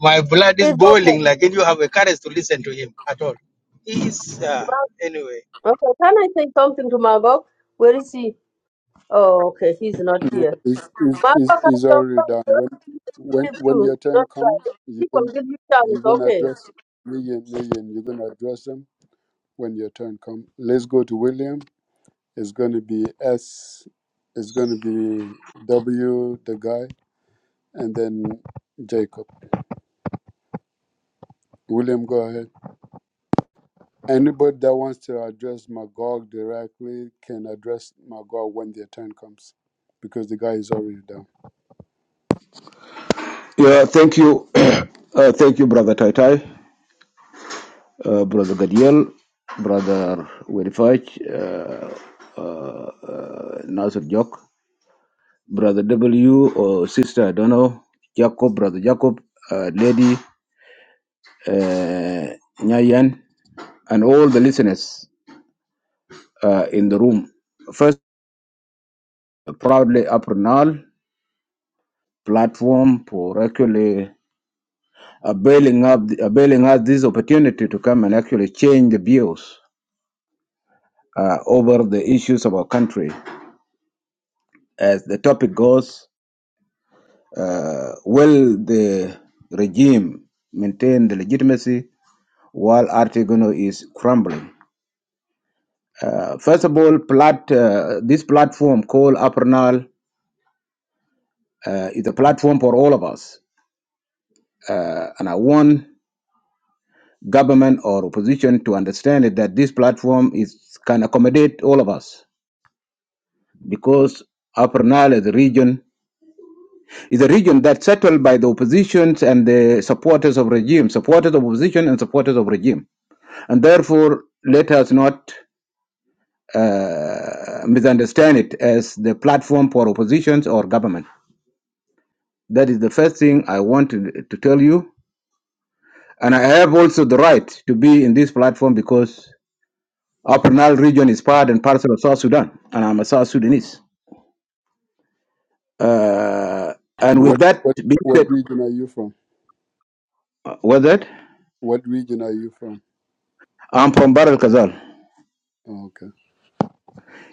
Speaker 8: my blood is
Speaker 9: it's okay.
Speaker 8: boiling like and you have a courage to listen to him at all. He is uh, anyway.
Speaker 9: Okay, can I say something to Margot? Where is he? Oh, okay, he's not here.
Speaker 2: is is is
Speaker 9: Margot can
Speaker 2: is
Speaker 9: come
Speaker 2: already done. When when
Speaker 9: give
Speaker 2: when
Speaker 9: too.
Speaker 2: your turn
Speaker 9: Don't
Speaker 2: comes, you
Speaker 9: people
Speaker 2: can
Speaker 9: give you chance,
Speaker 2: you're gonna
Speaker 9: okay?
Speaker 2: address Million Million. You're gonna address them when your turn comes. Let's go to William. It's gonna be S. It's gonna be W. The guy, and then Jacob. William, go ahead. Anybody that wants to address Magog directly can address Magog when their turn comes, because the guy is already down.
Speaker 7: Yeah, thank you. uh, thank you, Brother Tai Tai, uh, Brother Gadiel, Brother Werifaj, uh, uh, uh, Nasir Jok. Brother W or sister, I don't know, Jacob, Brother Jacob, uh, Lady uh, Nyayan, and all the listeners uh, in the room. First, proudly Apronal platform for actually availing, up, availing us this opportunity to come and actually change the views uh, over the issues of our country. As the topic goes, uh, will the regime maintain the legitimacy while Artigono is crumbling? Uh, first of all, plat, uh, this platform called Apernal uh, is a platform for all of us. Uh, and I want government or opposition to understand it, that this platform is can accommodate all of us because Apernal is a region is a region that's settled by the oppositions and the supporters of regime, supporters of opposition and supporters of regime. And therefore, let us not uh, misunderstand it as the platform for oppositions or government That is the first thing I want to, tell you. And I have also the right to be in this platform because Upper Nile region is part and parcel of South Sudan, and I'm a South Sudanese. Uh, and with
Speaker 2: What
Speaker 7: that
Speaker 2: what
Speaker 7: being
Speaker 2: what
Speaker 7: said,
Speaker 2: region are you from?
Speaker 7: uh, with that,
Speaker 2: What region are you from?
Speaker 7: I'm from Baral Kazal.
Speaker 2: Okay.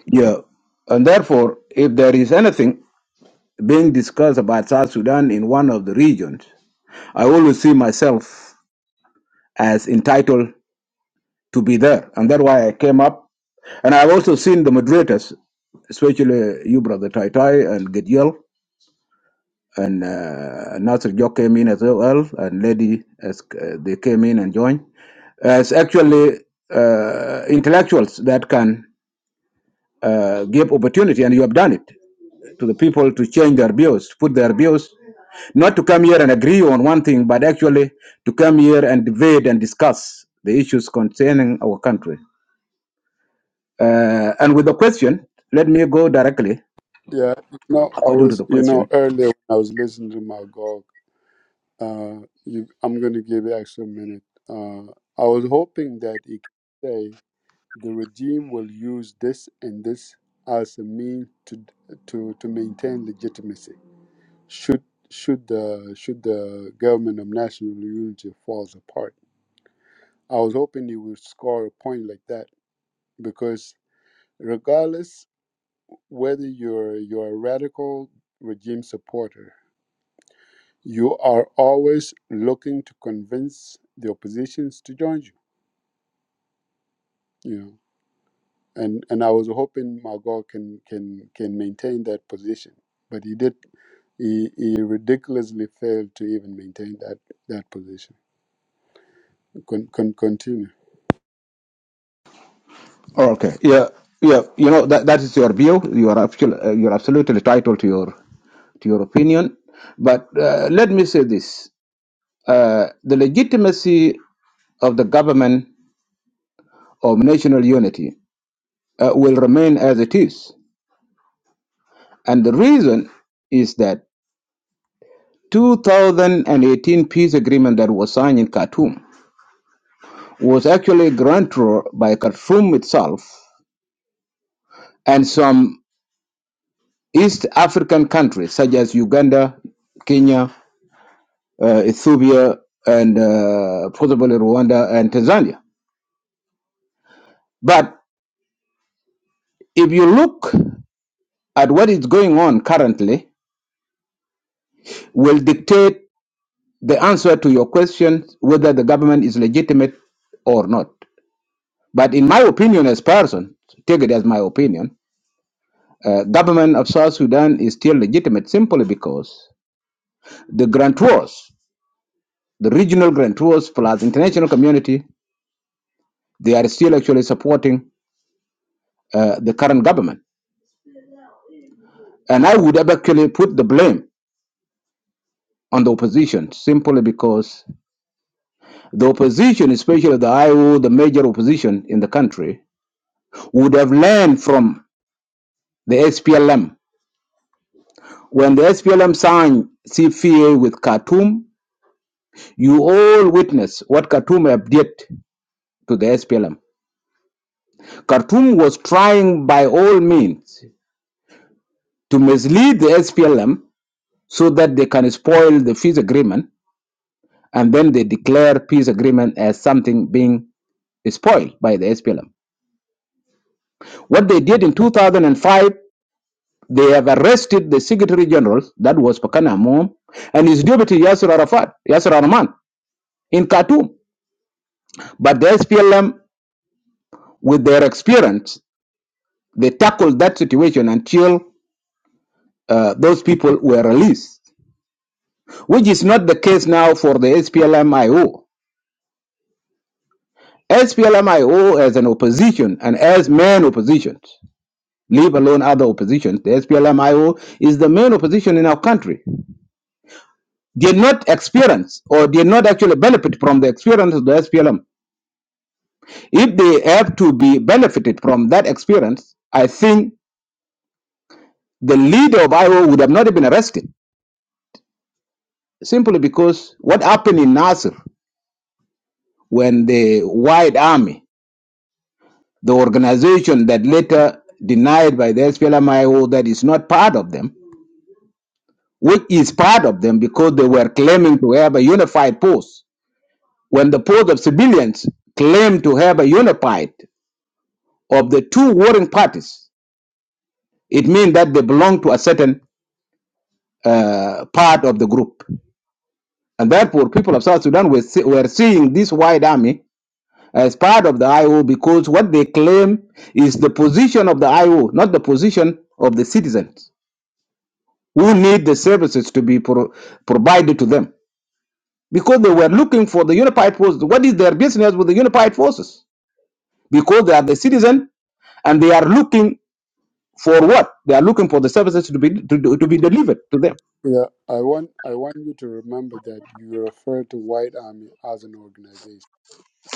Speaker 7: Yeah. And therefore, if there is anything being discussed about South Sudan in one of the regions, I always see myself as entitled to be there. And that's why I came up. And I've also seen the moderators, especially you, Brother Tai Tai and Gediel, and uh, Nasir Jok came in as well, and Lady, as, uh, they came in and joined, as actually uh, intellectuals that can uh, give opportunity, and you have done it, to the people to change their views, to put their views, not to come here and agree on one thing, but actually to come here and debate and discuss the issues concerning our country. Uh, and with the question, let me go directly
Speaker 2: Yeah. No, I
Speaker 7: according to
Speaker 2: was,
Speaker 7: the
Speaker 2: you know,
Speaker 7: question.
Speaker 2: earlier when I was listening to my Magog, uh, you, I'm going to give you extra minute. Uh, I was hoping that he could say the regime will use this and this as a mean to to to maintain legitimacy. Should should the should the government of national unity falls apart? I was hoping he would score a point like that because regardless whether you're you're a radical regime supporter You are always looking to convince the oppositions to join you. You know, and and I was hoping Magog can can can maintain that position, but he did. He, he ridiculously failed to even maintain that that position. Con, con, continue.
Speaker 7: Okay. Yeah. Yeah. You know that that is your view. You are absolutely uh, you are absolutely entitled to your to your opinion. But uh, let me say this: uh, the legitimacy of the government of national unity uh, will remain as it is, and the reason is that 2018 peace agreement that was signed in Khartoum was actually granted by Khartoum itself and some. East African countries such as Uganda, Kenya, uh, Ethiopia, and uh, possibly Rwanda and Tanzania. But if you look at what is going on currently, will dictate the answer to your question whether the government is legitimate or not. But in my opinion, as person, take it as my opinion, uh, government of South Sudan is still legitimate simply because the grantors, the regional grantors plus international community They are still actually supporting uh, the current government. And I would have actually put the blame on the opposition simply because the opposition, especially the IO, the major opposition in the country, would have learned from the SPLM. When the SPLM signed CFA with Khartoum, you all witnessed what Khartoum did to the SPLM. Khartoum was trying by all means to mislead the SPLM so that they can spoil the peace agreement and then they declare peace agreement as something being spoiled by the SPLM. What they did in 2005, they have arrested the Secretary General, that was Pakana Amom, and his deputy Yasser Arafat, Yasser Arman, in Khartoum. But the SPLM, with their experience, they tackled that situation until uh, those people were released, which is not the case now for the SPLM-IO. as an opposition and as main oppositions. leave alone other oppositions. The SPLMIO is the main opposition in our country. Did not experience or did not actually benefit from the experience of the SPLM. If they have to be benefited from that experience, I think the leader of IO would have not been arrested simply because what happened in Nasser when the White Army, the organization that later denied by the SPLMIO is not part of them, which is part of them because they were claiming to have a unified post. when the post of civilians claim to have a unified of the two warring parties, it means that they belong to a certain uh, part of the group. And therefore, people of South Sudan were, see, were seeing this white army as part of the IO because what they claim is the position of the IO, not the position of the citizens who need the services to be pro- provided to them. Because they were looking for the unified forces. What is their business with the unified forces? Because they are the citizen and they are looking For what? They are looking for the services to be to, to, be delivered to them.
Speaker 2: Yeah, I want I want you to remember that you refer to White Army as an organization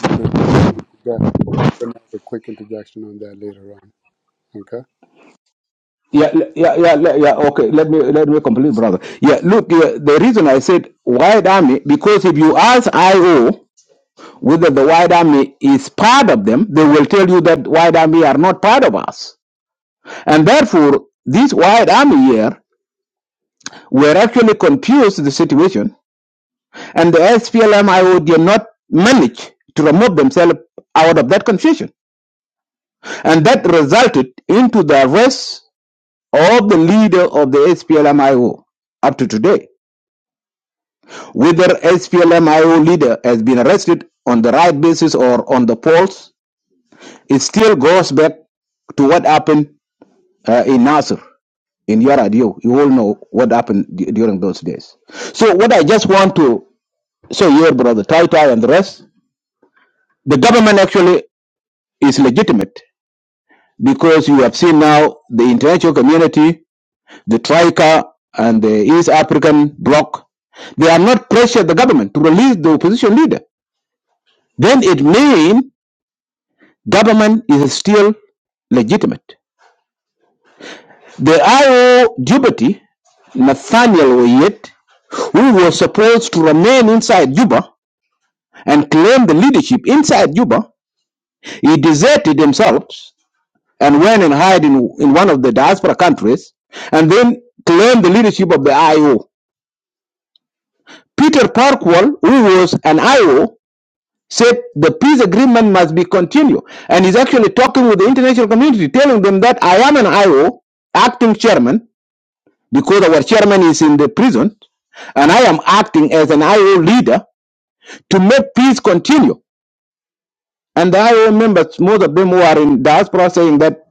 Speaker 2: because we're going to interject- we're going to have a quick interjection on that later on. Okay.
Speaker 7: Yeah, yeah, yeah, le- yeah. Okay, let me let me complete, brother. Yeah, look, yeah, the reason I said White Army because if you ask IO whether the White Army is part of them, they will tell you that White Army are not part of us, and therefore this White Army here were actually confused the situation, and the SPLM-IO did not manage to remove themselves out of that confusion, and that resulted into the arrest of the leader of the SPLMIO up to today. Whether SPLMIO leader has been arrested on the right basis or on the false, it still goes back to what happened uh, in Nasser, in Yaradio. You all know what happened d- during those days. So what I just want to say here, brother Tai Tai and the rest, the government actually is legitimate because you have seen now the international community the Troika and the East African bloc, they have not pressured the government to release the opposition leader. Then it means government is still legitimate. The IO deputy, Nathaniel Oyet, who was supposed to remain inside Juba and claim the leadership inside Juba, he deserted himself and went and hid in, in one of the diaspora countries and then claimed the leadership of the IO. Peter Parkwall, who was an IO, said the peace agreement must be continued. And he's actually talking with the international community, telling them that I am an IO, acting chairman, because our chairman is in the prison, and I am acting as an IO leader to make peace continue. And the IO members, most of them who are in diaspora, saying that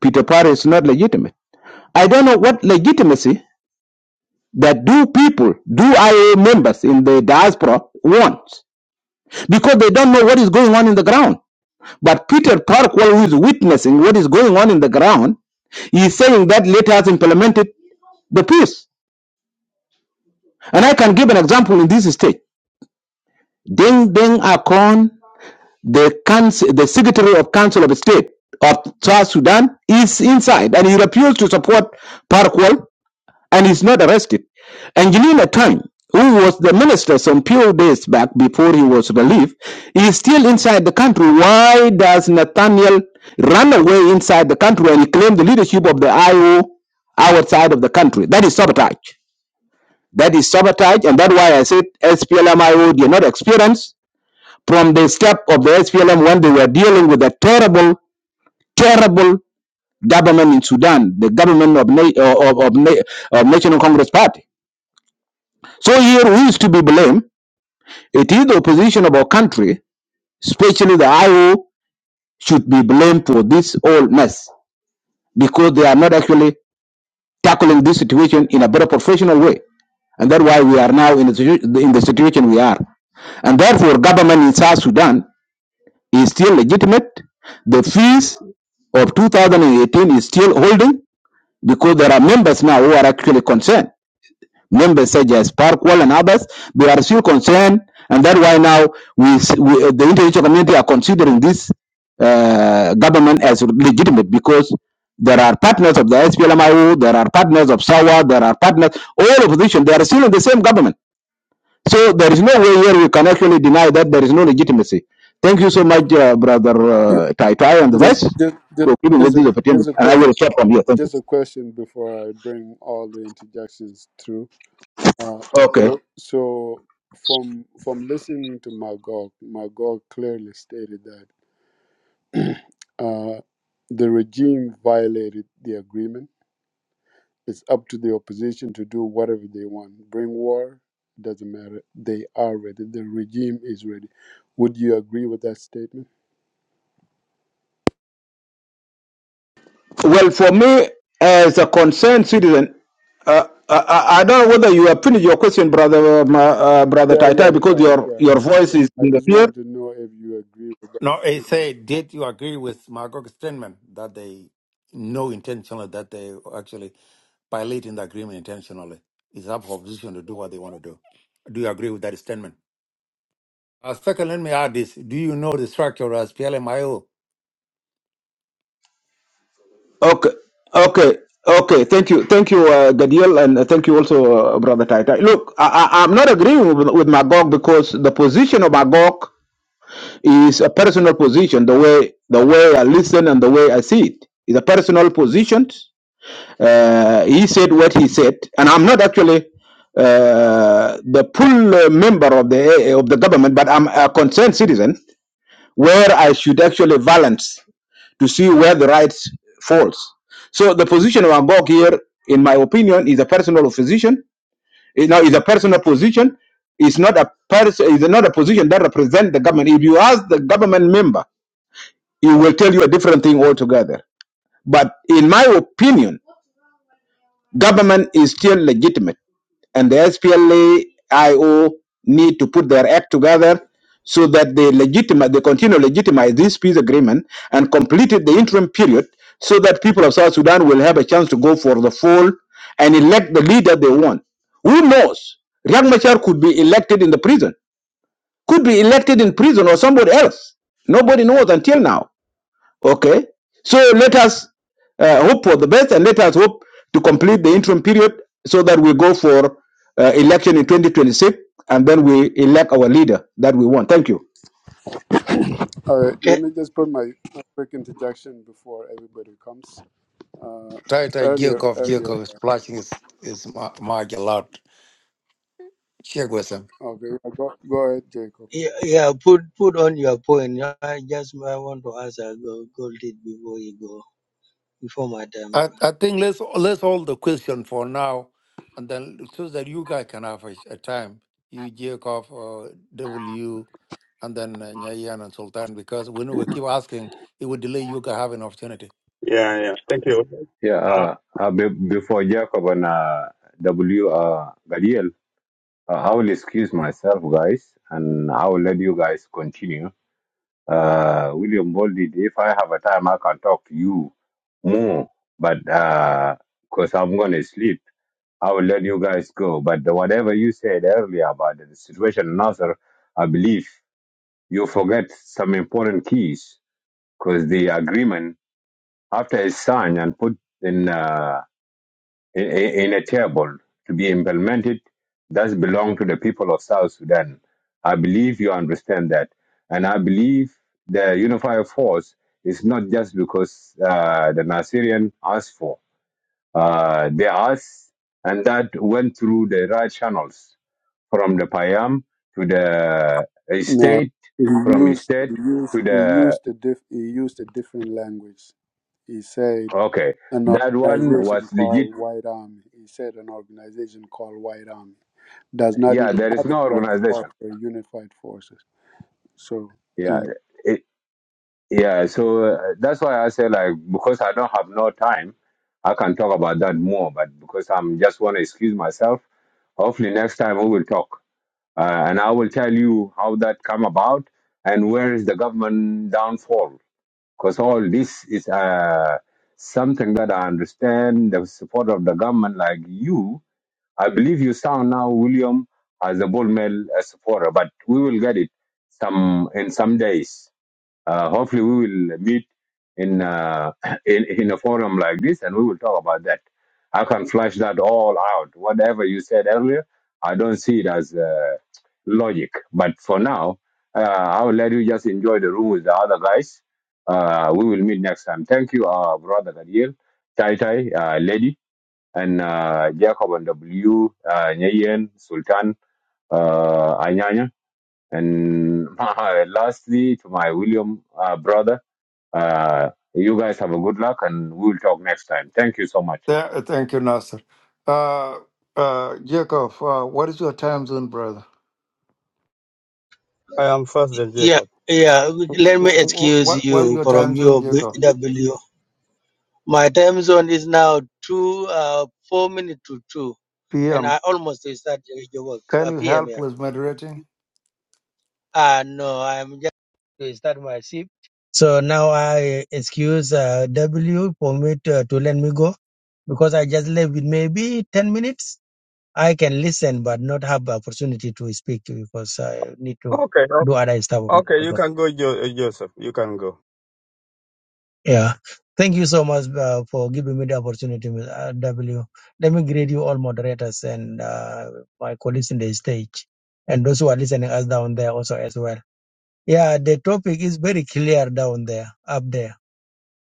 Speaker 7: Peter Parry is not legitimate. I don't know what legitimacy that do people, do IO members in the diaspora want, because they don't know what is going on in the ground. But Peter Parkwall, who is witnessing what is going on in the ground, he is saying that let us implement it, the peace. And I can give an example in this state. Deng Deng Akon, the, council, the Secretary of Council of State of South Sudan, is inside and he refused to support Parkwall and is not arrested. Angelina Tang, who was the minister some few days back before he was relieved, is still inside the country. Why does Nathaniel run away inside the country and he claim the leadership of the IO outside of the country? That is sabotage. That is sabotage, and that's why I said SPLMIO. io did not experience from the step of the SPLM when they were dealing with a terrible, terrible government in Sudan, the government of, Na- of, of, of Na- of National Congress Party So here who is to be blamed? It is the opposition of our country, especially the IO, should be blamed for this whole mess because they are not actually tackling this situation in a better professional way. And that's why we are now in the, situ- in the situation we are. And therefore, government in South Sudan is still legitimate. The fees of 2018 is still holding because there are members now who are actually concerned members such as Park Wall and others, they are still concerned, and that's why now we, we uh, the international community are considering this uh, government as legitimate because there are partners of the SPLMIO, there are partners of SAWA, there are partners, all opposition, they are still in the same government. So there is no way here we can actually deny that there is no legitimacy. Thank you so much, uh, Brother uh, Tai Tai and the
Speaker 2: Just
Speaker 7: rest,
Speaker 2: just just
Speaker 7: for giving us
Speaker 2: just a
Speaker 7: this opportunity.
Speaker 2: just a
Speaker 7: And I
Speaker 2: question.
Speaker 7: will stop from here. Thank you.
Speaker 2: Just a question before I bring all the interjections through. Uh,
Speaker 7: Okay.
Speaker 2: so, so from from listening to Magog, Magog clearly stated that uh, the regime violated the agreement. It's up to the opposition to do whatever they want. Bring war doesn't matter. They are ready. The regime is ready. Would you agree with that statement?
Speaker 7: Well, for me, as a concerned citizen, Uh, I, I don't know whether you have finished your question, brother, um, uh, my, uh, brother
Speaker 2: Yeah,
Speaker 7: Taitai,
Speaker 2: yeah,
Speaker 7: because
Speaker 2: yeah,
Speaker 7: your
Speaker 2: yeah.
Speaker 7: your voice
Speaker 2: yeah.
Speaker 7: is
Speaker 2: I just
Speaker 7: disappeared.
Speaker 2: want to know if you agree with that
Speaker 1: No, I
Speaker 2: statement.
Speaker 1: say, did you agree with Magog's statement that they know intentionally that they actually violating the agreement intentionally? It's up for opposition to do what they want to do. Do you agree with that statement? Uh, second, let me add this. Do you know the structure as PLMIO?
Speaker 7: Okay, okay, okay. Thank you, thank you, uh, Gadiel, and uh, thank you also, uh, brother Taitai. Look, I, I, I'm not agreeing with, with Magog because the position of Magog is a personal position. The way the way I listen and the way I see it is a personal position Uh, he said what he said, and I'm not actually uh, the full uh, member of the uh, of the government, but I'm a concerned citizen where I should actually balance to see where the rights falls. So the position of Agog here, in my opinion, is a personal position. You know, is a personal position. It's not a person. It's not a position that represents the government. If you ask the government member, he will tell you a different thing altogether. But in my opinion, government is still legitimate and the SPLAIO need to put their act together so that they legitimate, they continue to legitimize this peace agreement and completed the interim period so that people of South Sudan will have a chance to go for the full and elect the leader they want. Who knows? Riek Machar could be elected in the prison, could be elected in prison or somebody else. Nobody knows until now. Okay, so let us uh, hope for the best and let us hope to complete the interim period so that we go for uh, election in 2026 and then we elect our leader that we want. Thank you.
Speaker 2: All right, let me just put my, my quick interjection before everybody comes. Uh,
Speaker 1: Try, Tighter
Speaker 2: earlier,
Speaker 1: Jacob,
Speaker 2: earlier.
Speaker 1: Jacob is splashing his, his ma- mark a lot. check with them.
Speaker 2: Okay, yeah, go, go ahead, Jacob.
Speaker 8: Yeah, yeah, put put on your point. I just I want to ask uh, Go- Goldie before you go, before my time.
Speaker 1: I, I think let's let's hold the question for now, and then so that you guys can have a, a time. You Jacob, uh, W, and then uh, Nyayan and Sultan, because when we keep asking, it will delay you guys having opportunity.
Speaker 10: Yeah, yeah. Thank you.
Speaker 5: Yeah,
Speaker 10: Uh,
Speaker 5: uh, uh, be- before Jacob and uh, W. Uh, Gadiel, uh, I will excuse myself, guys, and I will let you guys continue. Uh, William Bolded, if I have a time, I can talk to you more, but because I'm going to sleep, I will let you guys go. But the- whatever you said earlier about the situation in Nasser, I believe you forget some important keys because the agreement, after it's signed and put in. Uh, in, in a table to be implemented does belong to the people of South Sudan. I believe you understand that. And I believe the unified force is not just because uh, the Nasirian asked for. Uh, they asked, and that went through the right channels from the Payam to the uh,
Speaker 2: No,
Speaker 5: state,
Speaker 2: he
Speaker 5: from
Speaker 2: used
Speaker 5: state
Speaker 2: he used
Speaker 5: to
Speaker 2: he
Speaker 5: the.
Speaker 2: used a diff he used a different language. He said
Speaker 5: Okay,
Speaker 2: an
Speaker 5: that one was
Speaker 2: organization
Speaker 5: legit.
Speaker 2: called White Army. He said an organization called White Army does not
Speaker 5: Yeah,
Speaker 2: even
Speaker 5: there is
Speaker 2: have
Speaker 5: no
Speaker 2: the right to call
Speaker 5: organization.
Speaker 2: for unified forces. So,
Speaker 5: Yeah,
Speaker 2: mm,
Speaker 5: yeah, so uh, that's why I say like because I don't have no time, I can talk about that more. But because I'm just want to excuse myself, hopefully next time we will talk, uh, and I will tell you how that come about and where is the government downfall. Because all this is uh, something that I understand the support of the government. Like you, I believe you sound now William as a bull male uh, supporter, but we will get it some in some days uh, hopefully, we will meet in, uh, in in a forum like this, and we will talk about that. I can flash that all out. Whatever you said earlier, I don't see it as uh, logic. But for now, uh, I will let you just enjoy the room with the other guys. Uh, we will meet next time. Thank you, uh, brother Gadiel, Tai Tai, uh, Lady, and uh, Jacob and W, uh, Nyeyen, Sultan, uh, Anyanya, and lastly to my William uh, brother. Uh, you guys have a good luck and we'll talk next time. Thank you so much.
Speaker 1: Yeah, thank you, Nasser. Uh, uh, Jacob, uh, what is your time zone, brother?
Speaker 10: I am first than
Speaker 8: Yeah,
Speaker 10: Jacob.
Speaker 8: yeah.
Speaker 1: Wh-
Speaker 8: Let me
Speaker 1: wh- wh-
Speaker 8: excuse
Speaker 1: What what is
Speaker 8: you
Speaker 1: your time
Speaker 8: from
Speaker 1: zone,
Speaker 8: your
Speaker 1: Jacob?
Speaker 8: BW. My time zone is now two, uh, four minutes to two, and
Speaker 1: PM.
Speaker 8: I almost to start your work
Speaker 1: Can
Speaker 8: uh,
Speaker 1: you
Speaker 8: PM
Speaker 1: help
Speaker 8: here.
Speaker 1: with moderating?
Speaker 8: Ah, no, I'm just to start my shift. So now I excuse uh, W for me to, to let me go because I just left with maybe ten minutes. I can listen but not have the opportunity to speak because I need to
Speaker 10: Okay,
Speaker 8: do
Speaker 10: o-
Speaker 8: other stuff.
Speaker 10: okay. You can go, jo- uh, Joseph. You can go.
Speaker 8: Yeah. Thank you so much uh, for giving me the opportunity, Ms. uh, W. Let me greet you all moderators and uh, my colleagues in the stage and those who are listening us down there also as well. Yeah, the topic is very clear down there, up there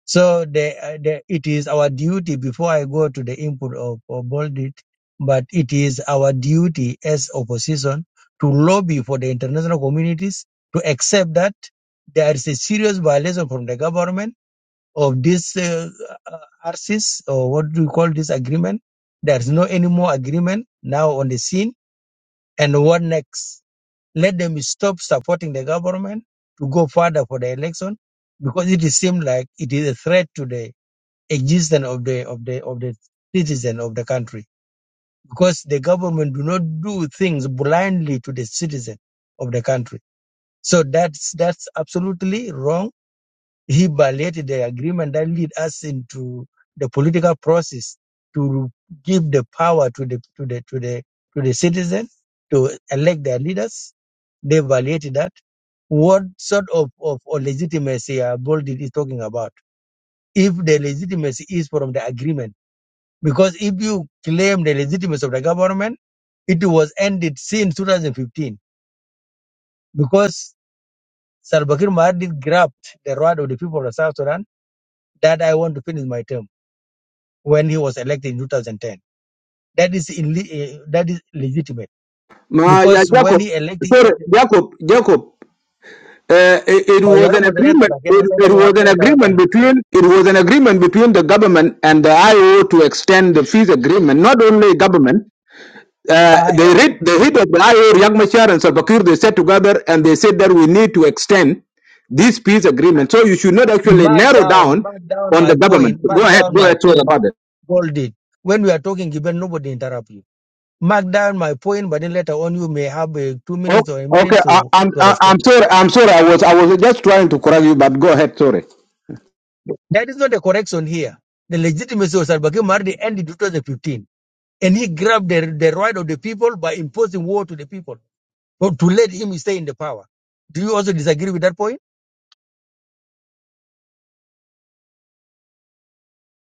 Speaker 8: So the, uh, the, it is our duty before I go to the input of, of Bolded, but it is our duty as opposition to lobby for the international communities to accept that there is a serious violation from the government of this uh, uh, RCs or what do you call this agreement? There is no any more agreement now on the scene. And what next? Let them stop supporting the government to go further for the election because it seems like it is a threat today existence of the of the of the citizen of the country because the government do not do things blindly to the citizen of the country so that's that's absolutely wrong he violated the agreement that lead us into the political process to give the power to the to the to the to the citizen to elect their leaders they violated that what sort of, of, of legitimacy uh, Boldi is talking about if the legitimacy is from the agreement because if you claim the legitimacy of the government, it was ended since 2015. Because Salva Kiir Mahdi grabbed the right of the people of South Sudan that I want to finish my term when he was elected in 2010. That is ille- eh, that is legitimate.
Speaker 7: Ma, yeah,
Speaker 8: Because when
Speaker 7: Jacob,
Speaker 8: he elected, he
Speaker 7: sorry,
Speaker 8: elected
Speaker 7: Jacob, Jacob. Uh, it, it
Speaker 8: Oh, you
Speaker 7: was
Speaker 8: are a
Speaker 7: an
Speaker 8: moderator.
Speaker 7: agreement.
Speaker 8: like, you know,
Speaker 7: It,
Speaker 8: so it's
Speaker 7: it
Speaker 8: like, why
Speaker 7: was
Speaker 8: don't
Speaker 7: an
Speaker 8: you interrupt,
Speaker 7: agreement
Speaker 8: man?
Speaker 7: between it was an agreement between the government and the IO to extend the fees agreement. Not only government, Uh,
Speaker 8: I
Speaker 7: they
Speaker 8: am
Speaker 7: read the head of the IO, Riek Machar and Salva Kiir, they sat together and they said that we need to extend this peace agreement. So you should not actually
Speaker 8: marked
Speaker 7: narrow
Speaker 8: down,
Speaker 7: down
Speaker 8: mark down
Speaker 7: on the
Speaker 8: my
Speaker 7: government.
Speaker 8: point,
Speaker 7: Go
Speaker 8: mark
Speaker 7: ahead,
Speaker 8: down
Speaker 7: go
Speaker 8: my
Speaker 7: ahead, sorry
Speaker 8: point,
Speaker 7: about it.
Speaker 8: bolded. When we are talking, even nobody interrupt you. mark down my point, but then later on you may have uh, two
Speaker 7: Oh,
Speaker 8: minutes or a minute
Speaker 7: okay. I,
Speaker 8: to,
Speaker 7: I'm
Speaker 8: to
Speaker 7: I,
Speaker 8: respond.
Speaker 7: I'm sorry. I'm sorry. I was I was just trying to correct you, but go ahead. Sorry.
Speaker 8: That is not a correction here. The legitimacy of Salva Kiir Mardi ended in 2015, and he grabbed the, the right of the people by imposing war to the people, or to let him stay in the power. Do you also disagree with that point?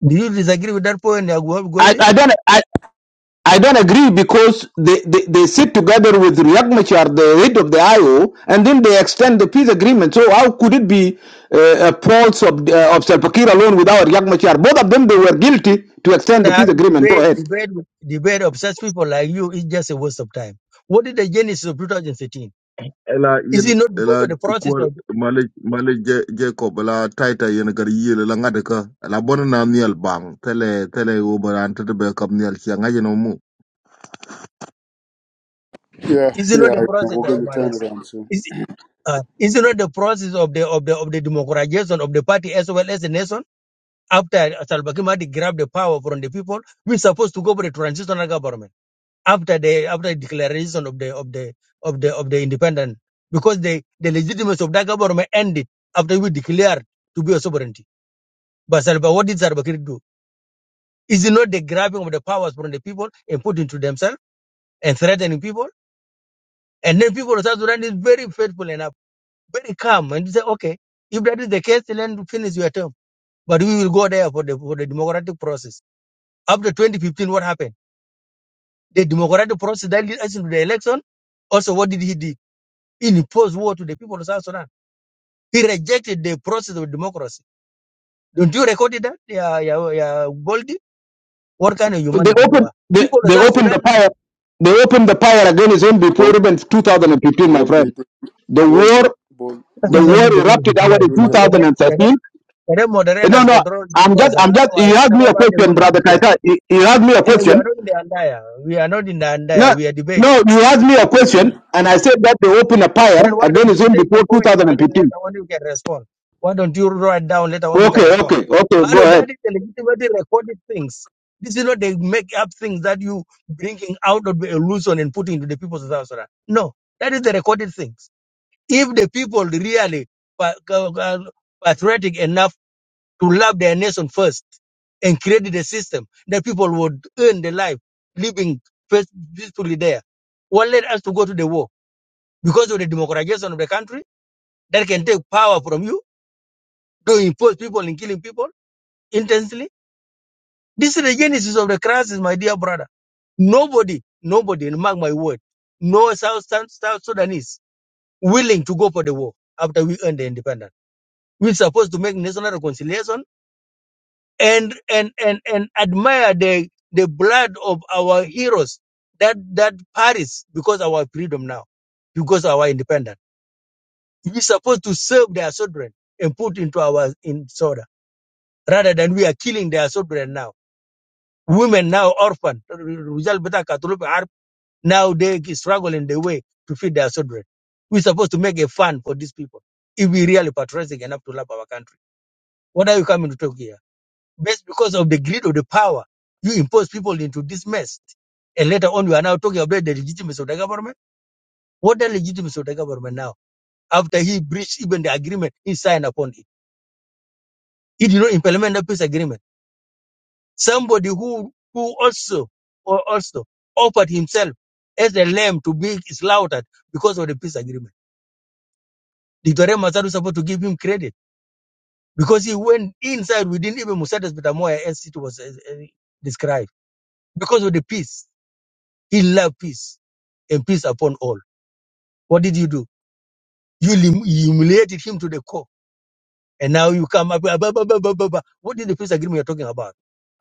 Speaker 8: Do you disagree with that point, Nyago
Speaker 7: I,
Speaker 8: Goldie?
Speaker 7: I don't. I, I don't agree because they, they, they sit together with Riek Machar, the head of the IO, and then they extend the peace agreement. So how could it be uh, a pulse of, uh, of Salva Kiir alone without Riek Machar? Both of them, they were guilty to extend
Speaker 8: The
Speaker 7: the peace
Speaker 8: Arab
Speaker 7: agreement. Go
Speaker 8: debate,
Speaker 7: ahead.
Speaker 8: debate, with- debate of such people like you is just a waste of time. What is the genesis of 2015?
Speaker 11: ela
Speaker 8: Is
Speaker 11: yen
Speaker 8: it not
Speaker 11: ela
Speaker 8: because of the
Speaker 11: ko
Speaker 8: process of,
Speaker 11: malik malik Je- jacob la taita yen gar yele la ngade ka la bon na niel bang tele tele wo baran tete be kap niel chi ngaje no
Speaker 2: yeah,
Speaker 8: is it not
Speaker 2: yeah,
Speaker 8: the process,
Speaker 2: we're going to turn
Speaker 8: Malis?
Speaker 2: it on soon.
Speaker 8: Uh, is it not the process of the of the of the democratization of the party as well as the nation? After Salva Kiir Mahdi grabbed the power from the people, we're supposed to go for the transitional government after the after the declaration of the of the of the of the independent, because the the legitimacy of that government ended after we declared to be a sovereignty. But Salva, what did Salva Kiir do? Is it not the grabbing of the powers from the people and putting to themselves and threatening people? And then people of South Sudan is very faithful enough very calm and say, okay, if that is the case, then finish your term. But we will go there for the for the democratic process. After 2015, what happened? The democratic process that led us into the election. Also, what did he do? He imposed war to the people of South Sudan. He rejected the process of democracy. Don't you record that? Yeah, yeah, yeah, Goldie. What kind of
Speaker 7: They
Speaker 8: humanity you
Speaker 7: opened,
Speaker 8: are?
Speaker 7: they,
Speaker 8: People of
Speaker 7: they
Speaker 8: South
Speaker 7: opened the
Speaker 8: Sudan.
Speaker 7: fire. They opened the fire against him before
Speaker 2: Bull,
Speaker 7: even 2015, my friend.
Speaker 2: Bull
Speaker 7: The
Speaker 2: Bold did
Speaker 7: war,
Speaker 2: bold
Speaker 7: the
Speaker 2: William,
Speaker 7: war
Speaker 2: William,
Speaker 7: erupted out in
Speaker 2: William.
Speaker 7: 2013.
Speaker 8: Can I
Speaker 7: No,
Speaker 8: moderators
Speaker 7: no,
Speaker 8: control this
Speaker 7: I'm just,
Speaker 8: person?
Speaker 7: I'm just, you asked me a question, brother
Speaker 8: Otherwise,
Speaker 7: Kaita. You you asked me a
Speaker 8: You know, we are
Speaker 7: question.
Speaker 8: not in the Andaya. We are not in the
Speaker 7: No,
Speaker 8: Andaya. We are debating.
Speaker 7: no, you asked me a question, and I said that they opened a
Speaker 8: Then
Speaker 7: fire
Speaker 8: why don't
Speaker 7: against
Speaker 8: you
Speaker 7: him
Speaker 8: take the
Speaker 7: before
Speaker 8: point, but then
Speaker 7: 2015.
Speaker 8: later on you can respond? Why don't you write down later on you can
Speaker 7: Okay,
Speaker 8: respond?
Speaker 7: okay, okay, go
Speaker 8: Mano,
Speaker 7: ahead.
Speaker 8: that is the legitimately recorded things. This is not they make up things that you bringing out of the illusion and putting into the people's of South Sudan. No, that is the recorded things. If the people really pa- ca- ca- patriotic enough to love their nation first and created a system that people would earn their life living peace- peacefully there. What led us to go to the war? Because of the democratization of the country that can take power from you to impose people and killing people intensely. This is the genesis of the crisis, my dear brother. Nobody, nobody, and mark my word, no South, South, South Sudanese willing to go for the war after we earn the independence. We're supposed to make national reconciliation and and and and admire the the blood of our heroes that that Paris because our freedom now because our independence we supposed to serve their children and put into our in soda rather than we are killing their children now women now orphan Rizal Bata Katolo Harp, now they struggle in the way to feed their children we're supposed to make a fun for these people if we really patriotic enough to love our country what are you coming to talk here Based because of the greed of the power, you impose people into this mess. And later on, we are now talking about the legitimacy of the government. What the legitimacy of the government now? After he breached even the agreement he signed upon it, he did not implement the peace agreement. Somebody who who also or also offered himself as a lamb to be slaughtered because of the peace agreement. Dictator Masaru was supposed to give him credit because he went inside within even Musadas Betamoya as it was uh, uh, described because of the peace. He loved peace and peace upon all. What did you do? You lim- humiliated him to the core. And now you come up. "Ah, Bah, bah, bah, bah, bah, bah. What is the peace agreement you're talking about?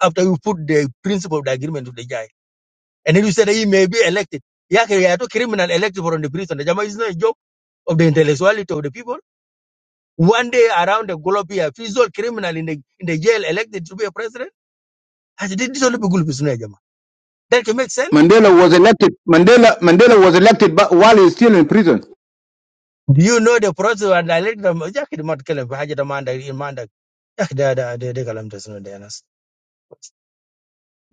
Speaker 8: After you put the principle of the agreement to the guy. And then you said he may be elected. Yake yato criminal elected from the prison. The Jama is not a joke of the intellectuality of the people. One day around the globe here, fizzle criminal in the in the jail elected to be a president. I said, this is all the people who Jama. That can make sense.
Speaker 7: Mandela was elected. Mandela Mandela was elected but while he's still in prison.
Speaker 8: Do you know the process of the elected? Yake the mat kalam fi haja da mandak in mandak. Yake da da da da kalam tasno da yanas.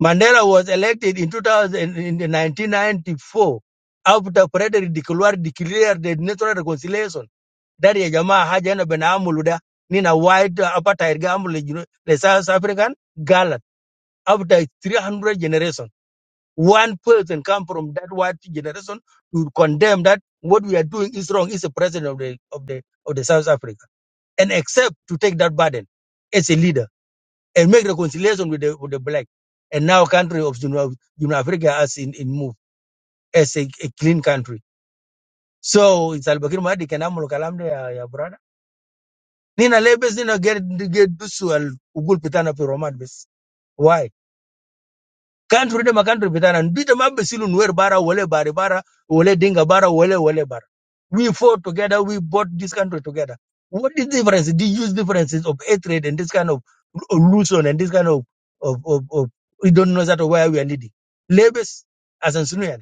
Speaker 8: Mandela was elected in 2000, in 1994 after Frederick de Klerk declared the national reconciliation. That ya jamaa haja yana benamulu da ni na white uh, apartheid gamble you the South African galat after 300 generation. One person come from that white generation to condemn that what we are doing is wrong is the president of the of the of the South Africa and accept to take that burden as a leader and make reconciliation with the with the black. And now country of Jun- Jun Africa as in, in move as a, a clean country. So it's Albakir Mahdi can amul kalam de ya, ya brother. Nina lebes nina get get dusu al ugul pitana fi romat bes. Why? country de country bitana ndita mabbe silu nwer bara wole bari bara wole dinga bara wole wole bara we fought together we bought this country together what is the difference the huge differences of hatred and this kind of illusion and this kind of of of, of we don't know that where we are leading labels as an sunuyan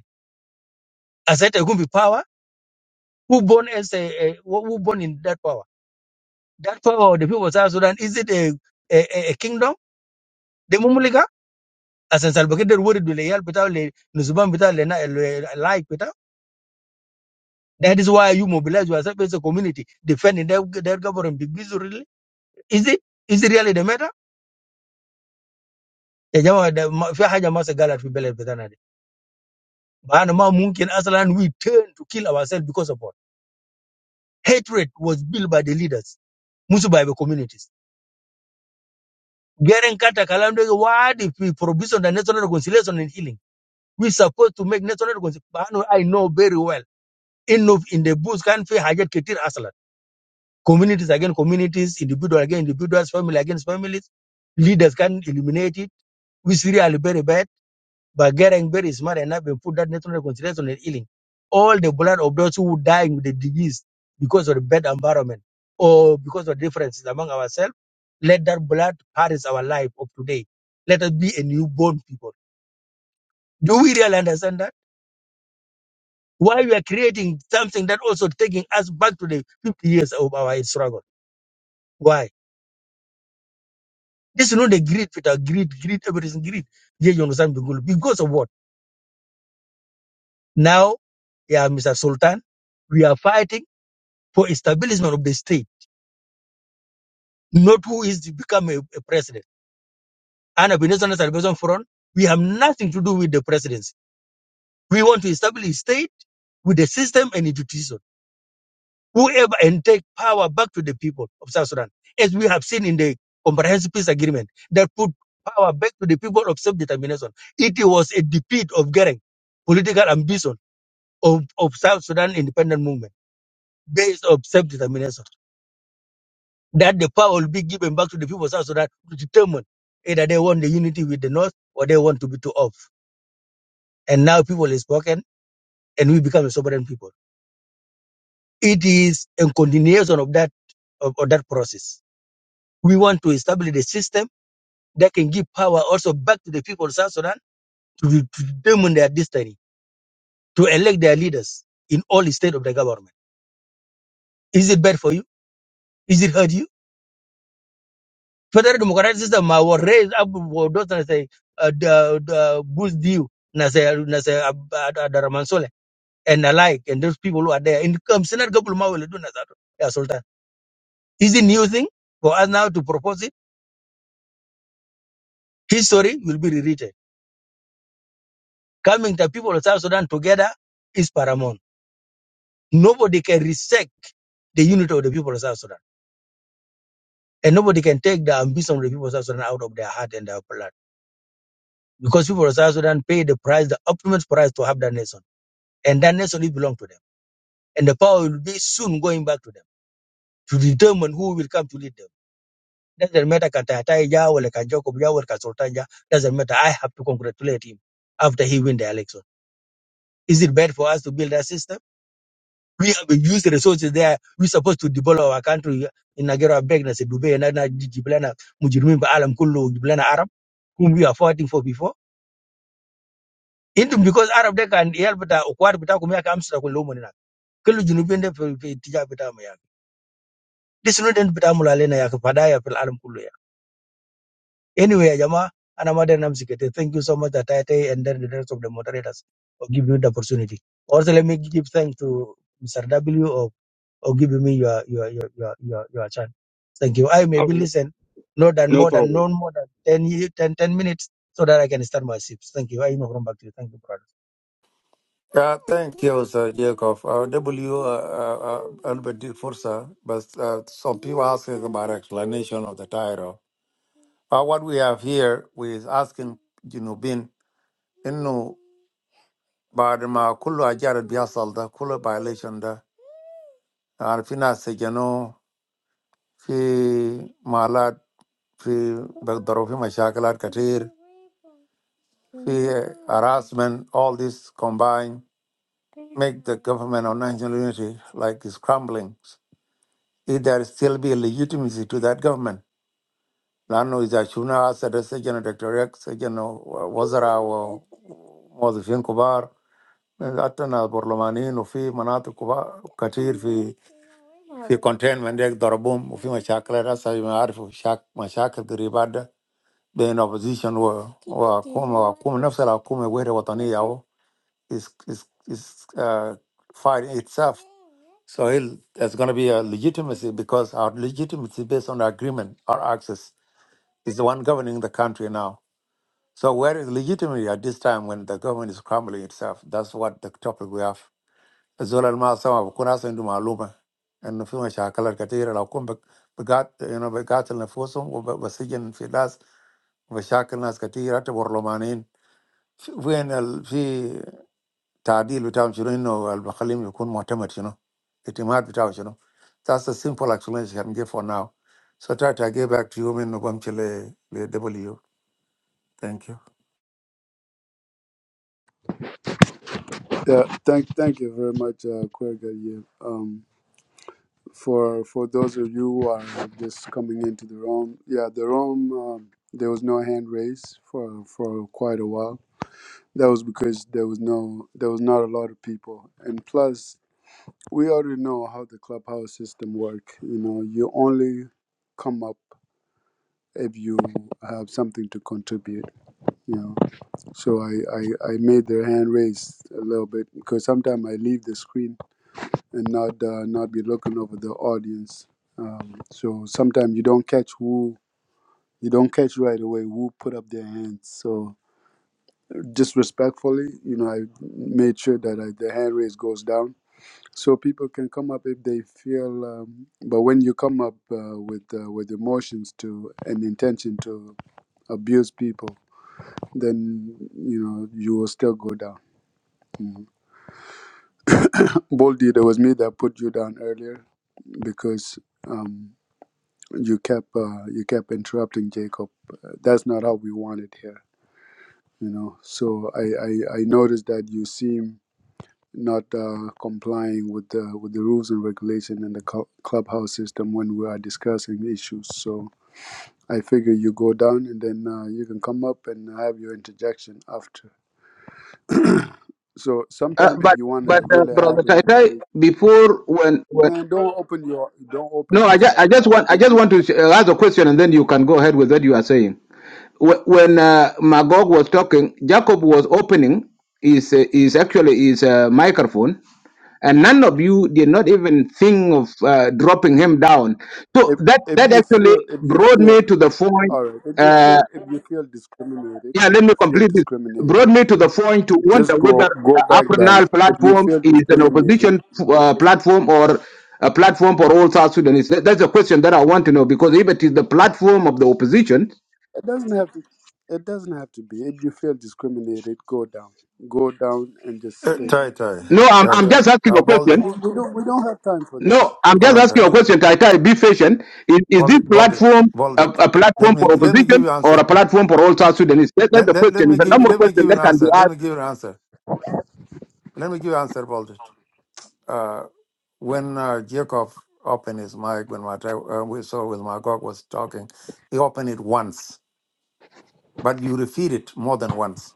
Speaker 8: as it could be power who born as a, a who born in that power that power of the people of South Sudan is it a a, a a kingdom the mumulika as an salvador word do le yal bitaw le nuzubam bitaw le na le like That is why you mobilize yourself as a community defending their that government. Big business really. Is it? Is it really the matter? يا جماعة ده ما- في حاجة ما سجلت في البلد بتاعنا دي. معنى ما ممكن أصلا we turn to kill ourselves because of what? Hatred was built by the leaders, مش by the communities. Garen Carter كلام ده why if we provision the national reconciliation and healing. We supposed to make national reconciliation. I know very well. إنه in the bush كان في حاجات كتير حصلت. Communities against communities, individual against individuals, family against families. Leaders can eliminate it, which really very bad. But Gering Berry is smart enough and put that national reconciliation and healing. All the blood of those who dying with the disease because of the bad environment or because of differences among ourselves, let that blood perish our life of today. Let us be a newborn people. Do we really understand that? Why we are creating something that also taking us back to the 50 years of our struggle? Why? This is not the greed, Peter. Greed, greed, everything greed. Yeah, you understand Bengulu. Because of what? Now, yeah, Mr. Sultan, we are fighting for establishment of the state, not who is to become a, a president. And I've Salvation Front. We have nothing to do with the presidency. We want to establish a state with the system and institution. Whoever and take power back to the people of South Sudan, as we have seen in the comprehensive peace agreement that put power back to the people of self-determination. It was a defeat of Gering political ambition of, of South Sudan independent movement based on self-determination. That the power will be given back to the people of South Sudan to determine either they want the unity with the North or they want to be too off. And now people is spoken and we become a sovereign people. It is a continuation of that of, of that process. We want to establish a system that can give power also back to the people of South Sudan to, de- to determine their destiny, to elect their leaders in all the state of the government. Is it bad for you? Is it hurt you? federal democratic system ma was raised up with those na say uh, the the Bruce Dew na say na say Abdurrahman Soleh and alike and those people who are there in come Senate couple ma will do na that yeah Sultan is it new thing for us now to propose it history will be rewritten coming the people of South Sudan together is paramount nobody can resect the unity of the people of South Sudan and nobody can take the ambition of the people of South Sudan out of their heart and their blood because people of South Sudan pay the price the ultimate price to have that nation and that nation it belongs to them and the power will be soon going back to them to determine who will come to lead them. Doesn't matter Katatai Ja or Leka Jacob Ja or Leka Sultan Ja, doesn't matter. I have to congratulate him after he win the election. Is it bad for us to build that system? We have used the resources there. We're supposed to develop our country in Nigeria, Begnas, Dubai, and Nana, Jiblana, Mujurmin, Alam Kullu, Jiblana Arab, whom we are fighting for before. Intum because Arab they can help with the Okwad Bitakumia comes to Kulumina. Kulu Junubin, Tija Bitamaya. This is not in Bitamula Lena Yakpadaya, Alam Kullu. Anyway, Ajama, and Amaden Namsikete, thank you so much, Atate, and then the rest of the moderators for giving me the opportunity. Also, let me give thanks to Mr. W or, or giving me your, your, your, your, your, your chance. Thank you. I maybe
Speaker 10: Okay.
Speaker 8: listen no than
Speaker 10: No
Speaker 8: more than
Speaker 10: problem.
Speaker 8: no more than 10, ye- 10, ten minutes so that I can start my ships. Thank you. I know from back to you. Thank you, brother.
Speaker 1: Uh, thank you, Sir Jacob. Uh, W, uh, uh, uh, Albert did Fursa, but uh, some people asking about explanation of the title. Uh, what we have here, we is asking Junubin, Innu, بعد ما كل أجار بيحصل ده كل violation ده يعني في ناس سجنوا في مالات في بيقدروا في مشاكلات كتير في harassment all this combined make the government of national unity like is crumbling if there still be a legitimacy to that government. Lano is Ashuna, Sadasajana, Dr. X, Sajano, Wazara, Mozifian Kubar, Atana, Borlomanin, Ufi, Manatu Kubar, Katir, Fi, Fi Containment, Ek Dorabum, Ufi Mashakla, Rasa, Arif, Shak, Mashakal, Ribada, Being opposition were Kuma, Kum, Nafsala, Kuma, Weta, Watani, yao is is is uh, fighting itself. So he'll, there's going to be a legitimacy because our legitimacy based on the agreement, our access is the one governing the country now. So where is legitimacy at this time when the government is crumbling itself? That's what the topic we have. Zola masama bukuna sendu maaluma and fi mashakalar katira la kum begat you know begat al-nafusum wa basijin fi das mashakil nas katira ta borlomanin fi وين ال- في تعديل بتاعهم شنو انه اللي بخليهم يكون معتمد شنو اعتماد بتاعه شنو That's a simple explanation I can give for now. So try to get back to you in November le W. Thank you.
Speaker 2: Yeah, thank thank you very much, uh, Kwerga, yeah. Um, for for those of you who are just coming into the room, yeah, the room um, there was no hand raised for for quite a while. That was because there was no there was not a lot of people, and plus we already know how the clubhouse system work. You know, you only come up if you have something to contribute. You know. So I, I, I made their hand raised a little bit because sometimes I leave the screen and not uh, not be looking over the audience. Um, so sometimes you don't catch who you don't catch right away who put up their hands. So just respectfully, you know, I made sure that I, the hand raise goes down so people can come up if they feel. Um, but when you come up uh, with uh, with emotions to an intention to abuse people, then you know you will still go down. Mm-hmm. Boldy, it was me that put you down earlier because um, you kept uh, you kept interrupting Jacob. Uh, That's not how we want it here, you know. So I I, I noticed that you seem not uh, complying with the with the rules and regulation in the cl- clubhouse system when we are discussing issues. So I figure you go down and then uh, you can come up and have your interjection after. So
Speaker 7: Uh,
Speaker 2: sometime if
Speaker 7: but
Speaker 2: you want
Speaker 7: but
Speaker 2: to
Speaker 7: uh,
Speaker 2: really
Speaker 7: brother
Speaker 2: have an
Speaker 7: Tai Tai,
Speaker 2: engaged
Speaker 7: before when when
Speaker 2: man, don't open your don't open
Speaker 7: no, I, ju- I
Speaker 2: yourself. I
Speaker 7: just
Speaker 2: will
Speaker 7: want I
Speaker 2: give
Speaker 7: just
Speaker 2: you.
Speaker 7: want to uh, ask a question, and then you can go ahead with what you are saying. Wh- When uh, Magog was talking, Jacob was opening his uh, his actually his uh, microphone, and none of you did not even think of uh, dropping him down. So
Speaker 2: if
Speaker 7: that
Speaker 2: if
Speaker 7: that
Speaker 2: you feel
Speaker 7: actually
Speaker 2: if you
Speaker 7: brought
Speaker 2: feel
Speaker 7: me to the point.
Speaker 2: all right if you
Speaker 7: Uh,
Speaker 2: feel if you feel discriminated
Speaker 7: yeah,
Speaker 2: if
Speaker 7: let me
Speaker 2: you feel
Speaker 7: complete this.
Speaker 2: discriminated
Speaker 7: Brought me to the point to wonder
Speaker 2: just
Speaker 7: whether
Speaker 2: go go
Speaker 7: uh,
Speaker 2: back down
Speaker 7: Apernal
Speaker 2: if you
Speaker 7: platform
Speaker 2: feel
Speaker 7: is an
Speaker 2: discriminated
Speaker 7: opposition
Speaker 2: no
Speaker 7: uh,
Speaker 2: it's,
Speaker 7: platform or a platform for all South Sudanese. That- That's a question that I want to know because if it is the platform of the opposition,
Speaker 2: it doesn't have to it doesn't have to be if you feel discriminated go down go down and just
Speaker 1: Eh,
Speaker 2: stay
Speaker 1: Try, try,
Speaker 7: no, I'm,
Speaker 1: try,
Speaker 7: I'm
Speaker 2: okay
Speaker 1: try.
Speaker 7: just asking
Speaker 1: Uh,
Speaker 7: a
Speaker 1: bold
Speaker 2: we,
Speaker 7: question.
Speaker 1: it.
Speaker 2: we we don't we don't have time for this
Speaker 7: No, I'm
Speaker 1: Hold
Speaker 7: just
Speaker 1: on,
Speaker 7: asking
Speaker 1: try,
Speaker 7: a
Speaker 1: try.
Speaker 7: question, Tai Tai. Be patient. Is, is
Speaker 1: Bold
Speaker 7: this
Speaker 1: it, bold it,
Speaker 2: yeah
Speaker 7: platform
Speaker 1: bold
Speaker 7: a,
Speaker 1: it.
Speaker 7: a
Speaker 1: Let
Speaker 7: platform
Speaker 1: me
Speaker 7: for
Speaker 1: let me give
Speaker 7: opposition
Speaker 1: you
Speaker 7: or
Speaker 1: answer.
Speaker 7: a platform for all South Sudanese? That, that's
Speaker 1: Let,
Speaker 7: the
Speaker 1: let, let
Speaker 7: question.
Speaker 1: me
Speaker 7: It's a
Speaker 1: give
Speaker 7: number of
Speaker 1: let me give
Speaker 7: questions
Speaker 1: you
Speaker 7: that
Speaker 1: an
Speaker 7: can
Speaker 1: answer.
Speaker 7: be
Speaker 1: Let me
Speaker 7: asked.
Speaker 1: give you an answer. Let me give you an answer. Bold it. Uh, when uh, Jacob opened his mic when my uh, we saw with Magog was talking, he opened it once. but you repeat it more than once.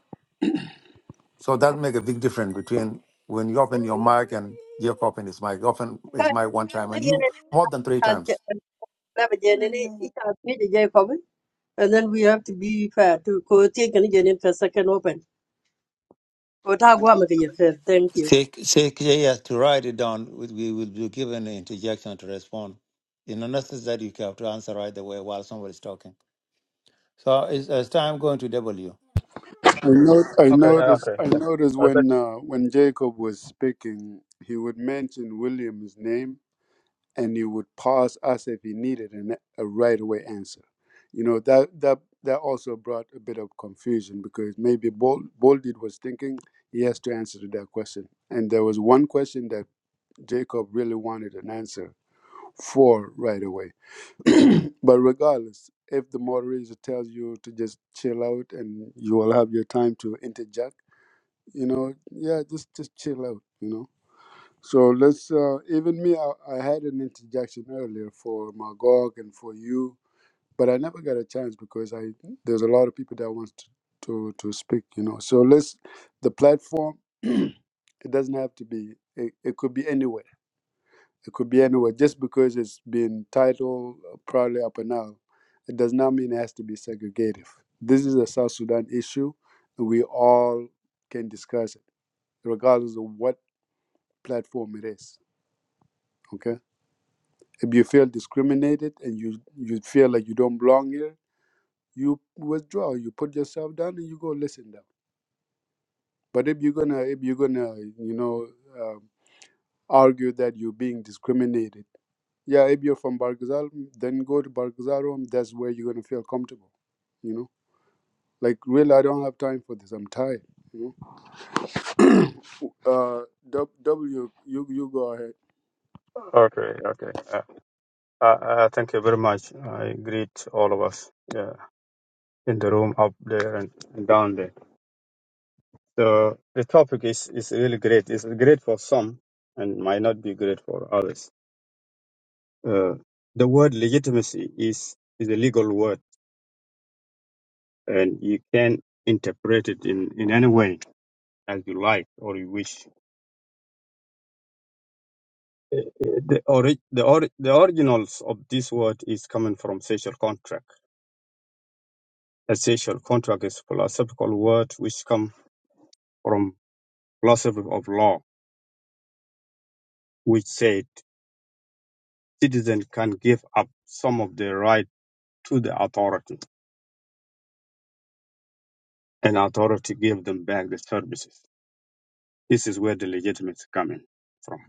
Speaker 1: So that make a big difference between when you open your mic and Jeff open his mic. Open his
Speaker 9: Guys,
Speaker 1: mic one time
Speaker 9: let's
Speaker 1: and
Speaker 9: get
Speaker 1: you
Speaker 9: it.
Speaker 1: more than three
Speaker 9: Uh, let me get-
Speaker 1: times.
Speaker 9: uh, grab it, each of us need a J copy. And then we have to be fair to go take any Jenny for second open. Go tag one, make it fair. Thank you.
Speaker 1: Say, say, yeah, to write it down, we we will be given an interjection to respond. You know, not just that you have to answer right away while somebody's talking. So it's, it's time going to W.
Speaker 2: i know i
Speaker 10: Okay, uh,
Speaker 2: noticed
Speaker 10: okay.
Speaker 2: i
Speaker 10: uh,
Speaker 2: noticed
Speaker 10: uh, thank-
Speaker 2: when uh, when jacob was speaking he would mention william's name and he would pause us if he needed an, a right away answer. You know that that that also brought a bit of confusion because maybe Bol- Bolded was thinking he has to answer to that question, and there was one question that Jacob really wanted an answer for right away. but regardless, if the moderator tells you to just chill out and you will have your time to interject, you know, yeah, just just chill out, you know so let's, uh, even me, I, I had an interjection earlier for Magog and for you, but I never got a chance because I there's a lot of people that want to, to, to speak, you know. So let's, the platform, it doesn't have to be, it, it could be anywhere. It could be anywhere. Just because it's been titled uh, probably up and now, it does not mean it has to be segregative. This is a South Sudan issue, and we all can discuss it, regardless of what platform it is. Okay If you feel discriminated and you you feel like you don't belong here, you withdraw. You put yourself down and you go listen down. But if you're gonna if you're gonna you know um, argue that you're being discriminated, yeah, if you're from Bargazal, then go to Bargazal room. That's where you're gonna feel comfortable. You know, like really, I don't have time for this. I'm tired. You know, uh, W, W, you you go ahead.
Speaker 10: Okay, okay. Uh, uh, uh, thank you very much. I greet all of us yeah, in the room up there and, and down there. So the topic is, is really great. It's great for some and might not be great for others. Uh, the word legitimacy is, is a legal word and you can interpret it in, in any way as you like or you wish. Uh, uh, The, ori- the, ori- the originals of this word is coming from social contract. A social contract is philosophical word which come from philosophy of law, which said citizens can give up some of their right to the authority, and authority give them back the services. This is where the legitimacy coming from.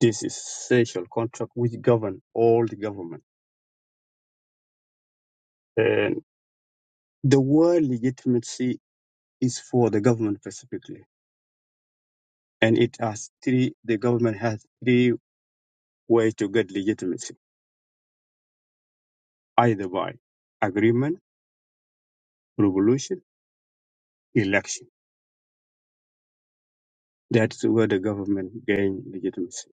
Speaker 10: This is social contract which govern all the government. And the word legitimacy is for the government specifically And it has three, the government has three ways to get legitimacy, either by agreement, revolution, election. That's where the government gain legitimacy.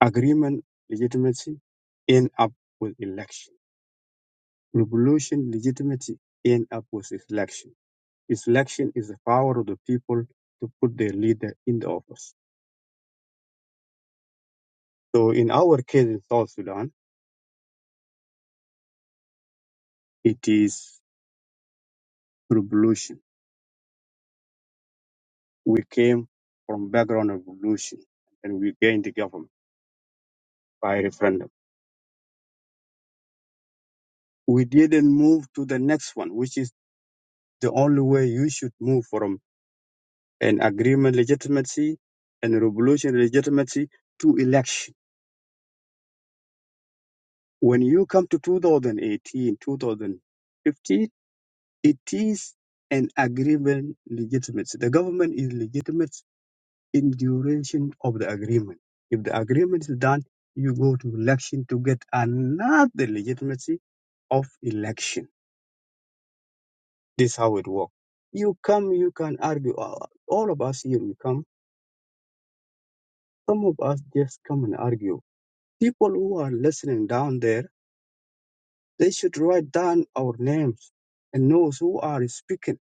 Speaker 10: Agreement legitimacy end up with election. Revolution legitimacy end up with election. Its Election is the power of the people to put their leader in the office. So in our case in South Sudan, it is revolution. We came from background of revolution and we gained the government. by referendum. We didn't move to the next one, which is the only way you should move from an agreement legitimacy and a revolution legitimacy to election. When you come to 2018, 2015, it is an agreement legitimacy. The government is legitimate in duration of the agreement. If the agreement is done, you go to election to get another legitimacy of election This is how it works. You come, you can argue. Uh, All of us here, we come. Some of us just come and argue. People who are listening down there, they should write down our names and knows who are speaking.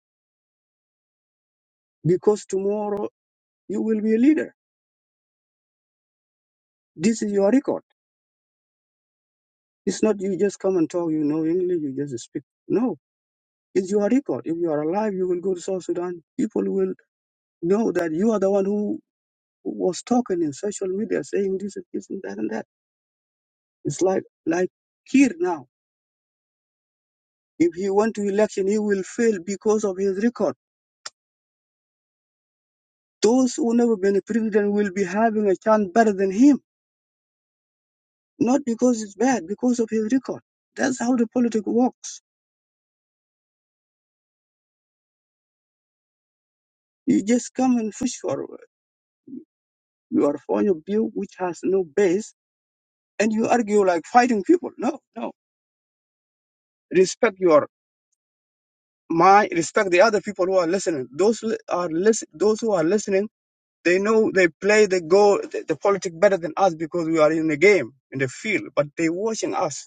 Speaker 10: Because tomorrow you will be a leader. This is your record. It's not you just come and talk, you know English, you just speak. No, it's your record. If you are alive, you will go to South Sudan. People will know that you are the one who who was talking in social media saying this and this and that and that. It's like like here now. If he went to election, he will fail because of his record. Those who never been a president will be having a chance better than him, not because it's bad, because of his record. That's how the politics works. You just come and push for your point of view, which has no base, and you argue like fighting people. No, no. Respect your mind. Respect the other people who are listening. Those li- are listen. Those who are listening, they know they play the go the, the politics better than us because we are in the game in the field, but they watching us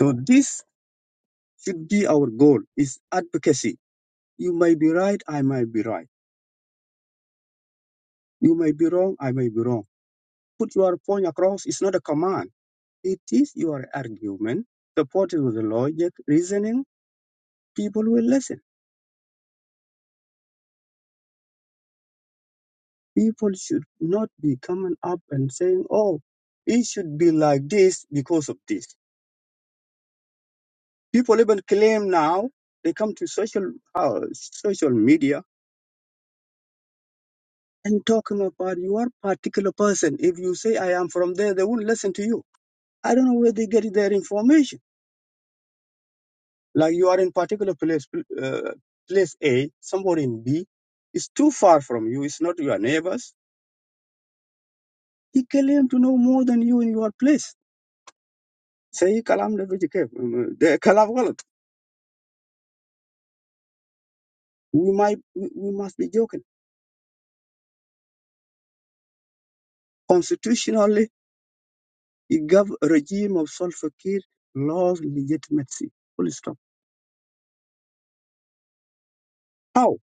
Speaker 10: So this should be our goal is advocacy. You may be right, I might be right. You may be wrong, I may be wrong. Put your point across, it's not a command. It is your argument, supported with the logic, reasoning, people will listen. People should not be coming up and saying, Oh, it should be like this because of this. People even claim now they come to social uh, social media and talking about your particular person. If you say I am from there, they won't listen to you I don't know where they get their information. Like you are in particular place, uh, place A, somebody in B, it's too far from you. It's not your neighbors. He claimed to know more than you in your place. Say kalam da biji kai, um, da kalam galat. We might, we we must be joking. Constitutionally, it gave a regime of self-care laws legitimacy. Full stop. How?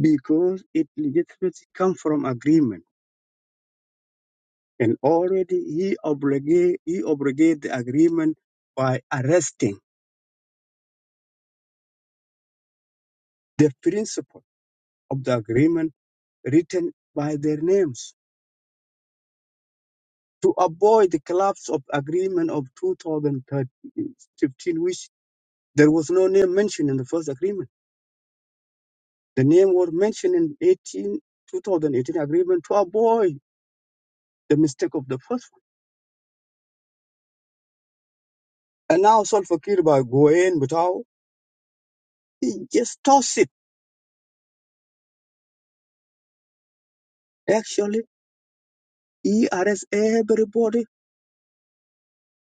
Speaker 10: Because it legitimacy come from agreement And already he obligate, he obligate the agreement by arresting the principle of the agreement written by their names to avoid the collapse of agreement of 2015, which there was no name mentioned in the first agreement. The name was mentioned in 18, 2018 agreement to avoid the mistake of the first one. And now Solfa by Goen Butao, he just tossed it. Actually, he arrests everybody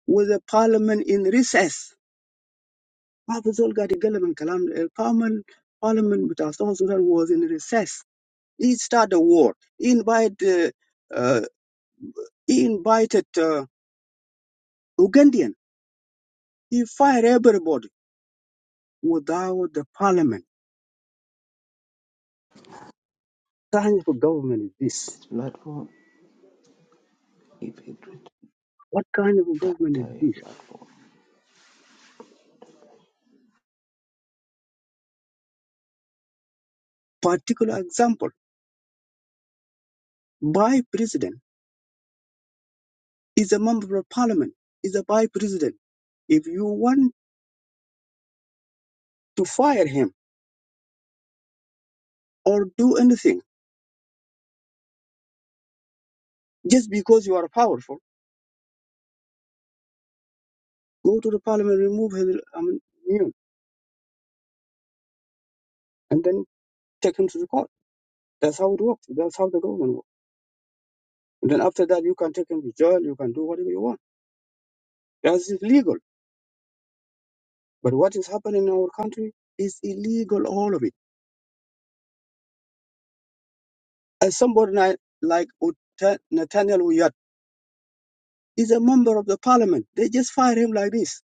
Speaker 10: وذا parliament in recess ما في زول قاعد يتكلم عن الكلام ده البارلمان parliament بتاع South Sudan was in recess he started a war he invited uh, uh, he invited uh, Ugandan he fired everybody without the parliament what kind of government is this what kind of government is this particular example by president is a member of parliament is a by president if you want to fire him or do anything just because you are powerful Go to the parliament, remove his um, immune, and then take him to the court. That's how it works. That's how the government works. And then after that, you can take him to jail. You can do whatever you want. That's illegal. But what is happening in our country is illegal, all of it. As somebody like like Uta- Nathaniel Uyat is a member of the parliament. They just fire him like this.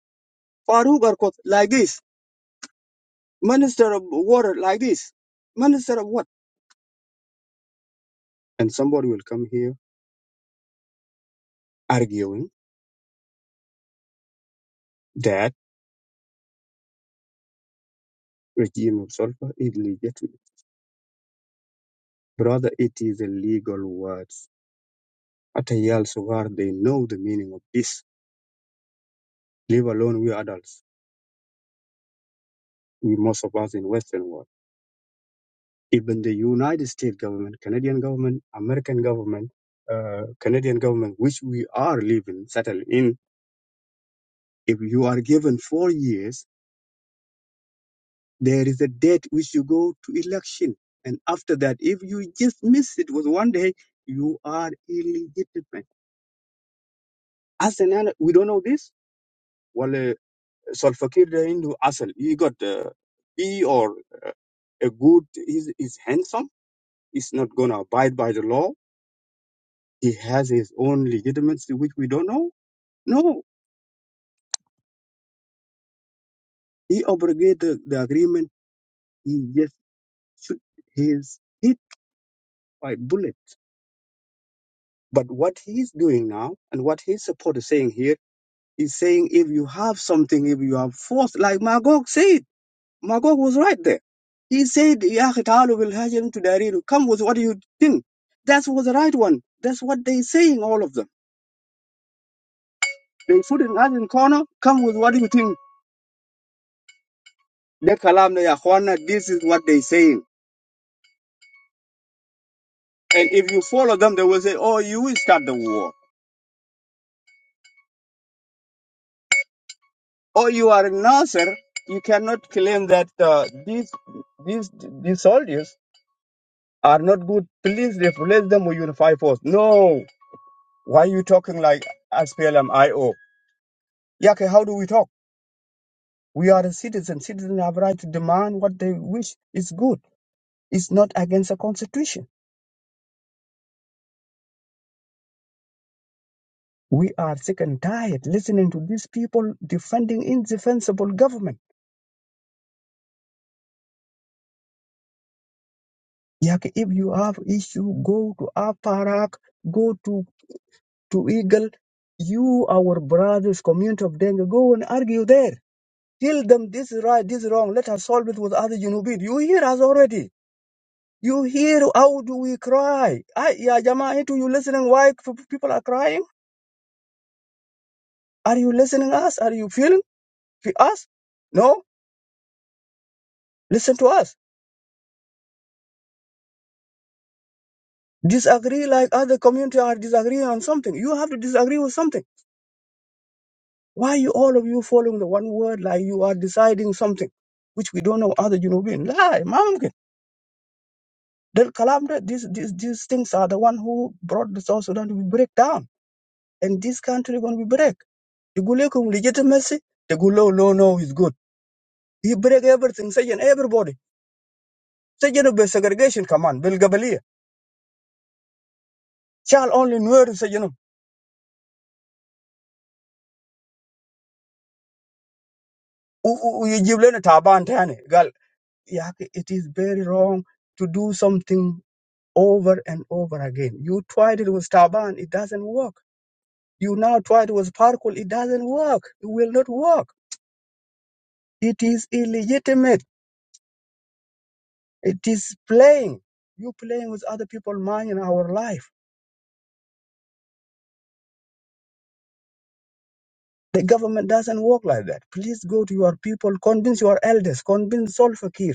Speaker 10: Farouk Arkot like this. Minister of water like this. Minister of what? And somebody will come here arguing that regime of sulfur is illegitimate. Brother, it is illegal words. At a Yale Sugar, they know the meaning of this. Leave alone we adults, we most of us in Western world. Even the United States government, Canadian government, American government, uh, Canadian government, which we are living, settled in, if you are given four years, there is a date which you go to election. And after that, if you just miss it with one day, you are illegitimate. As an adult, we don't know this. Well. Solfakir into Asal. He got uh, he or uh, a good. He's, he's handsome. He's not gonna abide by the law. He has his own legitimacy, which we don't know. No, he obligated the, the agreement. He just shoot his hit by bullet. But what he's doing now, and what his support is saying here, is saying if you have something, if you have force, like Magog says. Magog was right there. He said, "Ya khitalu bil hajarim tudariru." Come with what you think. That was the right one. That's what they saying, all of them. They put in us in corner. Come with what you think. De kalam na ya khwana, This is what they saying. And if you follow them, they will say, "Oh, you will start the war. Oh, you are a Nasser. You cannot claim that uh, these these these soldiers are not good. Please replace them with unified force." No. Why are you talking like SPLM-IO? Yake, how do we talk? We are a citizen. Citizens have right to demand what they wish is good. It's not against the constitution. We are sick and tired listening to these people defending indefensible government. Yet if you have issue, go to Aparak, go to, to Eagle. You, our brothers, community of Dengue, go and argue there. Tell them this is right, this is wrong. Let us solve it with other Junubid. You hear us already. You hear how do we cry? I, yeah, Jama, into you listening why people are crying? Are you listening us? Are you feeling fe- us? No, listen to us. Disagree like other community are disagreeing on something. You have to disagree with something. Why you all of you following the one word like you are deciding something, which we don't know other Junubin Lie, mamkin. Del kalam that these these these things are the one who brought the South Sudan to be break down, and this country going to be break. The Gulekum legitimacy. The Gulo no no is good. He break everything. Saying everybody. Saying be segregation. Come on, Bill Gabalia. Shall only know. Saying ويجيب لنا تعبان تاني قال يا أخي it is very wrong to do something over and over again you tried it with تعبان it doesn't work you now tried it with Parkul it doesn't work it will not work it is illegitimate it is playing you playing with other people's mind in our life the government doesn't work like that please go to your people convince your elders convince Solfakir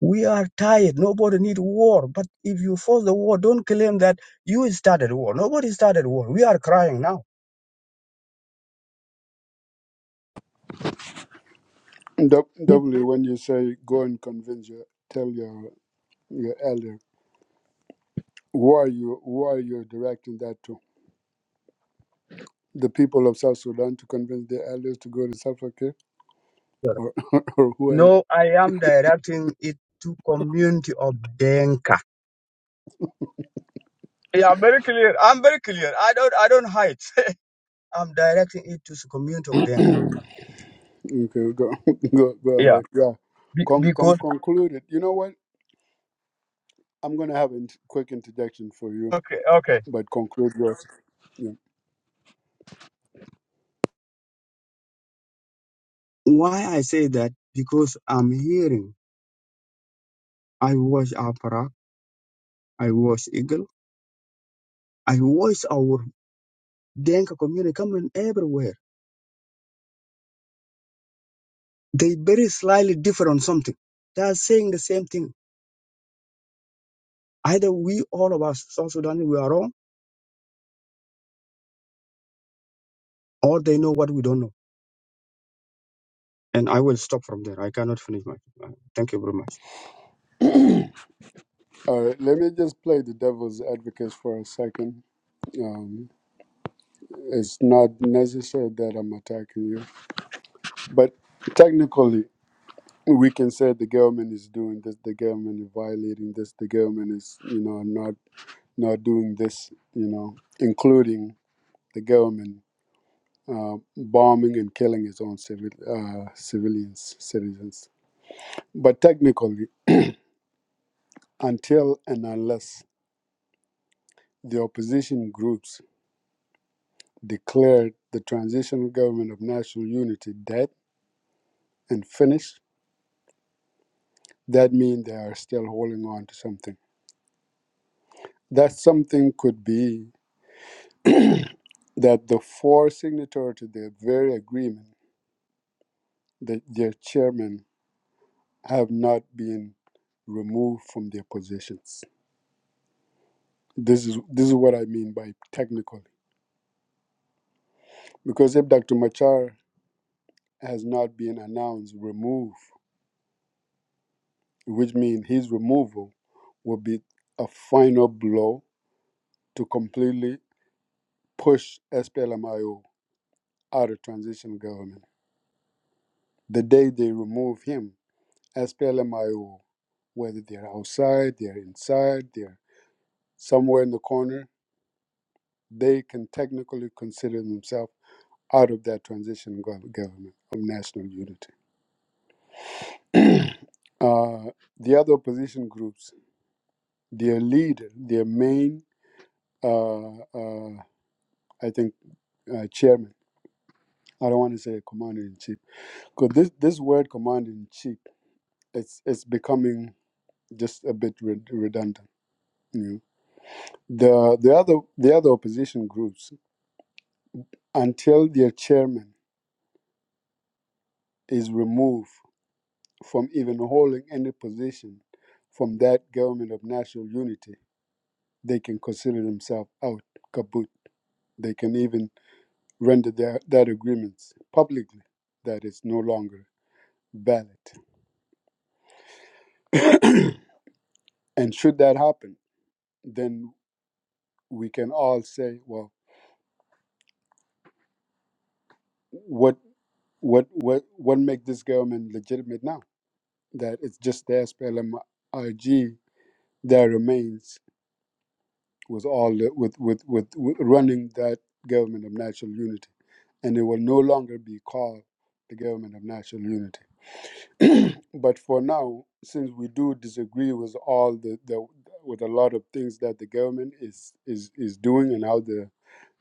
Speaker 10: We are tired. Nobody need war. But if you force the war, don't claim that you started war. Nobody started war. We are crying now.
Speaker 2: W, W, when you say go and convince your tell your your elder Who are you? Who are you directing that to? The people of South Sudan to convince the elders to go to Salva Kiir,
Speaker 10: Hitler.
Speaker 2: or, or who are
Speaker 10: No, I am directing it to community of Denka. Yeah, I'm very clear. I'm very clear. I don't I don't hide. I'm directing it to the community of Denka.
Speaker 2: you? Okay, go, go, go
Speaker 10: Yeah.
Speaker 2: ahead. Yeah,
Speaker 10: Be-
Speaker 2: con, con,
Speaker 10: because
Speaker 2: conclude it. You know what? I'm gonna have a int- quick interjection for you,
Speaker 10: Okay, okay.
Speaker 2: but conclude yours. Yeah.
Speaker 10: Why I say that? Because I'm hearing I watch Apara, I watch Eagle, I watch our Denka community coming everywhere They very slightly differ on something. They are saying the same thing. Either we, all of us, South Sudanese, we are wrong, or they know what we don't know. And I will stop from there. I cannot finish my. Uh, thank you very much.
Speaker 2: All right. Let me just play the devil's advocate for a second. Um, it's not necessary that I'm attacking you, but technically. we can say the government is doing this, the government is violating this, the government is, you know, not not doing this, you know, including the government uh, bombing and killing its own civil uh, civilians, citizens. But technically, until and unless the opposition groups declared the transitional government of national unity dead and finished, that means they are still holding on to something. That something could be that the four signatory to the very agreement, that their chairmen have not been removed from their positions. This is this is what I mean by technically, because if Dr. Machar has not been announced removed, which means his removal will be a final blow to completely push SPLMIO out of transition government. The day they remove him, SPLMIO whether they're outside, they're inside, they're somewhere in the corner, they can technically consider themselves out of that transition gov- government of national unity. uh, the other opposition groups, their leader, their main, uh, uh, I think, uh, chairman. I don't want to say commander in chief, because this this word commander in chief, it's it's becoming just a bit re- redundant. You know? the the other the other opposition groups until their chairman is removed from even holding any position from that government of national unity, they can consider themselves out, kaput. They can even render their, that agreements publicly that it's no longer valid. And should that happen, then we can all say, well, what what what what make this government legitimate now? That it's just the SPLM-IG that remains with all the, with, with with with running that government of national unity and it will no longer be called the government of national unity. but for now, since we do disagree with all the, the with a lot of things that the government is is is doing and how the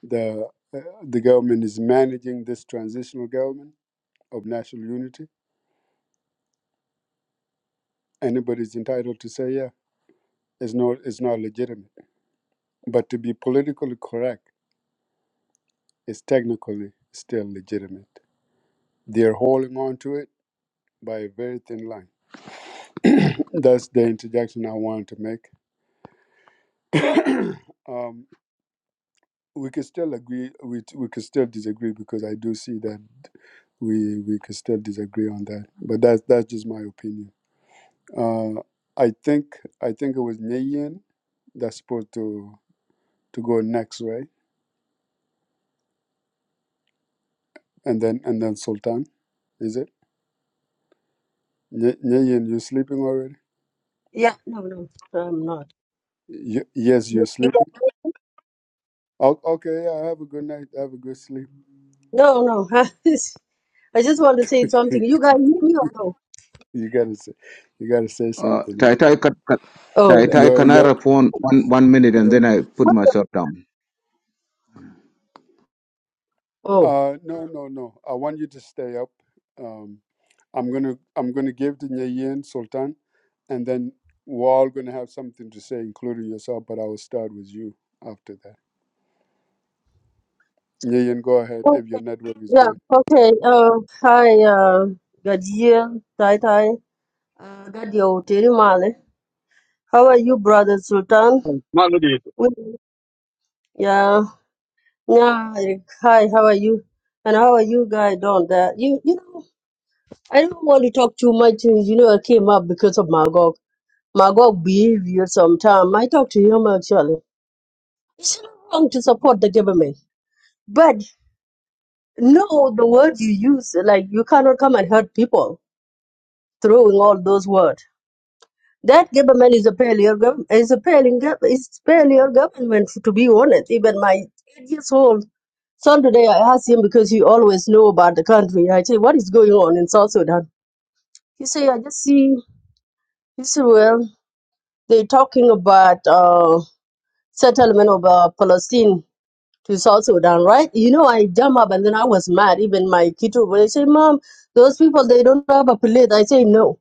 Speaker 2: the uh, the government is managing this transitional government of national unity, anybody's entitled to say, yeah, it's not it's not legitimate. But to be politically correct, it's technically still legitimate. They're holding on to it by a very thin line That's the interjection I wanted to make. um, we could still agree. We we could still disagree because I do see that we we could still disagree on that. But that's that's just my opinion. Uh, I think I think it was Nyeyen that's supposed to to go next, right? And then and then Sultan, is it? Nye- Nyeyen, you sleeping already?
Speaker 9: Yeah, no, no, I'm not.
Speaker 2: Y- yes, you're sleeping. O- okay, yeah. Have a good night. Have a good sleep.
Speaker 9: No, no. I just want to say something. You guys hear me or no?
Speaker 2: you gotta say, you gotta say
Speaker 7: Uh,
Speaker 2: something. eh?
Speaker 7: Tai Tai, can, can,
Speaker 9: Oh,
Speaker 7: Tai
Speaker 9: okay.
Speaker 7: can
Speaker 2: You're,
Speaker 7: I
Speaker 2: you're,
Speaker 7: respond one, one minute and
Speaker 2: you're,
Speaker 7: then I put myself down?
Speaker 9: Oh.
Speaker 2: uh, no, no, no. I want you to stay up. Um, I'm gonna, I'm gonna give to Nyeyen Sultan, and then we're all gonna have something to say, including yourself. But I will start with you after that. Nyeyen, go ahead
Speaker 9: oh
Speaker 2: if your network is
Speaker 9: yeah.
Speaker 2: good.
Speaker 9: Okay. Uh, hi, uh, Gajia, Tai Tai, uh, Gadio, Tiri Male. How are you, brother Sultan?
Speaker 10: Malady.
Speaker 9: We- Yeah. Yeah. like, Hi, how are you? And how are you guys doing there? You, you know, I don't want to talk too much. You know, I came up because of Magog. Magog behavior sometime. I talk to him actually. It's not wrong to support the government. But no, the words you use, like you cannot come and hurt people throwing all those words. That government is a failure. gov- Is a failing. gov- Is failure government. To be honest, even my eight years old son today, I asked him because he always know about the country. I say, what is going on in South Sudan? He say, I just see. He said, well, they talking about uh, settlement of uh, Palestine to South Sudan, right? You know, I jump up and then I was mad. Even my kiddo, when say, Mom, those people, they don't have a plate. I say, No.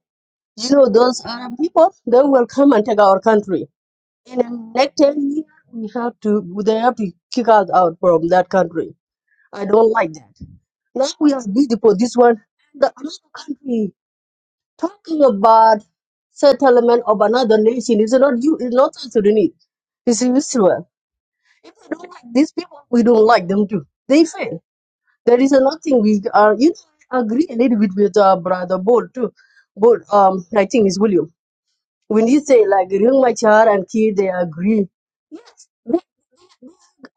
Speaker 9: You know, those Arab people, they will come and take our country. In the next 10 years, we have to, they have to kick us out from that country. I don't like that. Now we are beautiful, this one. The another country talking about settlement of another nation is not you, it's not South Sudanese. It's Israel. If we don't like these people, we don't like them too. They fail. There is nothing we are. You know, I agree a little bit with uh, brother Bol too. Bol, um, I think it's William. When you say like Ring Machar and Key, they agree. Yes, they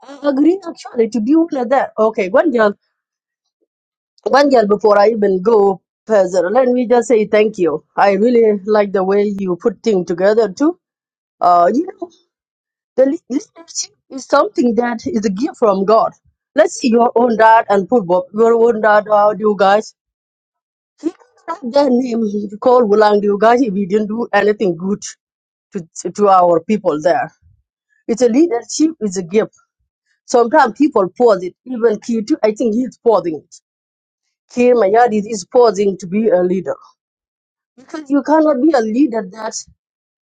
Speaker 9: a- agree actually to be like that. Okay, one girl, one girl. Before I even go further, let me just say thank you. I really like the way you put things together too. Uh, you know, the lea- leadership is something that is a gift from God. Let's see your own dad and put Bob, your own dad. How do you guys? He got their name he called Wulang Diugashi. We didn't do anything good to, to our people there. It's a leadership, it's a gift. Sometimes people pause it. Even Kitu, I think he's pausing it. Kir Mayadid is pausing to be a leader. Because you cannot be a leader that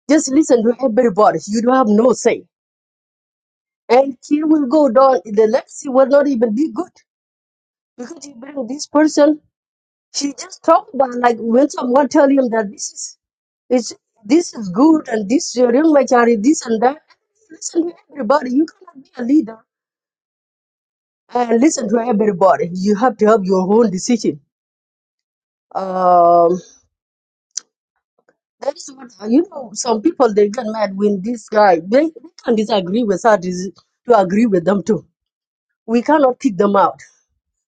Speaker 9: just listen to everybody. You don't have no say. And Kir will go down. The legacy will not even be good. Because you bring this person She just talked about like when someone tell him that this is it's this is good and this is real maturity, this and that. Listen to everybody. You cannot be a leader and listen to everybody. You have to have your own decision. Um, that is what you know. Some people they get mad when this guy they, they can disagree with us to agree with them too. We cannot kick them out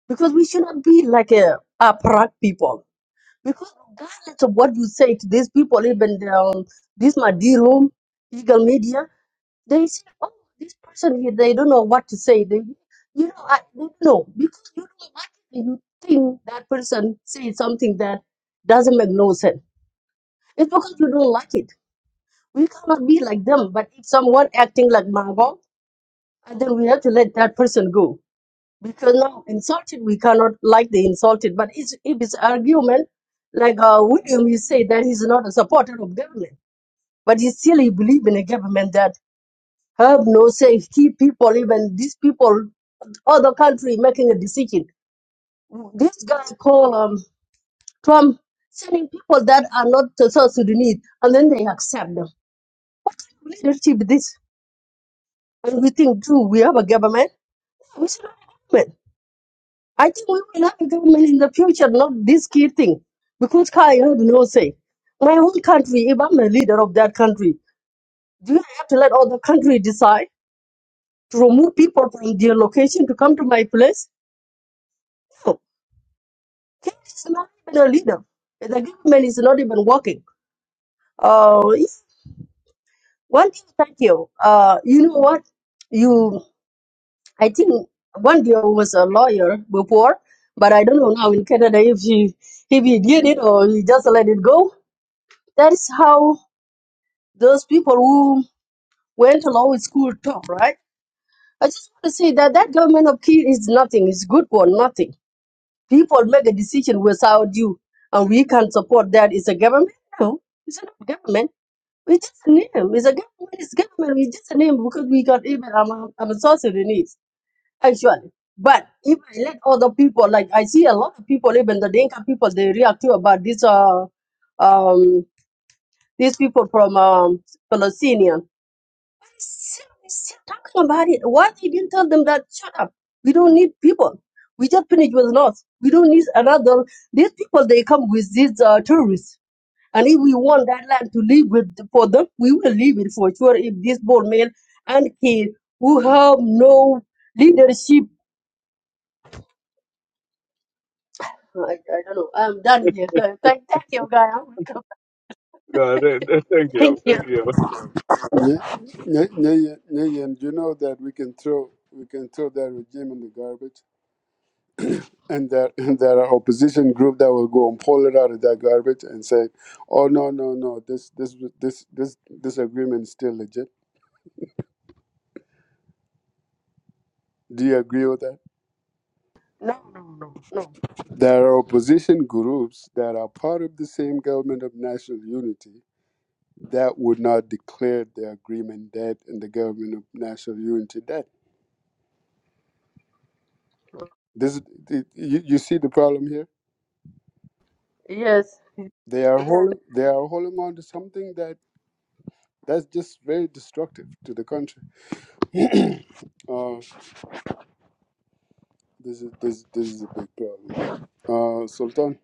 Speaker 9: because we should not be like a apparat people. Because regardless of what you say to these people, even the, um, this my dear room, legal media, they say, oh, this person, here, they don't know what to say. They, you know, I they don't know because you don't like it and you think that person says something that doesn't make no sense. It's because you don't like it. We cannot be like them. But if someone acting like Margot, then we have to let that person go because now insulted we cannot like the insulted but it's, if it's argument like uh, william you say that he's not a supporter of government but he still he believe in a government that have no say keep people even these people other country making a decision this guy called um, trump sending people that are not the south sudanese and then they accept them what kind of leadership is this and we think too we have a government we should have a government I think we will have a government in the future, not this key thing, because I have no say. My own country, if I'm a leader of that country, do I have to let other country decide to remove people from their location to come to my place? No. Kenya is not even a leader. The government is not even working. Uh, if- one thing, thank you. Uh, you know what? You, I think one day I was a lawyer before, but I don't know now in Canada if she, if he did it or he just let it go That's how those people who went to law school talk, right? I just want to say that that government of Kir is nothing. It's good for nothing. People make a decision without you, and we can support that. It's a government? No, it's not a government. It's just a name. It's a government. It's government. It's just a name because we got even. I'm a, I'm a South Sudanese, actually. But if I let other people, like I see a lot of people, even the Dinka people, they react to about this uh um these people from um, Palestine. Still, still talking about it. Why they didn't tell them that shut up? We don't need people. We just finished with North. We don't need another. These people they come with these uh, tourists, and if we want that land to live with for them, we will leave it for sure. If this bold man and kid who have no leadership, I, I don't know. I'm done here. Th- Thank, thank you, guy. I'm welcome.
Speaker 10: Uh, th- th- thank
Speaker 9: Thank
Speaker 10: you.
Speaker 9: you.
Speaker 10: Thank you.
Speaker 2: Nye- Nye- Nyeyen, Nyeyen, you know that we can throw, we can throw that regime in the garbage, and there, and there are opposition group that will go and pull it out of that garbage and say, "Oh no, no, no! This, this, this, this, this agreement is still legit." Do you agree with that?
Speaker 9: No, no, no, no.
Speaker 2: There are opposition groups that are part of the same government of national unity that would not declare the agreement dead and the government of national unity dead. This, it, you, you see the problem here.
Speaker 9: Yes.
Speaker 2: They are holding, they are holding on to something that that's just very destructive to the country. uh, this is this this is a big problem. Uh, Sultan,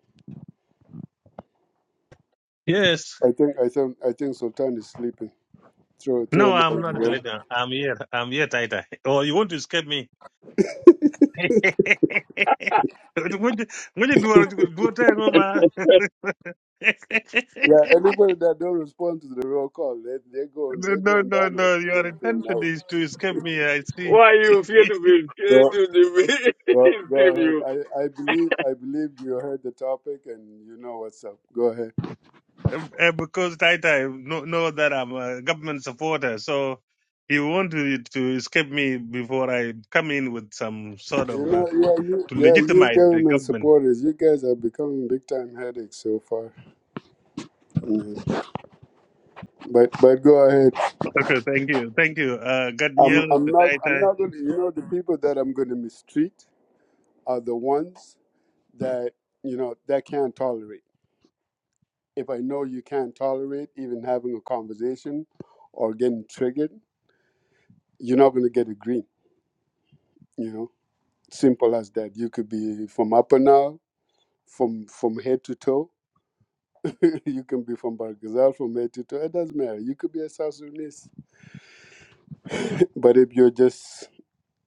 Speaker 12: Yes.
Speaker 2: I think I think I think Sultan is sleeping. Throw throw
Speaker 12: No,
Speaker 2: him out
Speaker 12: I'm
Speaker 2: of the
Speaker 12: not
Speaker 2: room.
Speaker 12: Italian. I'm here. I'm here, Taita. Oh, you want to escape me? What you would you do a do a thing, Oma?
Speaker 2: Yeah, anybody that don't respond to the roll call, they they going
Speaker 12: No,
Speaker 2: they
Speaker 12: no,
Speaker 2: going
Speaker 12: no.
Speaker 2: down or
Speaker 12: no. Your
Speaker 2: getting thrown
Speaker 12: intention
Speaker 2: out.
Speaker 12: is to escape me. I see.
Speaker 10: Why you feel to be to
Speaker 2: Go
Speaker 10: the
Speaker 2: go go
Speaker 10: escape
Speaker 2: ahead.
Speaker 10: you?
Speaker 2: I, I believe I believe you heard the topic and you know what's up. Go ahead.
Speaker 12: Um, uh, because Taita know, know that I'm a government supporter, so he want to, to escape me before I come in with some sort
Speaker 2: You
Speaker 12: of uh,
Speaker 2: know yeah you
Speaker 12: to
Speaker 2: yeah you
Speaker 12: legitimize the
Speaker 2: government
Speaker 12: government.
Speaker 2: supporters, you guys are becoming big time headaches so far. Mhm. But but go ahead.
Speaker 12: Okay, thank you, thank you, uh,
Speaker 2: I'm
Speaker 12: Gadniel,
Speaker 2: I'm
Speaker 12: to
Speaker 2: not I'm
Speaker 12: Taita.
Speaker 2: not gonna you know the people that I'm gonna mistreat are the ones that you know that can't tolerate. if I know you can't tolerate even having a conversation or getting triggered, you're not going to get a green. You know, simple as that. You could be from Upper Nile, from from head to toe. you can be from Bargazal, from head to toe. It doesn't matter. You could be a South Sudanese. But if you're just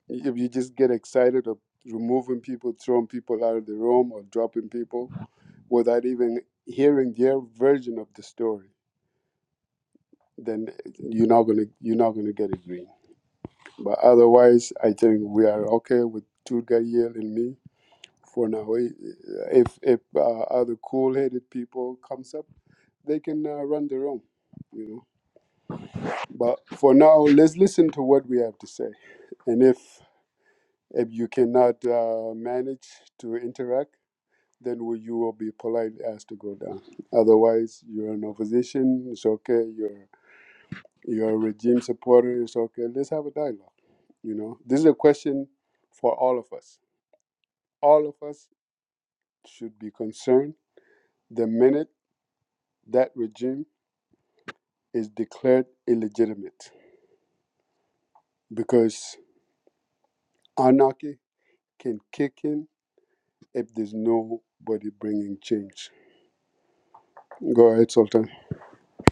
Speaker 2: if you just get excited of removing people, throwing people out of the room, or dropping people without even hearing their version of the story, then you're not gonna you're not gonna get a green. But otherwise, I think we are okay with Turgayel and me for now. If if uh, other cool-headed people comes up, they can uh, run their own, you know. But for now, let's listen to what we have to say. And if if you cannot uh, manage to interact, then we, you will be polite as to go down. Otherwise, you're in opposition. It's okay. You're. You're a regime supporter. It's okay. Let's have a dialogue. You know, this is a question for all of us. All of us should be concerned the minute that regime is declared illegitimate because anarchy can kick in if there's nobody bringing change. Go ahead, Sultan.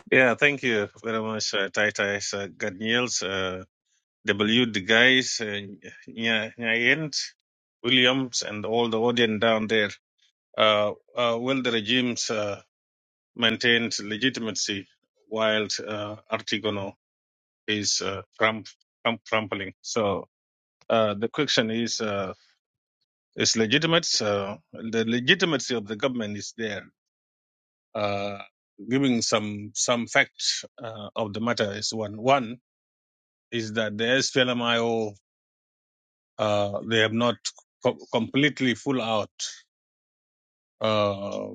Speaker 12: Yeah, thank you very much, uh, Titus uh, Ganiels, uh, W. De Guys, uh, Nya- Nyayent, Williams, and all the audience down there. Uh, uh, will the regimes uh, maintained legitimacy while uh, Artigono is uh, crump, crump, crumpling? So uh, the question is uh, is legitimate. Uh, the legitimacy of the government is there. Uh, giving some some facts uh, of the matter is one. One is that the SPLMIO uh, they have not co- completely full out. Uh,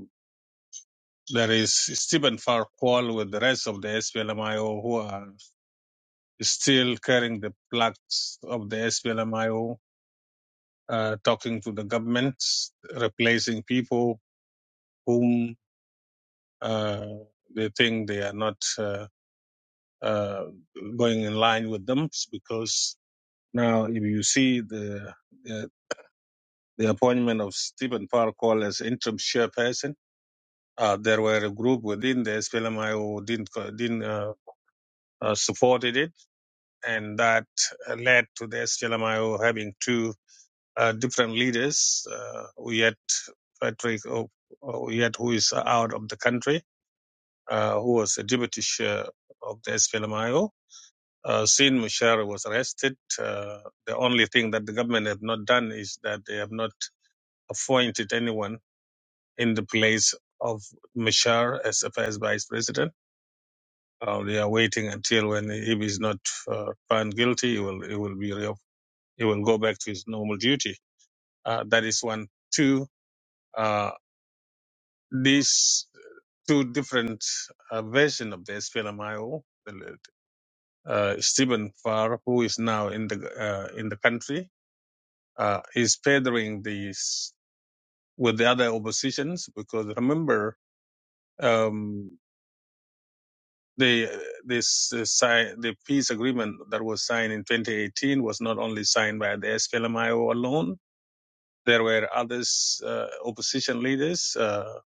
Speaker 12: there is Stephen Farquhar with the rest of the SPLMIO who are still carrying the plaques of the SPLMIO, uh, talking to the governments, replacing people whom uh, they think they are not uh, uh, going in line with them because now if you see the uh, the appointment of Stephen Parkour as interim chairperson. Uh, there were a group within the SPLMI who didn't didn't uh, uh, supported it, and that uh, led to the SPLMIO having two uh, different leaders. Uh, we had Patrick, oh, oh, we who is out of the country, uh, who was a deputy chair of the SPLMIO. Uh, Sin Mushar was arrested. Uh, the only thing that the government have not done is that they have not appointed anyone in the place of Mashar as a first vice president. Uh, they are waiting until when if he's not uh, found guilty, he will he will be re- he will go back to his normal duty. Uh, that is one. Two. Uh, these two different uh, version of the SPLMIO. the- Uh, Stephen Farr, who is now in the uh, in the country, uh, is furthering these with the other oppositions because remember. Um, the this uh, si- the peace agreement that was signed in 2018 was not only signed by the SPLMIO alone. There were others uh, opposition leaders uh,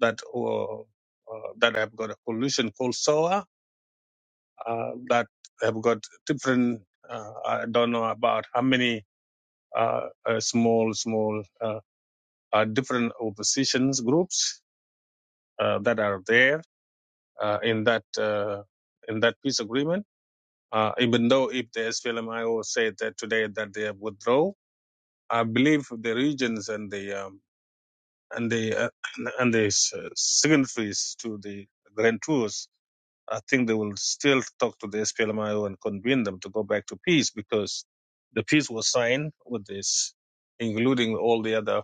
Speaker 12: that were, uh, that have got a coalition called SOA uh, that have got different. Uh, I don't know about how many uh, uh, small small uh, uh, different oppositions groups uh, that are there uh, in that uh, in that peace agreement Uh, even though if the SPLMIO said that today that they have withdraw, I believe the regions and the um, and the uh, and the s- uh, signatories to the Grand Tours, I think they will still talk to the SPLMIO and convene them to go back to peace because the peace was signed with this, including all the other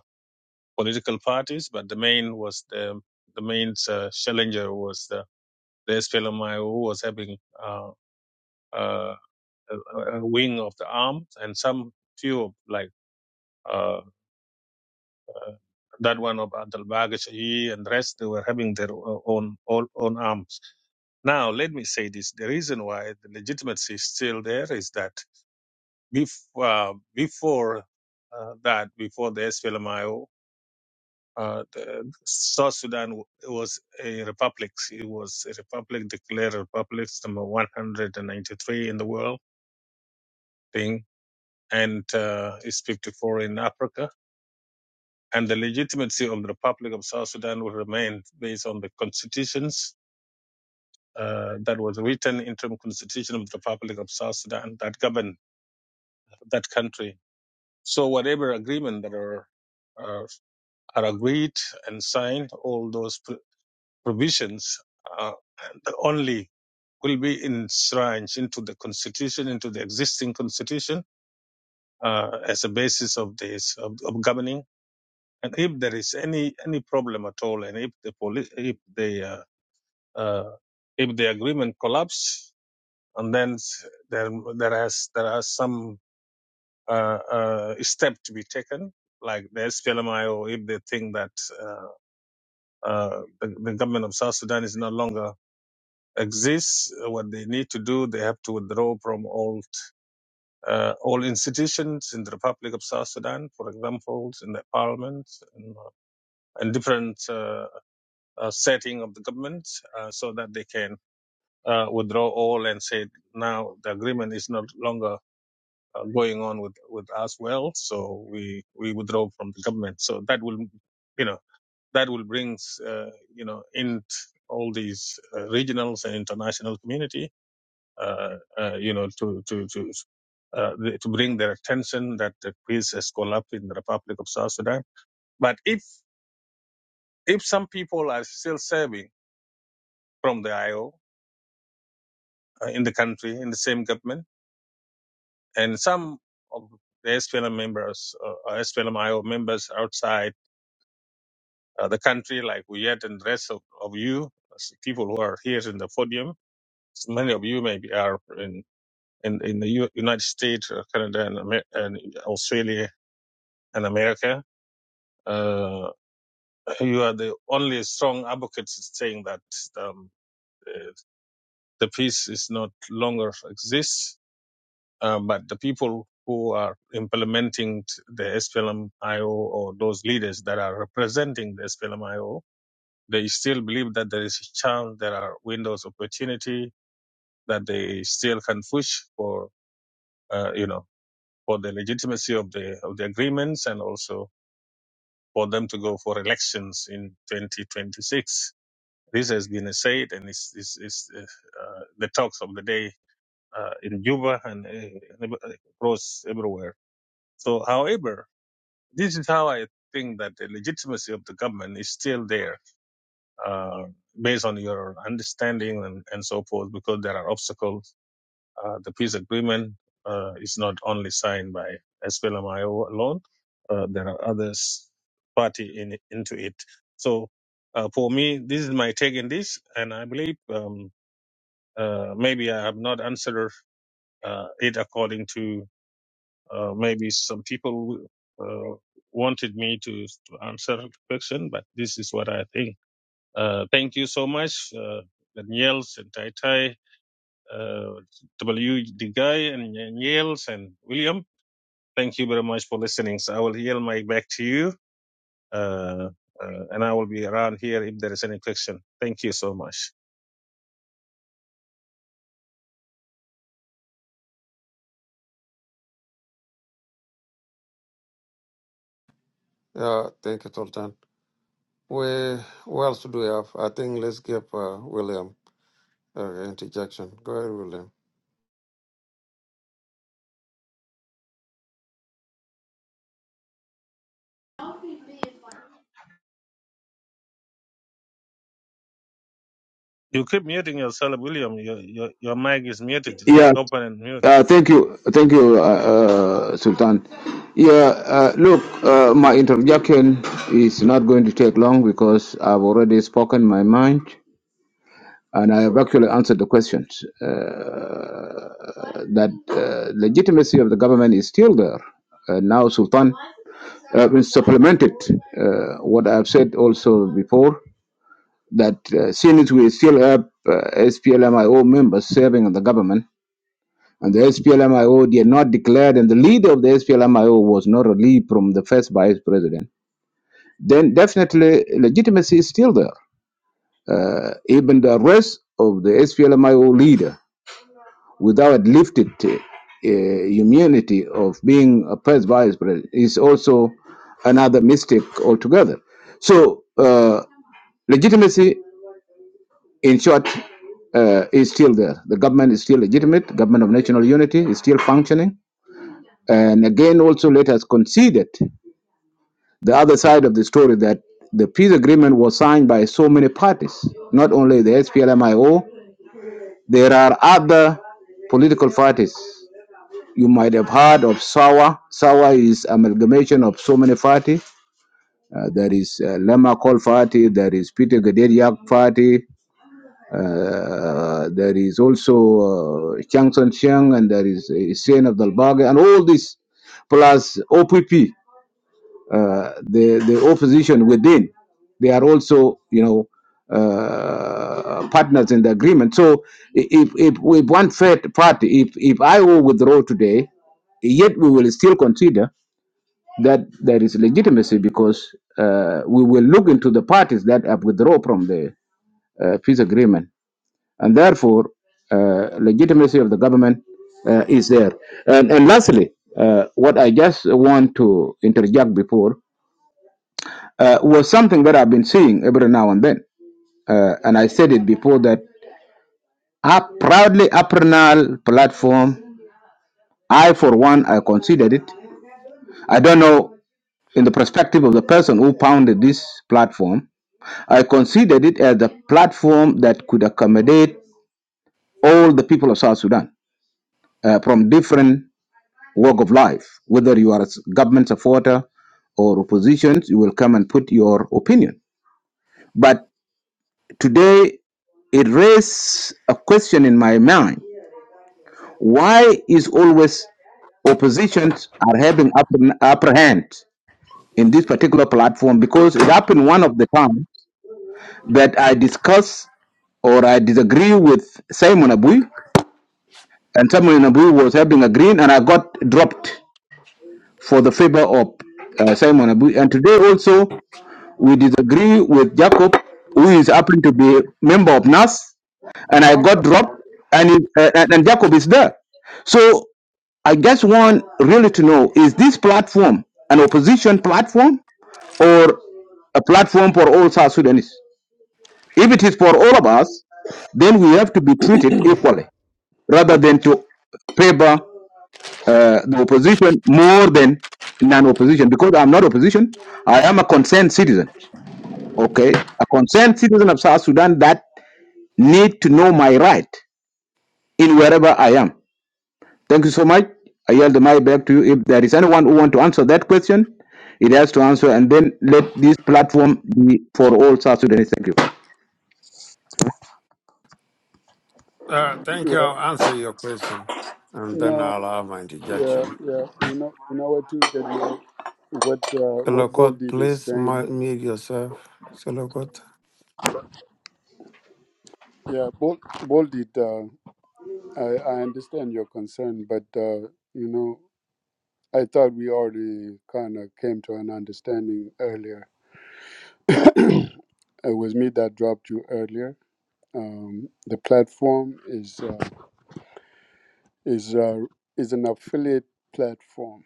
Speaker 12: political parties, but the main was the the main uh, challenger was the the SPLMIO who was having. Uh, uh, uh, uh, wing of the arm, and some few like uh, that one of Adel and rest, they were having their o- own, own own arms. Now, let me say this: the reason why the legitimacy is still there is that bef- uh, before uh, that, before the SPLMIO. Uh, the South Sudan was a republic. It was a republic declared a republic number 193 in the world thing, and uh, it's 54 in Africa and the legitimacy of the Republic of South Sudan will remain based on the constitutions uh, that was written interim constitution of the Republic of South Sudan that govern that country. So whatever agreement that are uh, are agreed and signed, all those pr- provisions uh, only will be enshrined into the constitution, into the existing constitution uh, as a basis of this of, of governing. And if there is any any problem at all, and if the police, if the uh, Uh, if the agreement collapses, and then there there has there are some uh, uh, step to be taken, like the SPLMIO, if they think that uh, uh, the, the government of South Sudan is no longer exists, uh, what they need to do, they have to withdraw from all uh, all institutions in the Republic of South Sudan, for example, in the parliament and, and different uh, uh, setting of the government, uh, so that they can uh, withdraw all and said now the agreement is not longer uh, going on with with us well so we we withdraw from the government so that will you know that will bring uh, you know in all these uh, regionals and international community uh, uh, you know to to to uh, to bring their attention that the peace has collapsed in the Republic of South Sudan. But if if some people are still serving from the IO uh, in the country in the same government and some of the SPLM members, uh, SPLMIO members outside uh, the country, like Wiyet and the rest of, of you, as people who are here in the podium, So many of you maybe are in, in, in the U- United States, uh, Canada, and, Amer- and Australia and America. Uh, you are the only strong advocates saying that um, uh, the peace is not longer exists Uh, but the people who are implementing t- the SPLM-IO or those leaders that are representing the SPLM-IO, they still believe that there is a chance, there are windows of opportunity that they still can push for, uh, you know, for the legitimacy of the of the agreements and also for them to go for elections in 2026. This has been said, and it's, it's, it's uh, uh, the talks of the day uh, in Juba and uh, across everywhere. So, however, This is how I think that the legitimacy of the government is still there, uh, based on your understanding and, and so forth, because there are obstacles. Uh, the peace agreement uh, is not only signed by SPLMIO alone, uh, there are others party in into it. So uh, for me, this is my take in this, and I believe um, uh, maybe I have not answered uh, it according to uh, maybe some people uh, wanted me to, to answer the question, but this is what I think. Uh, thank you so much, uh, Daniels and Tai Tai, uh, W. The guy and Daniels and William. Thank you very much for listening. So I will yield my back to you, uh, uh, and I will be around here if there is any question. Thank you so much.
Speaker 1: Yeah, thank you, Sultan. We, what else do we have? I think let's give uh, William uh, interjection. Go ahead, William.
Speaker 12: You keep muting yourself, William. Your your, your mic is muted.
Speaker 7: Yeah.
Speaker 12: Open and mute.
Speaker 7: Uh, thank you. Thank you, uh, uh, Sultan. Yeah, uh, look, uh, my interjection is not going to take long because I've already spoken my mind. And I have actually answered the questions uh, that uh, legitimacy of the government is still there. Uh, now Sultan uh, will supplemented uh, what I've said also before that uh, since we still have uh, SPLMIO members serving in the government, and the SPLMIO did not declare, and the leader of the SPLMIO was not relieved from the first vice president, then definitely legitimacy is still there. Uh, even the arrest of the SPLMIO leader without lifted uh, immunity of being oppressed by his brother is also another mistake altogether. So uh, legitimacy, in short, uh, is still there. The government is still legitimate. Government of national unity is still functioning. And again, also let us consider the other side of the story that the peace agreement was signed by so many parties, not only the SPLMIO. There are other political parties You might have heard of SAWA. SAWA is amalgamation of so many party. Uh, there is uh, Lama Call Party, there is Peter Gaderiak Party, uh, there is also uh, Chiang Son Chiang, and there is uh, Hussein Abdul Baga, and all this, plus OPP. Uh, the the opposition within, they are also you know uh, partners in the agreement. So i- if if with one third party, if if I will withdraw today, yet we will still consider that there is legitimacy because uh, we will look into the parties that have withdrawn from the uh, peace agreement, and therefore uh, legitimacy of the government uh, is there. And, and lastly, uh, what I just want to interject before uh, was something that I've been seeing every now and then. Uh, and I said it before that I proudly Apernal platform, I for one, I considered it. I don't know in the perspective of the person who founded this platform, I considered it as a platform that could accommodate all the people of South Sudan uh, from different walk of life. Whether you are a s- government supporter or opposition, you will come and put your opinion. But Today, it raised a question in my mind. Why is always oppositions are having upper, upper hand in this particular platform? Because it happened one of the times that I discuss or I disagree with Simon Abui, and Simon Abui was having a green, and I got dropped for the favor of uh, Simon Abui. And today also, we disagree with Jacob, who is happened to be member of NAS, and I got dropped, and, it, uh, and and Jacob is there. So I just want really to know: is this platform an opposition platform or a platform for all South Sudanese? If it is for all of us, then we have to be treated equally, rather than to favor uh, the opposition more than non-opposition. Because I'm not opposition, I am a concerned citizen. Okay, a concerned citizen of South Sudan that need to know my right in wherever I am. Thank you so much. I yield the mic back to you. If there is anyone who want to answer that question, it has to answer, and then let this platform be for all South Sudanese. Thank you.
Speaker 1: Uh, thank you.
Speaker 2: Yeah,
Speaker 1: I'll answer your question, and then
Speaker 2: no,
Speaker 1: I'll have my
Speaker 2: yeah,
Speaker 1: interjection.
Speaker 2: yeah. You know, you know what, to get here. what uh, what Bold
Speaker 1: Selokot,
Speaker 2: is
Speaker 1: please
Speaker 2: saying.
Speaker 1: mu- mute yourself. Selokot.
Speaker 2: Yeah, Bold, Bold did. I, I understand your concern, but uh, you know, I thought we already kind of came to an understanding earlier. it was me that dropped you earlier. Um, the platform is uh, is uh, is an affiliate platform.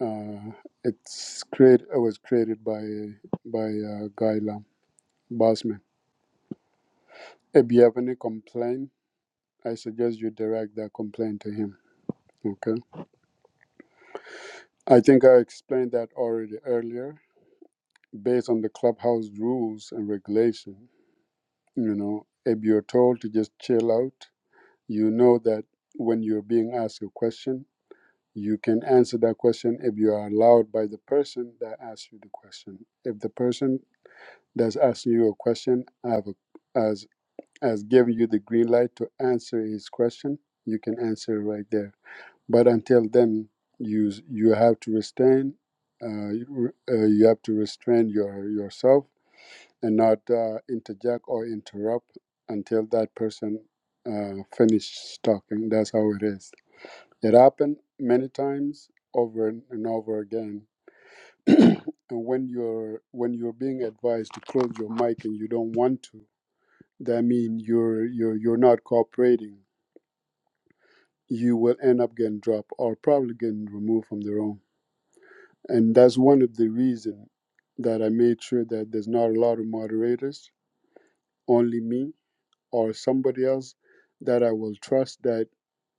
Speaker 2: Uh, it's create. It was created by by uh, Guy Lam Bosman. If you have any complaint, I suggest you direct that complaint to him. Okay. I think I explained that already earlier based on the clubhouse rules and regulation. You know, if you're told to just chill out, you know that when you're being asked a question, you can answer that question if you are allowed by the person that asks you the question. If the person that's asking you a question have a, as has given you the green light to answer his question, you can answer it right there. But until then, you you have to restrain. Uh, you, uh, you have to restrain your yourself and not uh, interject or interrupt until that person uh, finishes talking. That's how it is. It happened many times over and over again. and when you're when you're being advised to close your mic and you don't want to, that means you're you're you're not cooperating. You will end up getting dropped or probably getting removed from the room. And that's one of the reasons that I made sure that there's not a lot of moderators, only me or somebody else that I will trust that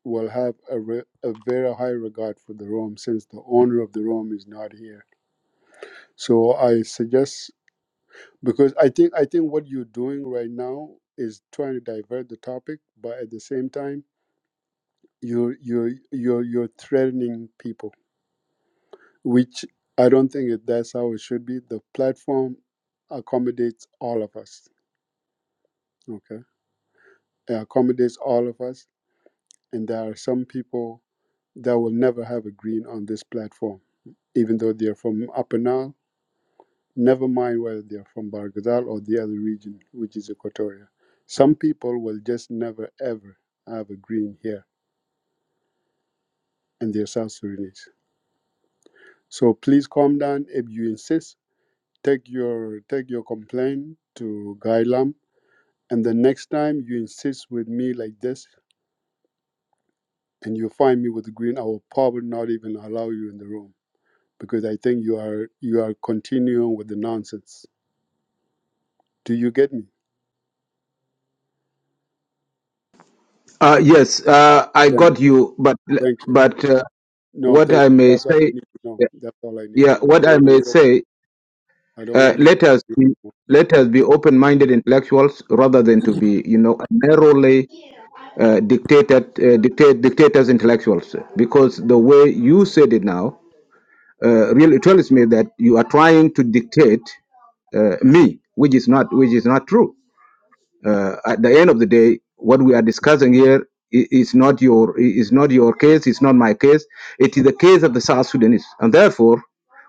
Speaker 2: will have a, re- a very high regard for the room since the owner of the room is not here. So I suggest because I think I think what you're doing right now is trying to divert the topic, but at the same time you're you're you're you're threatening people, which I don't think that that's how it should be. The platform accommodates all of us. Okay, it accommodates all of us, and there are some people that will never have a green on this platform, even though they're from Upper Nile, never mind whether they're from Bargadal or the other region, which is Equatoria. Some people will just never ever have a green here, and they're South Sudanese. So please calm down if you insist. Take your take your complaint to Gailam, and the next time you insist with me like this, and you find me with the green, I will probably not even allow you in the room because I think you are you are continuing with the nonsense Do you get me?
Speaker 7: Uh, yes, uh, I
Speaker 2: Thank
Speaker 7: got you, but
Speaker 2: Thank you.
Speaker 7: but uh,
Speaker 2: No,
Speaker 7: what
Speaker 2: thank
Speaker 7: I
Speaker 2: you.
Speaker 7: may
Speaker 2: That's all I
Speaker 7: say,
Speaker 2: need to know. That's all I need to
Speaker 7: yeah,
Speaker 2: know.
Speaker 7: what
Speaker 2: I don't
Speaker 7: I
Speaker 2: want to
Speaker 7: may
Speaker 2: hear.
Speaker 7: say,
Speaker 2: I don't
Speaker 7: uh,
Speaker 2: want to hear.
Speaker 7: let us be, let us be open-minded intellectuals rather than to be, you know, narrowly uh, dictated uh, dictate dictators intellectuals. Because the way you said it now, uh, really tells me that you are trying to dictate uh, me, which is not which is not true. Uh, at the end of the day, what we are discussing here i- is not your i- is not your case. It's not my case. It is the case of the South Sudanese, and therefore,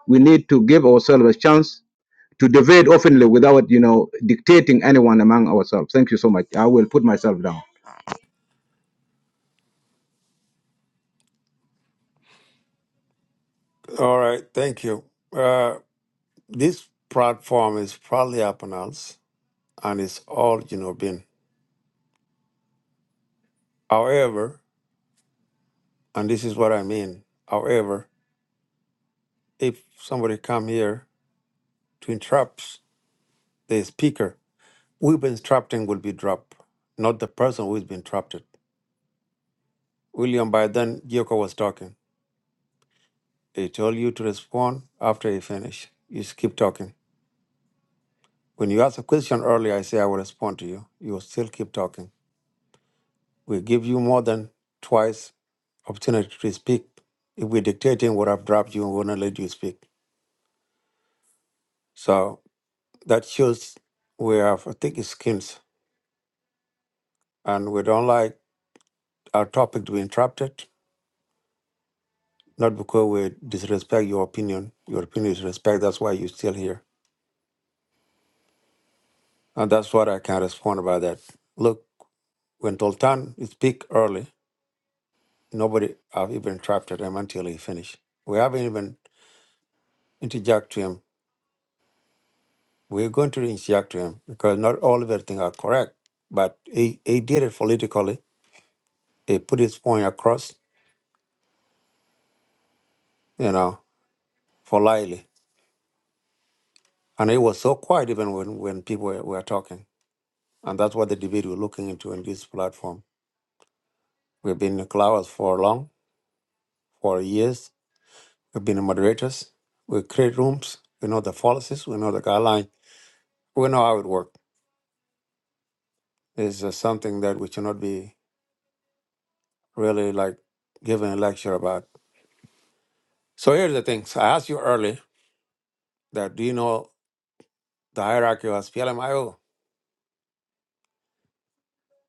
Speaker 7: we need to give ourselves a chance to debate openly without you know dictating anyone among ourselves. Thank you so much. I will put myself down.
Speaker 1: All right. Thank you. Uh, this platform is proudly Apanals, and it's all you know. Been, however, and this is what I mean. However, if somebody come here to interrupt the speaker, we've been trapped and will be dropped, not the person who's been trapped. William, by then, Yoko was talking. They told you to respond after you finish. You just keep talking. When you asked a question earlier, I say I will respond to you. You will still keep talking. We give you more than twice opportunity to speak. If we're dictating what I've dropped you, we will not let you speak. So that shows we have thick skins and we don't like our topic to be interrupted. Not because we disrespect your opinion. Your opinion is respect. That's why you're still here. And that's what I can respond about that. Look, when Toltan speak early. Nobody have even interrupted him until he finished. We haven't even interject to him. We're going to interject to him because not all of everything are correct. But he, he did it politically. He put his point across, you know, politely. And he was so quiet even when, when people were, were talking. And that's what the debate we're looking into in this platform. We've been in clouds for long, for years. We've been moderators. We create rooms. We know the policies. We know the guidelines. We know how it works. It's just something that we should not be. really like giving a lecture about. So here's the thing. So I asked you early that do you know the hierarchy of PLMIO?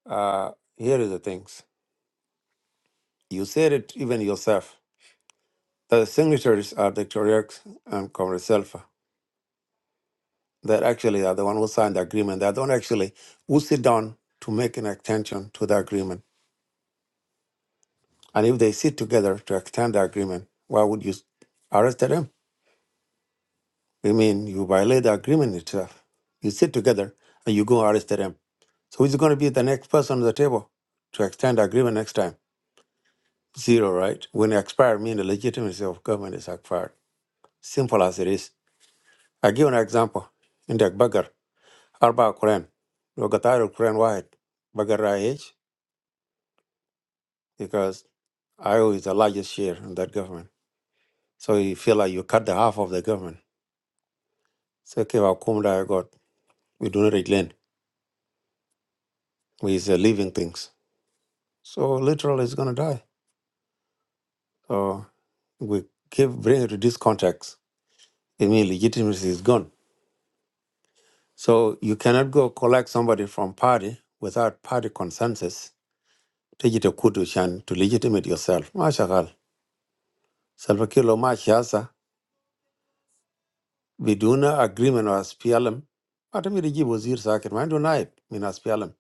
Speaker 1: Uh, here is the things. You said it even yourself. The signatories are the Toriaks and Comrade Selfa that actually are the one who signed the agreement. They don't actually who sit down to make an extension to the agreement. And if they sit together to extend the agreement, why would you arrest them? I mean, you violate the agreement itself. You sit together and you go arrest them So who's going to be the next person at the table to extend the agreement next time? Zero, right? When it expired, mean the legitimacy of government is expired. Simple as it is. I give an example. In the Bagger, Arba Quran, Logatari Quran Wahid, Bagger IH, because IO is the largest share in that government. So you feel like you cut the half of the government. So, okay, well, Kumda, I got, we do not relent. We is uh, living things. So literally, it's going to die. So we give, bring it to this context any legitimacy is gone. So you cannot go collect somebody from party without party consensus. Take it a kudu shan to legitimate yourself. Mashagal. Salva Kiir lo ma siasa biduna agreement or SPLM. Hata mi riji wazir sakit. Ma ndo naib min SPLM.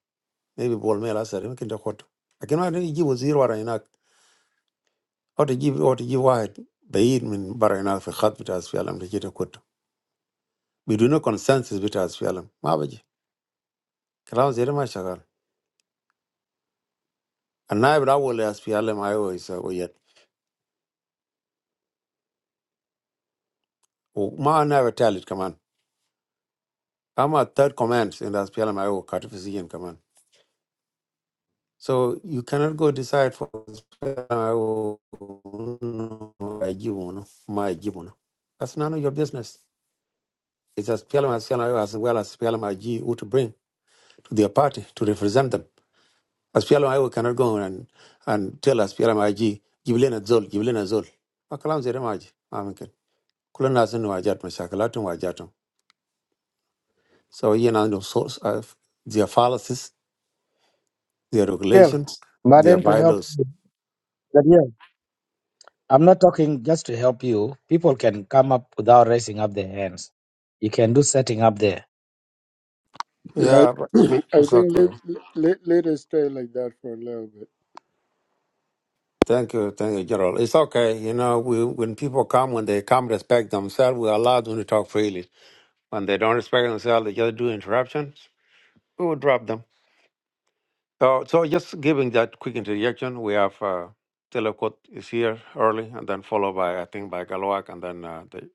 Speaker 1: Maybe bol mela sari mi kinda koto. Lakini ma riji wazir wara inak. Hata jibi hata jibi wahid. Bayid min bara inak fi khat bita SPLM. Take it a kudu. Biduna consensus bita SPLM. Ma baji. Kalam zere mashagal. And never allow the Aspialamaiwo to say or yet. We must never tell it, command. Come our third command in Aspialamaiwo, cut off his hand, command. So you cannot go decide for Aspialamaiwo, my Gibono, my Gibono. That's none of your business. It's Aspialamaiwo as well as Aspialamaiji who to bring to their party to represent them. Aspialamaiwo cannot go and and tell Aspialamaiji give Lena Zol, give Lena Zol. My claim is there, myji. I'm okay. Kula Nasenu Ajat, my share. Kala Tungu Ajatung. So you know, the source of their policies, their
Speaker 13: Here,
Speaker 1: regulations,
Speaker 13: but
Speaker 1: their
Speaker 13: then to help
Speaker 1: bylaws.
Speaker 13: you, Gabriel, I'm not talking just to help you. People can come up without raising up their hands. You can do setting up there.
Speaker 1: Yeah, but
Speaker 2: Yeah, I, I
Speaker 1: it's
Speaker 2: think let,
Speaker 1: okay.
Speaker 2: let let us stay like that for a little bit.
Speaker 1: Thank you, thank you, General. It's okay. You know, we when people come, when they come, respect themselves. We allow them to talk freely. When they don't respect themselves, they just do interruptions. We will drop them. So, so just giving that quick introduction. We have uh, Telekot is here early, and then followed by I think by Galwak, and then uh, the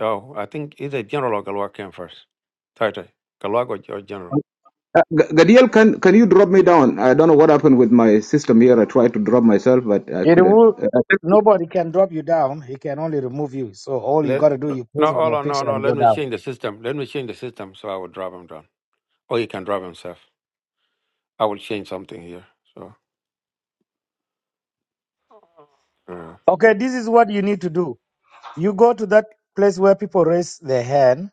Speaker 1: oh, I think either General or Galwak came first. Title Galwak or, or General.
Speaker 7: Uh, G- Gadiel, can can you drop me down? I don't know what happened with my system here. I tried to drop myself, but I
Speaker 13: It
Speaker 7: couldn't. Uh,
Speaker 13: will. Nobody can drop you down. He can only remove you. So all you got
Speaker 1: Let
Speaker 13: to do,
Speaker 1: no,
Speaker 13: you
Speaker 1: no,
Speaker 13: place on
Speaker 1: hold
Speaker 13: your
Speaker 1: on, no,
Speaker 13: picture
Speaker 1: no.
Speaker 13: and go
Speaker 1: Let me
Speaker 13: down.
Speaker 1: change the system. Let me change the system so I will drop him down, or he can drop himself. I will change something here. So uh,
Speaker 13: Okay, this is what you need to do. You go to that place where people raise their hand.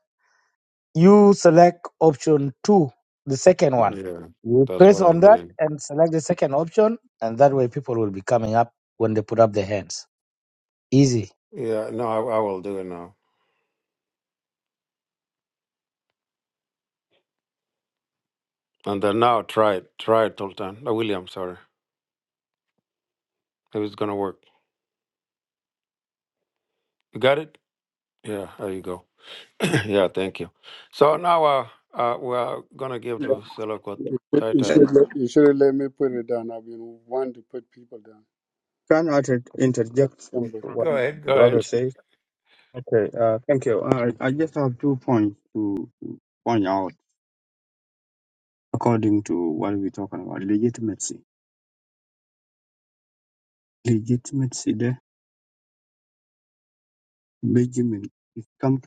Speaker 13: You select option two, the second one.
Speaker 1: yeah,
Speaker 13: You
Speaker 1: that's
Speaker 13: press
Speaker 1: what I'm
Speaker 13: on that
Speaker 1: doing.
Speaker 13: and select the second option, and that way people will be coming up when they put up their hands. Easy.
Speaker 1: Yeah, no, I, I will do it now. And then now try it, try it, Sultan. Uh, William, sorry, if it's gonna work, you got it. Yeah, there you go. yeah, thank you. So now uh, uh we are gonna give
Speaker 10: Yeah.
Speaker 1: to Selokot
Speaker 2: But
Speaker 1: Tai
Speaker 2: you
Speaker 1: Tai.
Speaker 2: should let, you should have let me put it down. I've been wanting to put people down.
Speaker 10: Can I inter- interject with
Speaker 2: Somebody.
Speaker 10: what
Speaker 1: Go ahead, go
Speaker 10: brother
Speaker 1: ahead.
Speaker 10: says? Okay, uh, thank you. Uh, I just have two points to to point out according to what we're talking about legitimacy. legitimacy there, Benjamin, it comes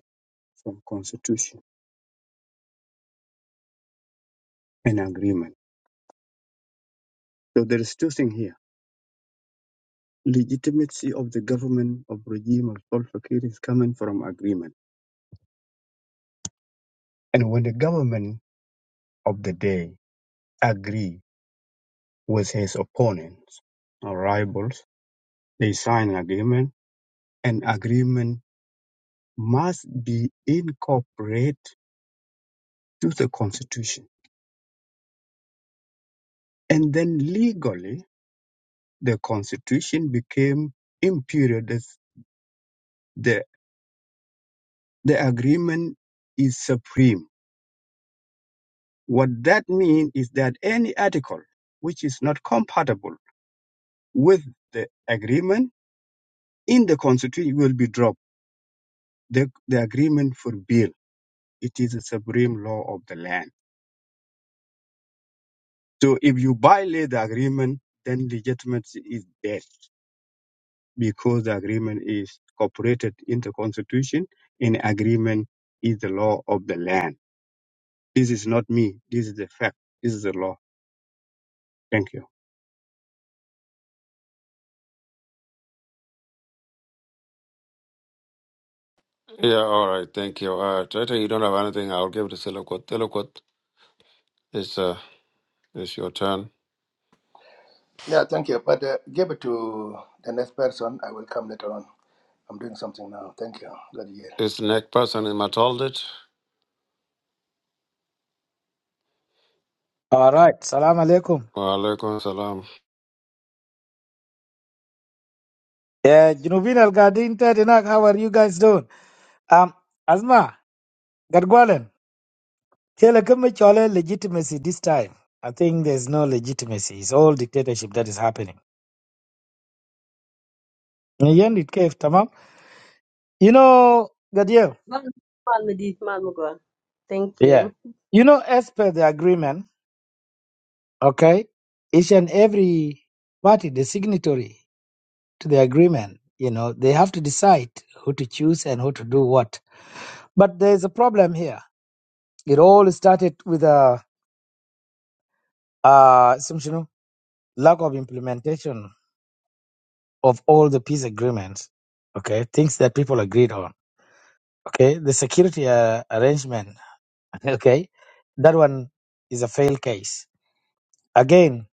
Speaker 10: from constitution and agreement. So there is two things here. Legitimacy of the government of regime of Salva Kiir is coming from agreement. And when the government of the day agree with his opponents or rivals, they sign an agreement, and agreement must be incorporated to the constitution. And then legally, the constitution became imperial The agreement is supreme. What that means is that any article which is not compatible with the agreement in the constitution will be dropped. The, the agreement forbid. It is a supreme law of the land. So if you violate the agreement, then legitimacy is dead because the agreement is incorporated in the constitution and agreement is the law of the land. This is not me. This is the fact. This is the law. Thank you.
Speaker 1: Yeah, all right, thank you. Uh, Tai Tai, you don't have anything. I'll give to Selokot. Selokot. It's uh, it's your turn.
Speaker 14: Yeah, thank you. But uh, give it to the next person. I will come later on. I'm doing something now. Thank you. Good hear.
Speaker 1: It's the next person in Mataldit.
Speaker 13: All right. Salam alaikum.
Speaker 1: Wa alaikum salam.
Speaker 13: Yeah, Junubin Al Gadin Tedinak, how are you guys doing? Um, Asma, Gadgwalen, Kele kama Chole legitimacy this time. I think there's no legitimacy. It's all dictatorship that is happening. Yan it cave, tamam. You know, Gadio.
Speaker 9: Well, Thank you.
Speaker 13: Yeah. You know, as per the agreement, okay, each and every party, the signatory to the agreement, you know, they have to decide who to choose and who to do what. But there's a problem here. It all started with a uh seems, you know, lack of implementation of all the peace agreements okay things that people agreed on okay the security uh, arrangement okay that one is a failed case again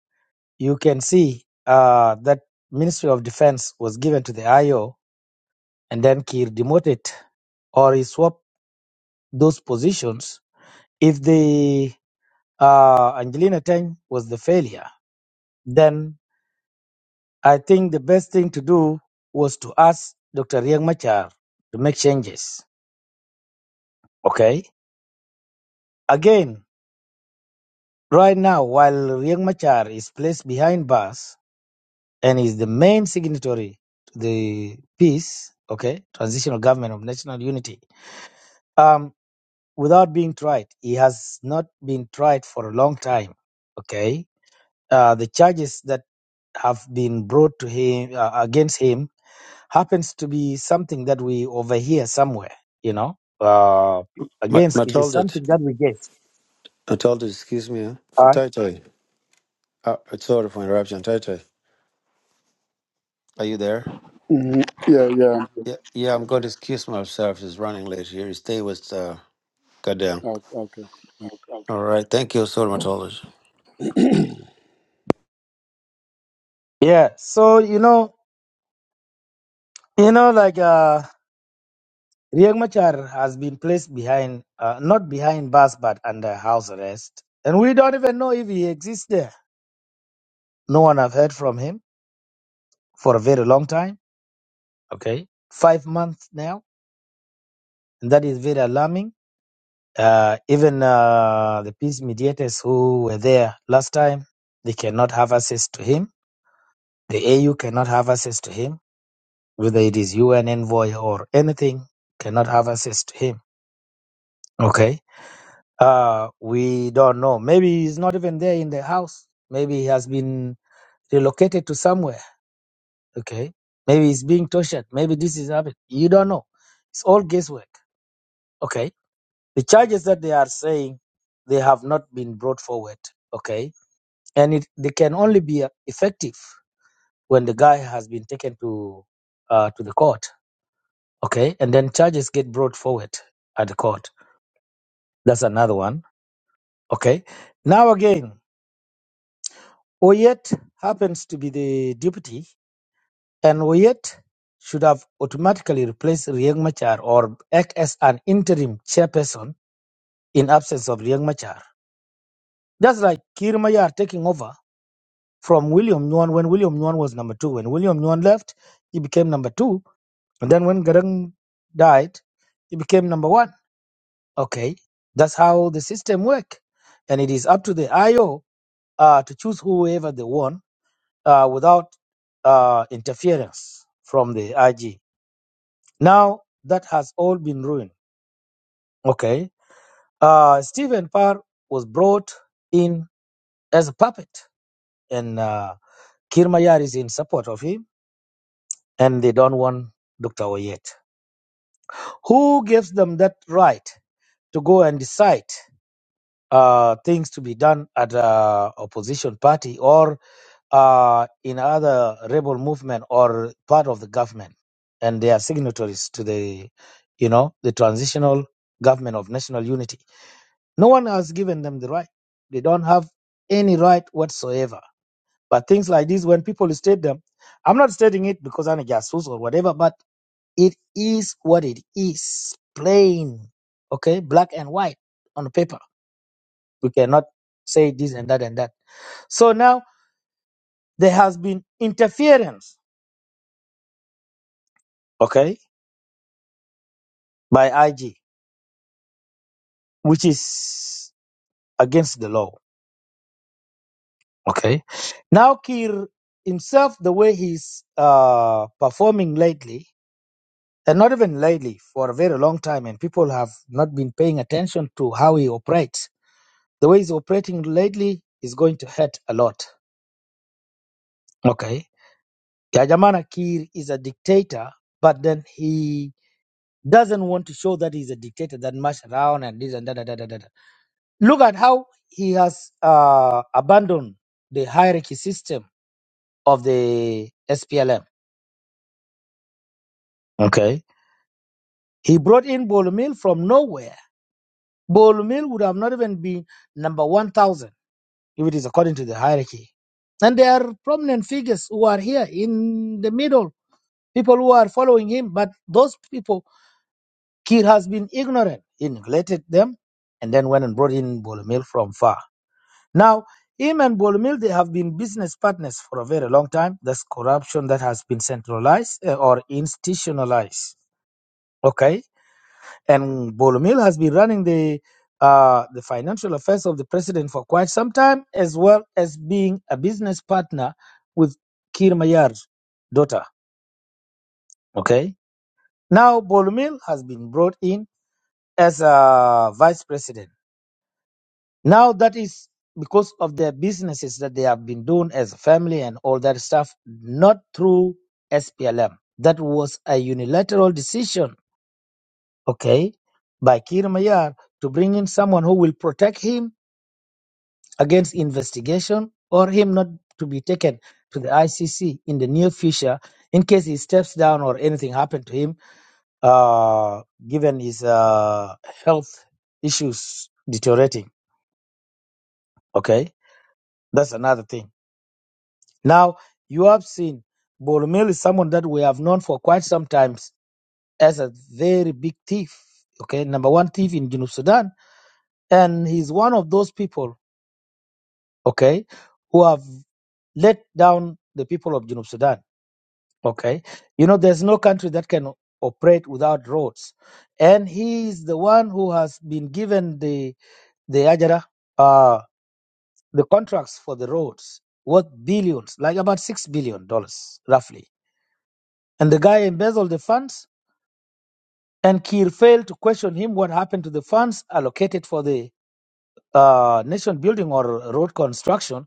Speaker 13: you can see uh that ministry of defense was given to the io and then kir demoted or he swapped those positions if the uh angelina tang was the failure then I think the best thing to do was to ask Dr. Riek Machar to make changes. Okay? Again, right now, while Riek Machar is placed behind bars and is the main signatory to the peace, okay, transitional government of national unity, um, without being tried, he has not been tried for a long time. Okay? Uh, the charges that have been brought to him uh, against him happens to be something that we overhear somewhere, you know. Uh,
Speaker 1: Ma-
Speaker 13: against it is
Speaker 1: Mataldit,
Speaker 13: something that we get.
Speaker 1: Mataldit, excuse me. Huh?
Speaker 13: Uh,
Speaker 1: Tai Tai. Uh, sorry for interruption. Tai Tai, are you there?
Speaker 2: Mhm. Yeah, yeah.
Speaker 1: Yeah, yeah. I'm going to excuse myself. It's running late here. Stay with uh, Goddamn.
Speaker 2: Oh,
Speaker 1: All right. Thank you, sorry, Mataldit.
Speaker 2: okay.
Speaker 13: yeah. So you know, you know, like uh, Riek Machar has been placed behind, uh, not behind bars, but under house arrest, and we don't even know if he exists there. No one have heard from him for a very long time. Okay, five months now, and that is very alarming. Uh, even uh, the peace mediators who were there last time, they cannot have access to him The AU cannot have access to him, whether it is UN envoy or anything, cannot have access to him. Okay. Uh, we don't know. Maybe he's not even there in the house. Maybe he has been relocated to somewhere. Okay. Maybe he's being tortured. Maybe this is happening. You don't know. It's all guesswork. Okay. The charges that they are saying they have not been brought forward. Okay. And it, they can only be effective when the guy has been taken to uh, to the court Okay. And then charges get brought forward at the court. That's another one. Okay. Now again, Oyet happens to be the deputy, and Oyet should have automatically replaced Riek Machar or act as an interim chairperson in absence of Riek Machar. That's like Kir Mayar taking over from William Nguyen when William Nguyen was number two. When William Nguyen left, he became number two. And then when Garang died, he became number one. Okay, that's how the system work, and it is up to the IO uh, to choose whoever they want uh, without uh, interference from the IG. Now that has all been ruined. Okay, uh, Stephen Parr was brought in as a puppet, and uh, Kir Mayar is in support of him, and they don't want Dr. Oyet. Who gives them that right to go and decide uh, things to be done at uh, opposition party or uh, in other rebel movement or part of the government, and they are signatories to the, you know, the transitional government of national unity. No one has given them the right. They don't have any right whatsoever. But things like this, when people state them, I'm not stating it because I'm a jasus or whatever, but it is what it is, plain, okay, black and white on paper. We cannot say this and that and that. So now there has been interference, okay, by IG, which is against the law. Okay. Now Kir himself, the way he's uh, performing lately, and not even lately, for a very long time, and people have not been paying attention to how he operates. The way he's operating lately is going to hurt a lot. Okay. Yajamana Kir is a dictator, but then he doesn't want to show that he's a dictator that much around and this and that. that, that, that. Look at how he has uh, abandoned the hierarchy system of the SPLM. Okay. He brought in Bolomil from nowhere. Bolomil would have not even been number 1,000 if it is according to the hierarchy. And there are prominent figures who are here in the middle, people who are following him. But those people, Kir has been ignorant. He neglected them and then went and brought in Bolomil from far. Now, him and Bolumil, they have been business partners for a very long time. That's corruption that has been centralized uh, or institutionalized. Okay, and Bolumil has been running the uh, the financial affairs of the president for quite some time, as well as being a business partner with Kir Mayar's daughter. Okay, now Bolumil has been brought in as a vice president Now that is because of their businesses that they have been doing as a family and all that stuff, not through SPLM. That was a unilateral decision, okay, by Kir Mayar to bring in someone who will protect him against investigation or him not to be taken to the ICC in the near future in case he steps down or anything happened to him, uh, given his uh, health issues deteriorating, okay? That's another thing. Now, you have seen Boromir is someone that we have known for quite some time as a very big thief, okay, number one thief in Junub Sudan. And he's one of those people, okay, who have let down the people of Junub Sudan, okay. You know, there's no country that can operate without roads. And he is the one who has been given the, the Ajara, uh, the contracts for the roads worth billions, like about $6 billion, dollars roughly and the guy embezzled the funds. And Kiir failed to question him what happened to the funds allocated for the uh, nation building or road construction.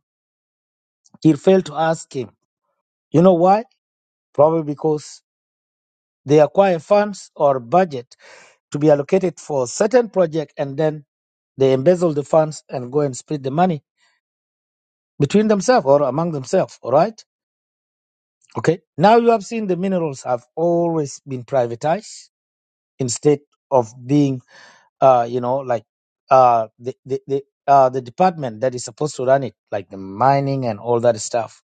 Speaker 13: Kiir failed to ask him. You know why? Probably because they acquire funds or budget to be allocated for certain project and then they embezzle the funds and go and split the money between themselves or among themselves. All right. Okay. Now you have seen the minerals have always been privatized instead of being uh, you know, like uh, the the the, uh, the department that is supposed to run it, like the mining and all that stuff.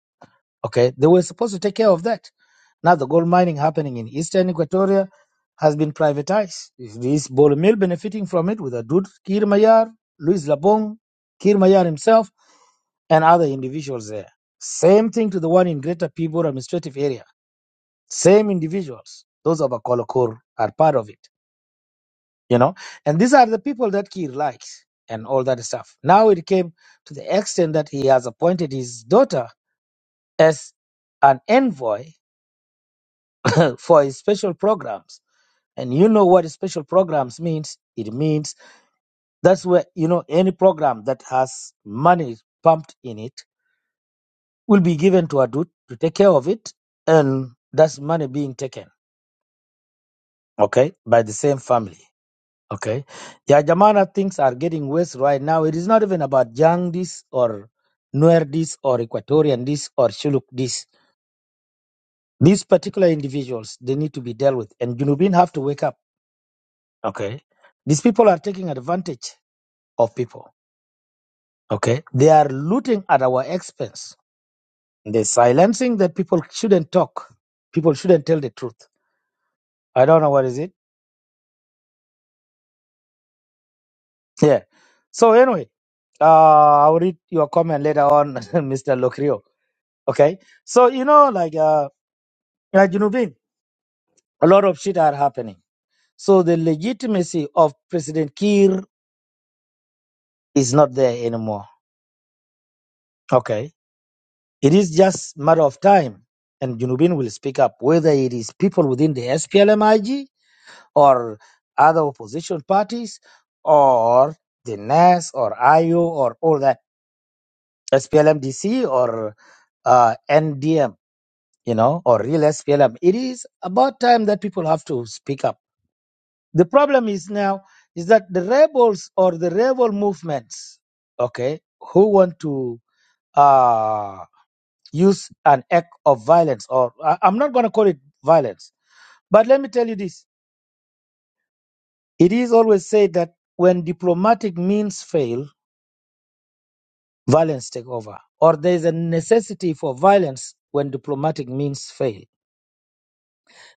Speaker 13: Okay, they were supposed to take care of that. Now the gold mining happening in Eastern Equatoria has been privatized. Is Bole Mill benefiting from it with Adud Kir Mayar, Luis Labong, Kir Mayar himself, and other individuals there? Same thing to the one in Greater Pibor administrative area. Same individuals. Those of Akolokor are part of it you know and these are the people that Kir likes and all that stuff now it came to the extent that he has appointed his daughter as an envoy for his special programs and you know what special programs means it means that's where you know any program that has money pumped in it will be given to adut to take care of it and that's money being taken okay by the same family Okay. Yeah, Jamana things are getting worse right now. It is not even about Jang this or Nuer this or Equatorian this or Shuluk this. These particular individuals, they need to be dealt with. And Junubin have to wake up. Okay. These people are taking advantage of people. Okay. They are looting at our expense. They're silencing that people shouldn't talk. People shouldn't tell the truth. I don't know what is it. Yeah. So anyway, uh, I'll read your comment later on, Mr. Lokrio. Okay. So, you know, like, uh, like, you know, Vin, a lot of shit are happening. So the legitimacy of President Kiir is not there anymore. Okay. It is just matter of time. And Junubin will speak up, whether it is people within the SPLMIG or other opposition parties or the NAS or IO or all that, SPLMDC or uh, NDM, you know, or real SPLM. It is about time that people have to speak up The problem is now is that the rebels or the rebel movements, okay, who want to uh, use an act of violence, or I- I'm not going to call it violence, but let me tell you this: it is always said that when diplomatic means fail, violence take over, or there is a necessity for violence when diplomatic means fail.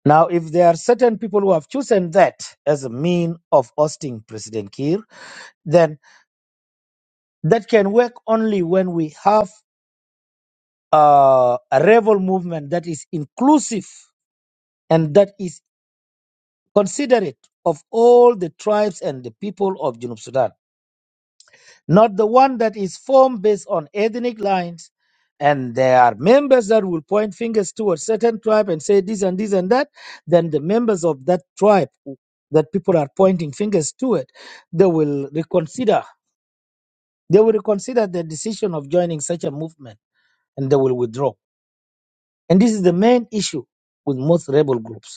Speaker 13: Now, if there are certain people who have chosen that as a mean of ousting President Kiir, then that can work only when we have uh, a rebel movement that is inclusive and that is considerate of all the tribes and the people of Junub Sudan, not the one that is formed based on ethnic lines. And there are members that will point fingers towards certain tribe and say this and this and that. Then the members of that tribe who- that people are pointing fingers to it, they will reconsider. They will reconsider the decision of joining such a movement and they will withdraw. And this is the main issue with most rebel groups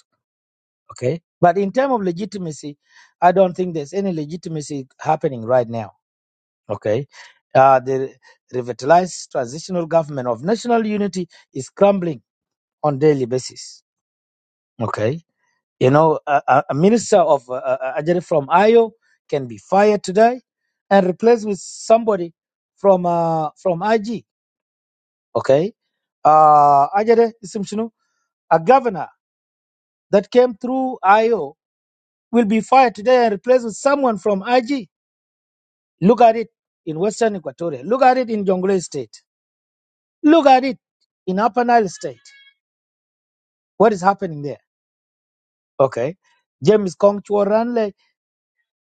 Speaker 13: Okay. But in terms of legitimacy, I don't think there's any legitimacy happening right now. Okay. Uh, the revitalized transitional government of national unity is crumbling on daily basis. Okay. You know, a, a a minister of uh, uh, Ajere from Ayo can be fired today and replaced with somebody from uh, from IG. Okay. Uh, Ajere Isimshinu, a governor that came through Ayo will be fired today and replaced with someone from IG Look at it in Western Equatoria. Look at it in Jonglei State. Look at it in Upper Nile State. What is happening there? Okay. James Kong Ranle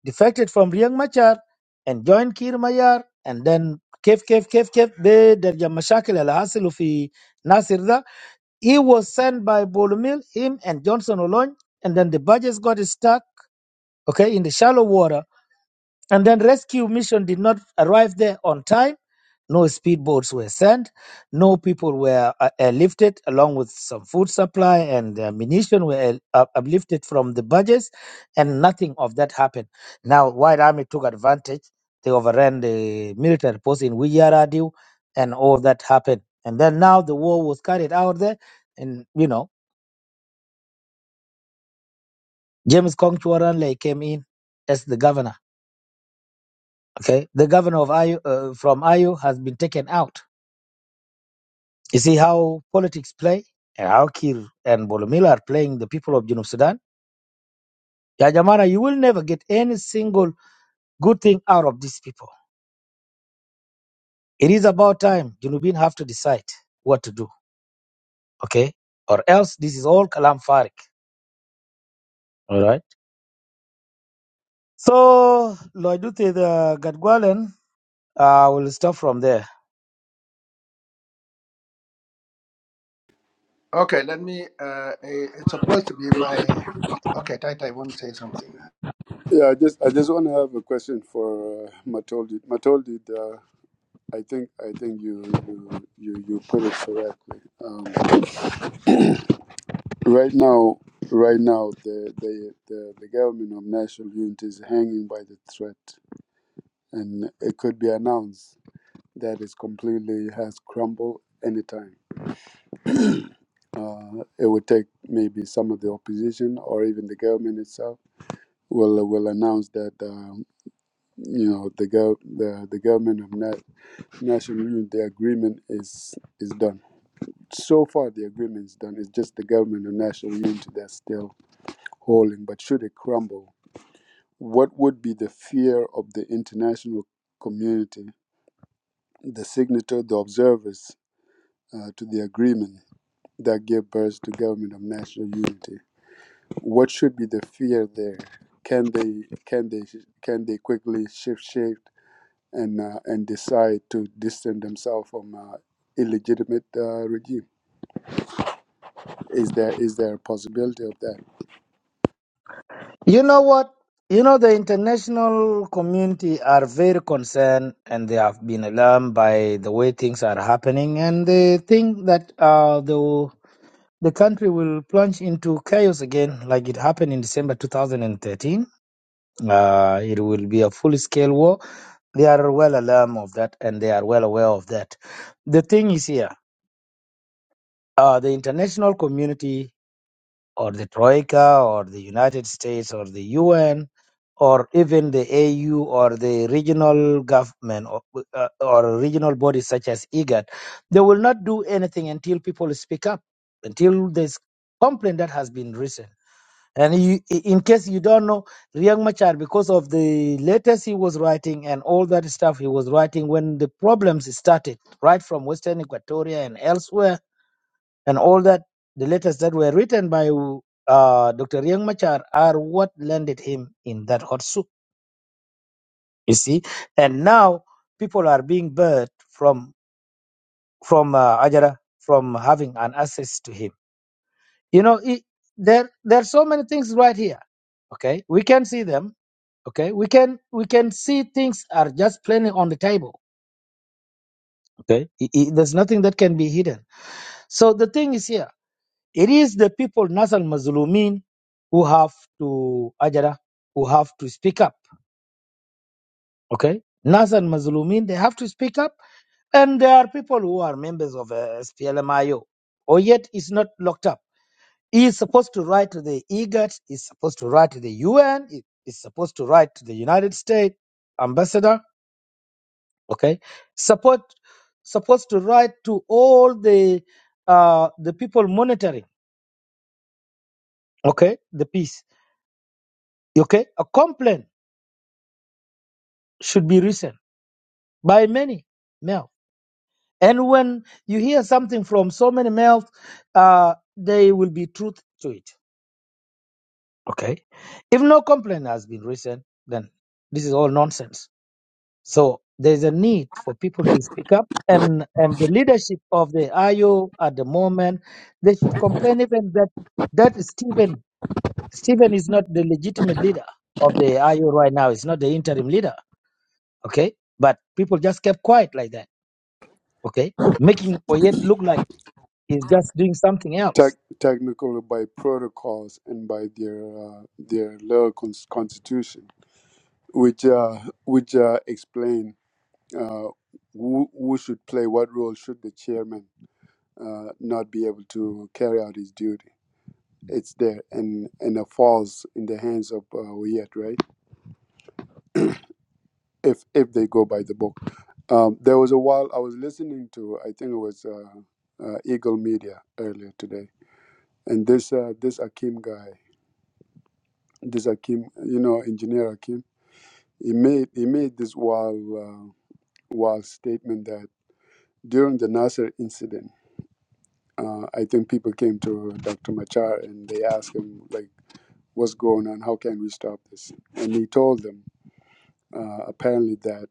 Speaker 13: defected from Riek Machar and joined Kir Mayar and then Kef Kef Kef Kef Be Derja Mashakil Al Hasilu Fi Nasir da. He was sent by Bolumil, him and Johnson Olony, and then the budgets got stuck, okay, in the shallow water And then rescue mission did not arrive there on time. No speedboats were sent. No people were uh, airlifted, along with some food supply and ammunition were air- up- uplifted from the barges, and nothing of that happened. Now, White Army took advantage. They overran the military post in Wiyaradu, and all that happened. And then now the war was carried out there, and you know James Kongchuaranle came in as the governor. Okay, the governor of Ayu uh, from Ayu has been taken out You see how politics play and how Kir and Bolomila are playing the people of Junub Sudan? Ya Jamana, you will never get any single good thing out of these people. It is about time Junubin have to decide what to do, okay? Or else this is all kalam farik, all right? So, Loidute the Gadgwalen, I will stop from there.
Speaker 14: Okay, let me. Uh, eh, it's supposed to be my. Okay, Taita, I want to say something.
Speaker 2: Yeah, I just I just want to have a question for uh, Matoldi. Matoldi, uh, I think I think you you you, you put it correctly. Um, Right now, right now, the, the the the government of national unity is hanging by the thread, and it could be announced that it completely has crumbled anytime. Uh, it would take maybe some of the opposition or even the government itself will will announce that um, you know the gov the, the government of na- national unity agreement is is done. So far, the agreement is done. It's just the government of national unity that's still holding. But should it crumble? What would be the fear of the international community, the signatory, the observers uh, to the agreement that gave birth to government of national unity? What should be the fear there? Can they can they can they quickly shift shape and uh, and decide to distance themselves from uh, illegitimate uh, regime? Is there is there a possibility of that?
Speaker 13: You know what? You know, the international community are very concerned and they have been alarmed by the way things are happening and they think that uh, the, the country will plunge into chaos again like it happened in December 2013. Uh, it will be a full-scale war. They are well alarmed of that and they are well aware of that. The thing is here, uh, the international community or the Troika or the United States or the UN or even the AU or the regional government or, uh, or regional bodies such as IGAD, they will not do anything until people speak up, until there's complaint that has been written. And you, in case you don't know, Riek Machar, because of the letters he was writing and all that stuff he was writing when the problems started, right from Western Equatoria and elsewhere, and all that the letters that were written by uh, Dr. Riang Machar are what landed him in that hot soup. You see, and now people are being barred from from uh, Ajara from having an access to him. You know, it, there there are so many things right here. Okay, we can see them. Okay, we can we can see things are just plainly on the table. Okay, I- I- there's nothing that can be hidden. So the thing is here It is the people, Nasal Mazlumin, who have to, Ajara, who have to speak up. Okay? Nasal Mazlumin, they have to speak up. And there are people who are members of uh, SPLMIO, or yet is not locked up. He is supposed to write to the IGAD, is supposed to write to the UN, he is supposed to write to the United States ambassador. Okay? Support, supposed to write to all the uh, the people monitoring, okay, the peace, okay, a complaint should be written by many males. And when you hear something from so many males, uh, there will be truth to it. Okay. If no complaint has been written, then this is all nonsense. So there's a need for people to speak up and, and the leadership of the IO at the moment, they should complain even that that Stephen Stephen is not the legitimate leader of the IO right now. It's not the interim leader. Okay. But people just kept quiet like that okay? Making Oyet look like he's just doing something else.
Speaker 2: Tec- technically, by protocols and by their uh, their local cons- constitution which uh, which uh, explain uh, who who should play what role should the chairman uh, not be able to carry out his duty. It's there and and it falls in the hands of uh, Wiyet, right? If if they go by the book, um, there was a while I was listening to I think it was uh, uh, Eagle Media earlier today, and this uh, this Akim guy, this Akim, you know, engineer Akim, he made he made this wild uh, wild statement that during the Nasser incident Uh, I think people came to Dr. Machar and they asked him, like, what's going on? How can we stop this? And he told them, uh, apparently, that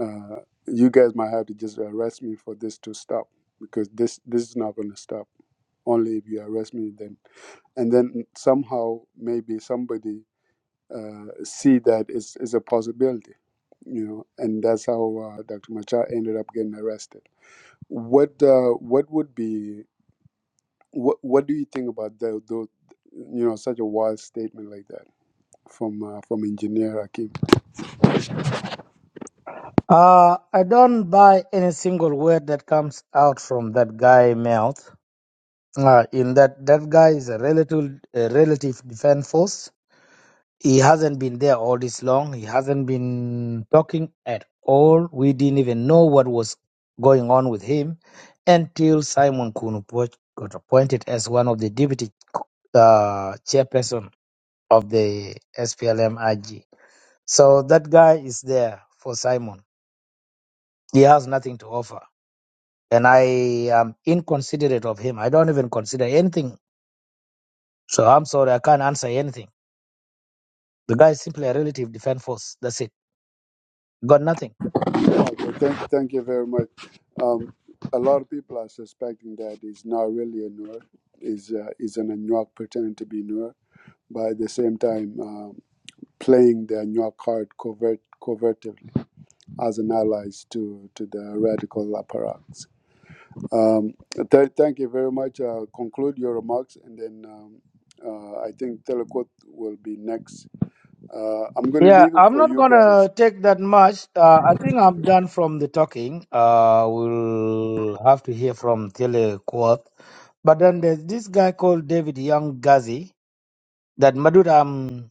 Speaker 2: uh, you guys might have to just arrest me for this to stop because this, this is not going to stop. Only if you arrest me, then. And then somehow, maybe somebody uh, see that it's, it's a possibility you know, and that's how uh, Dr. Machar ended up getting arrested. What uh, what would be What What do you think about the, the you know such a wild statement like that from uh, from engineer Akim?
Speaker 13: Uh, I don't buy any single word that comes out from that guy' mouth. Uh, in that that guy is a relative a relative defense force. He hasn't been there all this long. He hasn't been talking at all. We didn't even know what was going on with him until Simon Kunupoch got appointed as one of the deputy uh, chairperson of the SPLMIG. So that guy is there for Simon. He has nothing to offer. And I am inconsiderate of him. I don't even consider anything. So I'm sorry, I can't answer anything. The guy is simply a relative defense force. That's it. Got nothing.
Speaker 2: Okay, thank thank you very much. Um, a lot of people are suspecting that it's not really a Nuer, is uh, is an Anuak pretending to be Nuer, but at the same time um, playing the Anuak card covert covertly as an allies to to the radical apparatus. Um, th- thank you very much. Uh, conclude your remarks, and then um, uh, I think Telekot will be next. Uh, I'm going to
Speaker 13: Yeah,
Speaker 2: leave it
Speaker 13: I'm
Speaker 2: for
Speaker 13: not
Speaker 2: you guys.
Speaker 13: gonna take that much. Uh, I think I'm done from the talking. Uh, we'll have to hear from Tele Quoth. But then there's this guy called David Young Gazi that Madud, um,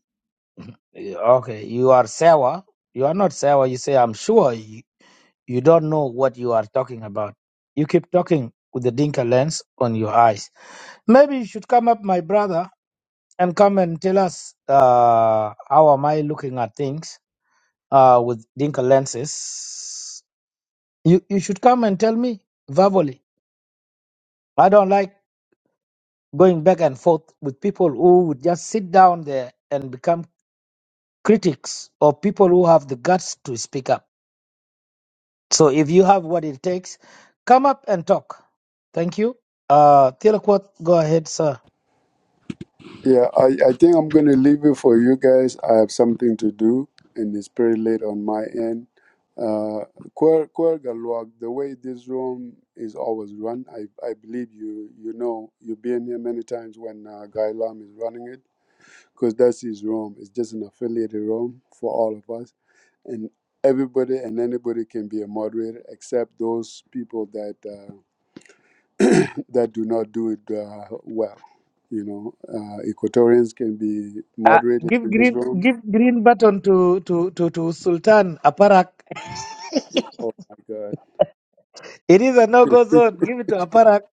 Speaker 13: okay, you are sour. You are not sour. You say, I'm sure. You don't know what you are talking about. You keep talking with the Dinka lens on your eyes. Maybe you should come up, my brother, and come and tell us uh, how am I looking at things uh, with Dinka lenses. You you should come and tell me verbally. I don't like going back and forth with people who would just sit down there and become critics or people who have the guts to speak up. So if you have what it takes, come up and talk. Thank you. Uh, Thielequot, go ahead, sir.
Speaker 2: Yeah, I, I think I'm going to leave it for you guys. I have something to do, and it's pretty late on my end. Uh, Quer- Quergalwag, the way this room is always run, I, I believe you you know you've been here many times when uh, Guy Lam is running it because that's his room. It's just an affiliated room for all of us and everybody and anybody can be a moderator except those people that uh, that do not do it uh, well. You know, uh, Equatorians can be
Speaker 13: Uh,
Speaker 2: moderated
Speaker 13: give
Speaker 2: in this
Speaker 13: green
Speaker 2: room.
Speaker 13: give green button to to to, to Sultan Aparak.
Speaker 2: Oh my God!
Speaker 13: It is a no go zone. Give it to Aparak.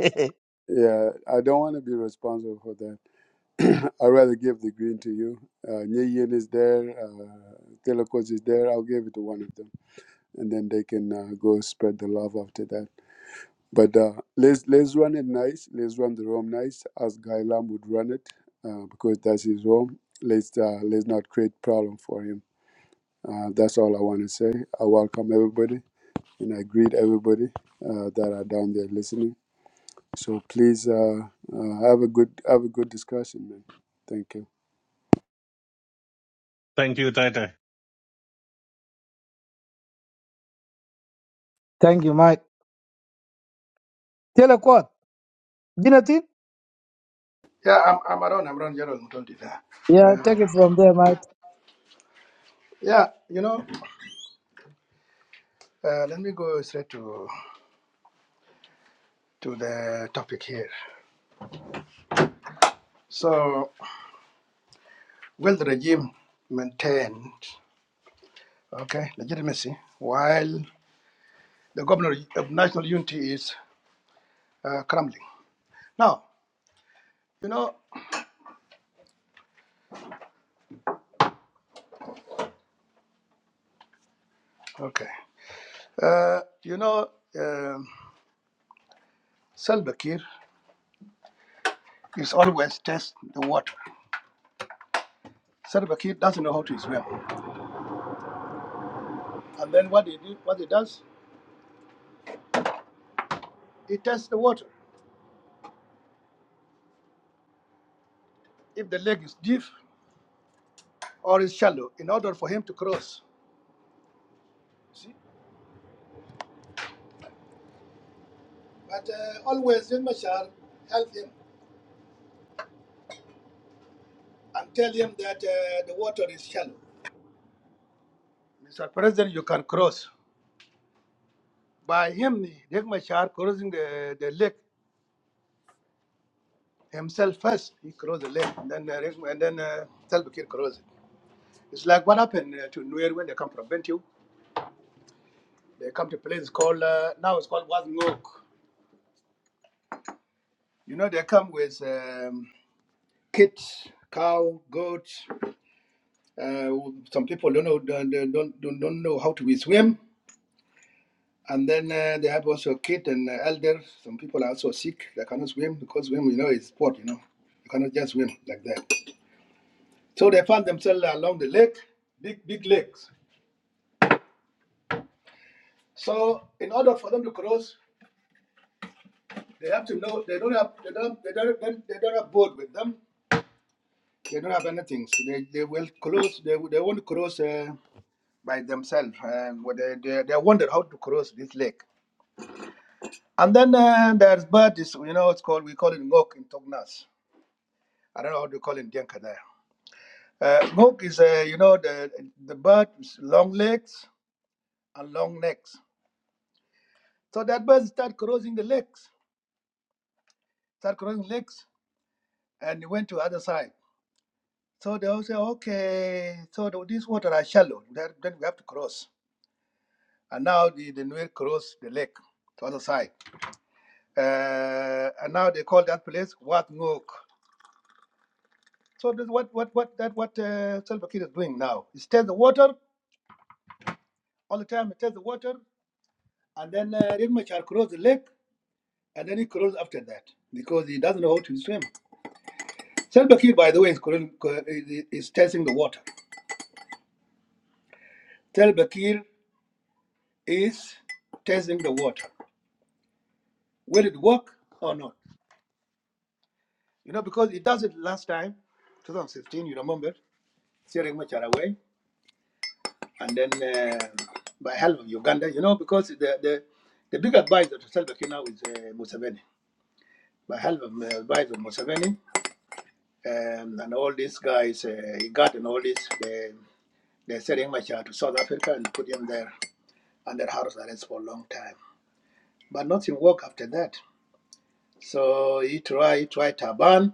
Speaker 2: Yeah, I don't want to be responsible for that. I'd rather give the green to you. Uh, Nyeyen is there. Uh, Telokos is there. I'll give it to one of them, and then they can uh, go spread the love after that. But uh, let's let's run it nice. Let's run the room nice as Guy Lam would run it uh, because that's his room. Let's uh, let's not create problem for him. Uh, that's all I want to say. I welcome everybody and I greet everybody uh, that are down there listening. So please uh, uh, have a good have a good discussion, man. Thank you.
Speaker 12: Thank you, Tai Tai.
Speaker 13: Thank you, Mike. Thielequot, Binatin.
Speaker 14: Yeah, I'm, I'm around. I'm around Gerald Mutondi there.
Speaker 13: Yeah,
Speaker 14: Uh,
Speaker 13: take it from there, Mike.
Speaker 14: yeah, you know, uh, let me go straight to to the topic here. So, will the regime maintain, okay, legitimacy while the governor of national unity is uh, crumbling? Now, you know, okay. Uh, you know, um Salva Kiir is always test the water. Salva Kiir doesn't know how to swim, and then what he do, what he does, he tests the water. If the lake is deep or is shallow, in order for him to cross. See, but uh, always in Mashar help him and tell him that uh, the water is shallow. Mr. President, you can cross by him. Riek Machar crossing the, the lake himself first. He crossed the lake, and then uh, Riek- and then uh, Salva Kiir crossed. It's like what happened uh, to Nuer when they come from Bentiu. They come to a place called, uh, now it's called Wazngok. You know, they come with um, kids, cow, goat. Uh, some people don't know don't, don't, don't don't know how to swim. And then uh, they have also kid and uh, elder. Some people are also sick. They cannot swim because swim, you know, is sport, you know. You cannot just swim like that. So they found themselves along the lake, big, big lakes. So in order for them to cross, They have to know they don't have they don't they don't they don't have board with them. They don't have anything. So they, they will cross they they won't cross uh, by themselves and what they, they they wonder how to cross this lake. And then uh, there's birds you know it's called we call it ngok in Tognas. I don't know how to call it in Dinka there. Uh, ngok is uh, you know the the bird is long legs and long necks. So that bird start crossing the lakes, start crossing lakes, and it went to other side. So they all say, okay, so the, these water are shallow. That, then we have to cross. And now the, the Nuer cross the lake to other side. Uh, and now they call that place Wat Ngok. So this what what what that what uh, Salva Kiir is doing now. He tests the water all the time. He tests the water, and then uh, Riek Machar cross the lake, and then he cross after that because he doesn't know how to swim. Salva Kiir, by the way, is, crossing- cro- is, is testing the water. Salva Kiir is testing the water. Will it work or not? You know, because it does it last time, 2016, you remember, steering much away, and then uh, by help of Uganda, you know, because the the, the big advisor to Salva Kiir now is uh, Museveni. By help of uh, advisor Museveni um, and all these guys, uh, he got and all this, they, they sent much to South Africa and put him there under house arrest for a long time. But nothing worked after that. So he tried, he tried Taban,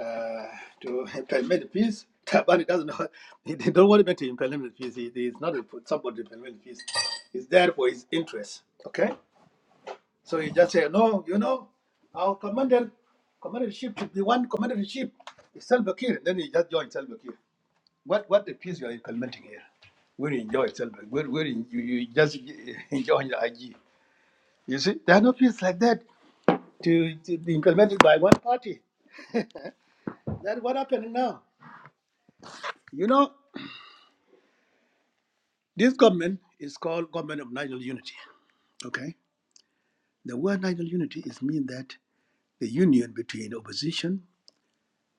Speaker 14: uh, to implement the peace. But doesn't know, he he don't want him to implement the peace. He, he's not for somebody to implement the peace. He's there for his interest. Okay? So he just say, no, you know, our commander, commander in chief should be one commander in chief. It's Salva Kiir. Then he just joined Salva Kiir. What, what the peace you are implementing here? Where you enjoy Salva Kiir? Where, where you, you you just enjoy the IG. You see, there are no peace like that to, to be implemented by one party. That's what happened now. You know? This government is called Government of National Unity. Okay? The word national unity is mean that the union between opposition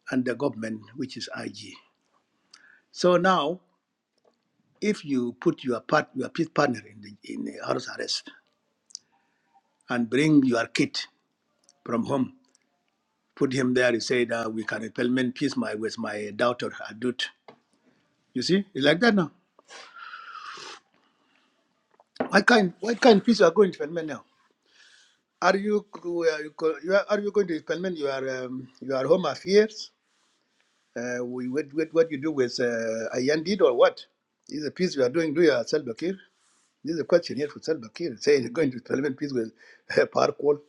Speaker 14: and the government, which is IG. So now, if you put your part, your peace partner in the, in the house arrest and bring your kid from home, put him there, you say that we can implement peace my, with my daughter, Adut. You see, it's like that now. Why can't, why can't peace you are going to implement now? Are you, you are you going to implement your, um, your home affairs? Uh, we, what, what, what you do with uh, Ayan did or what? Is a peace we are doing, do you uh, Salva Kiir? This is a question here for Salva Kiir, saying he's going to implement peace with uh, Parkwall.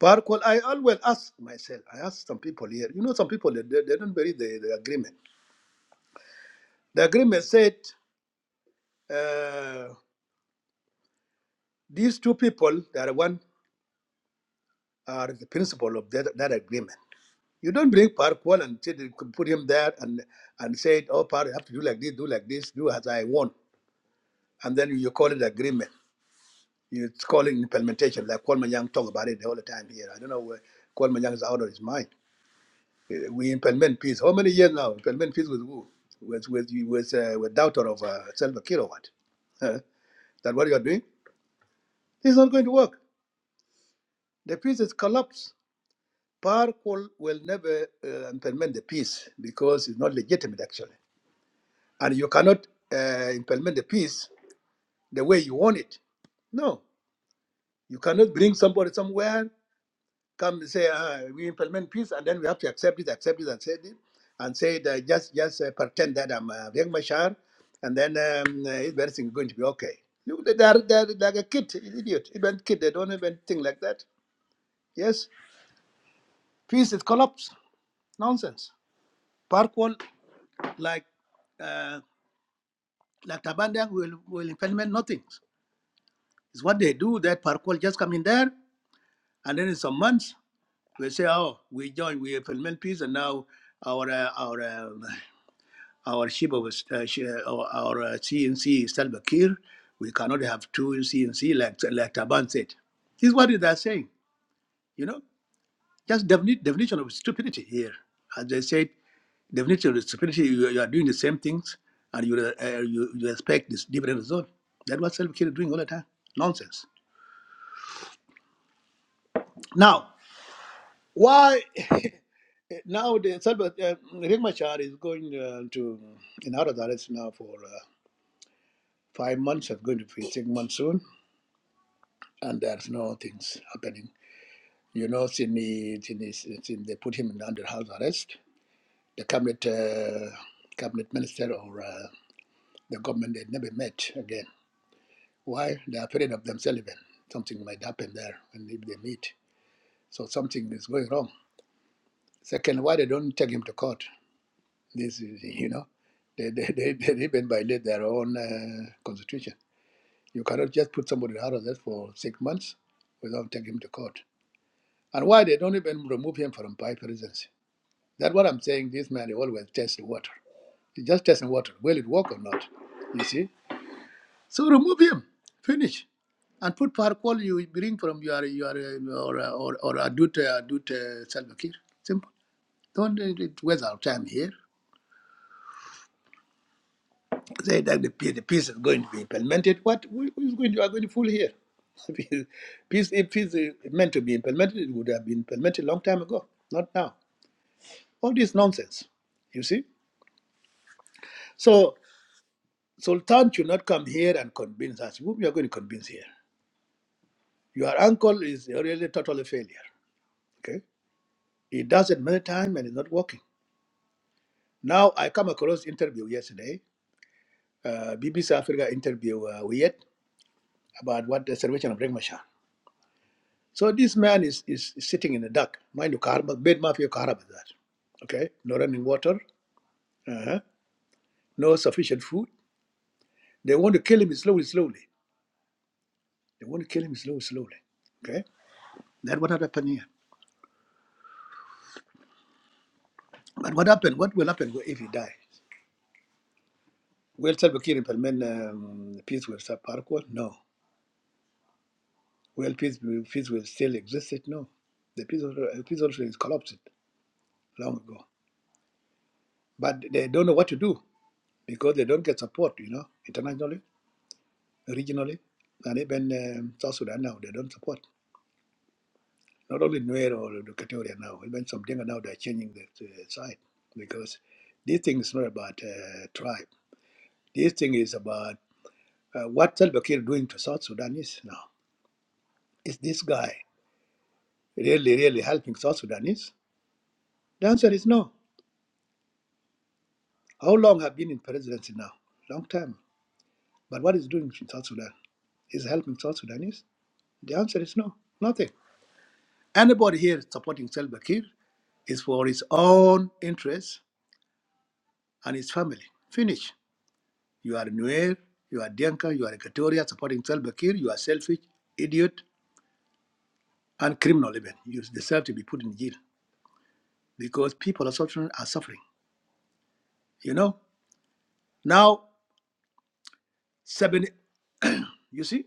Speaker 14: Parkwall, I always ask myself, I ask some people here, you know, some people, they, they, they don't believe the, the agreement. The agreement said uh, these two people, that are one, are the principle of that, that agreement. You don't bring Parkwall and say, they could put him there and, and say, oh, Park, you have to do like this, do like this, do as I want. And then you call it agreement. It's called implementation, like Kwame Young talk about it all the time here. I don't know where Kwame Young is out of his mind. Uh, We implement peace. How many years now? Implement peace with who? With with you- with uh, with daughter of uh, Selva Kilowatt. Huh? that what you are doing? It's not going to work. The peace is collapsed. Power will, will never uh, implement the peace because it's not legitimate actually, and you cannot uh, implement the peace the way you want it. No, you cannot bring somebody somewhere come and say uh, we implement peace, and then we have to accept it, accept it, and say it, and say it, uh, just just uh, pretend that I'm uh, Riek Machar, and then um, uh, everything is going to be okay. Look, they- They're, they're like a kid, idiot, even kid. They don't even think like that. Yes, peace is collapse, nonsense. Park like uh, like Tabandang will will implement nothing. It's what they do. That park just come in there, and then in some months we say, oh, we join, we implement peace, and now our uh, our uh, Our Shiba was uh, Shi- our, our uh, CNC is Salva Kiir. We cannot have two CNC like like Taban said. This is what they are saying. You know, just defini- definition of stupidity here. As they said, definition of stupidity. You, you are doing the same things, and you uh, you, you expect this different result. That's what Salva Kiir is doing all the time. Nonsense. Now, why? now the Salva uh, Riek Machar is going uh, to in out of arrest now for uh, five months. It's going to be six months soon. and there's no things happening. You know, Sydney, Sydney, Sydney they put him under house arrest. The cabinet, uh, cabinet minister or uh, the government, they never met again. Why? They're afraid of themselves even. Something might happen there and if they meet. So something is going wrong. Second, why they don't take him to court? This is, you know, they, they, they, they even violate their own uh, constitution. You cannot just put somebody out of arrest for six months without taking him to court And why they don't even remove him from vice presidency? That's what I'm saying. This man he always tests water. He just testing water. Will it work or not? You see? So remove him. Finish. And put Parkwall you bring from your your uh, or uh, or or adult uh, adult uh, Salva Kiir. Simple. Don't uh, waste our time here. Say that the peace, the peace is going to be implemented. What who who is going to are going to fool here? peace if peace is meant to be implemented, it would have been implemented long time ago, not now. All this nonsense. You see? So Sultan should not come here and convince us. Whom you are going to convince here? Your uncle is really totally failure. Okay, he does it many times and it's not working. Now I come across interview yesterday, uh, BBC Africa interview uh, we had about what the salvation of Rengmasha. So this man is, is sitting in the dark. Mind you, Kahar- bed mafia Kahar that. Okay, no running water, uh-huh. no sufficient food. They want to kill him slowly, slowly. They want to kill him slowly, slowly. Okay, that what happened here. But what happened? What will happen if he dies? Will Salva Kiir implement um, peace with South Parkwall? No. Will peace peace will still exist? No. The peace also, uh, peace also is collapsed long ago. But they don't know what to do because they don't get support, you know, internationally, regionally, and even um, South Sudan now they don't support. Not only Nuer or the Katoria now, even some Dinka now they're changing the, the side because this thing is not about uh, tribe. This thing is about uh, what Salva Kiir doing to South Sudanese now Is this guy really, really helping South Sudanese? The answer is no. How long have been in presidency now? Long time. But what is doing in South Sudan? Is helping South Sudanese? The answer is no. Nothing. Anybody here supporting Salva Kiir is for his own interests and his family. Finish. You are Nuer, you are Dianka, you are Equatoria supporting Salva Kiir, you are selfish, idiot, and criminal even. You deserve to be put in jail because people are suffering. Are suffering. You know, now seventy You see,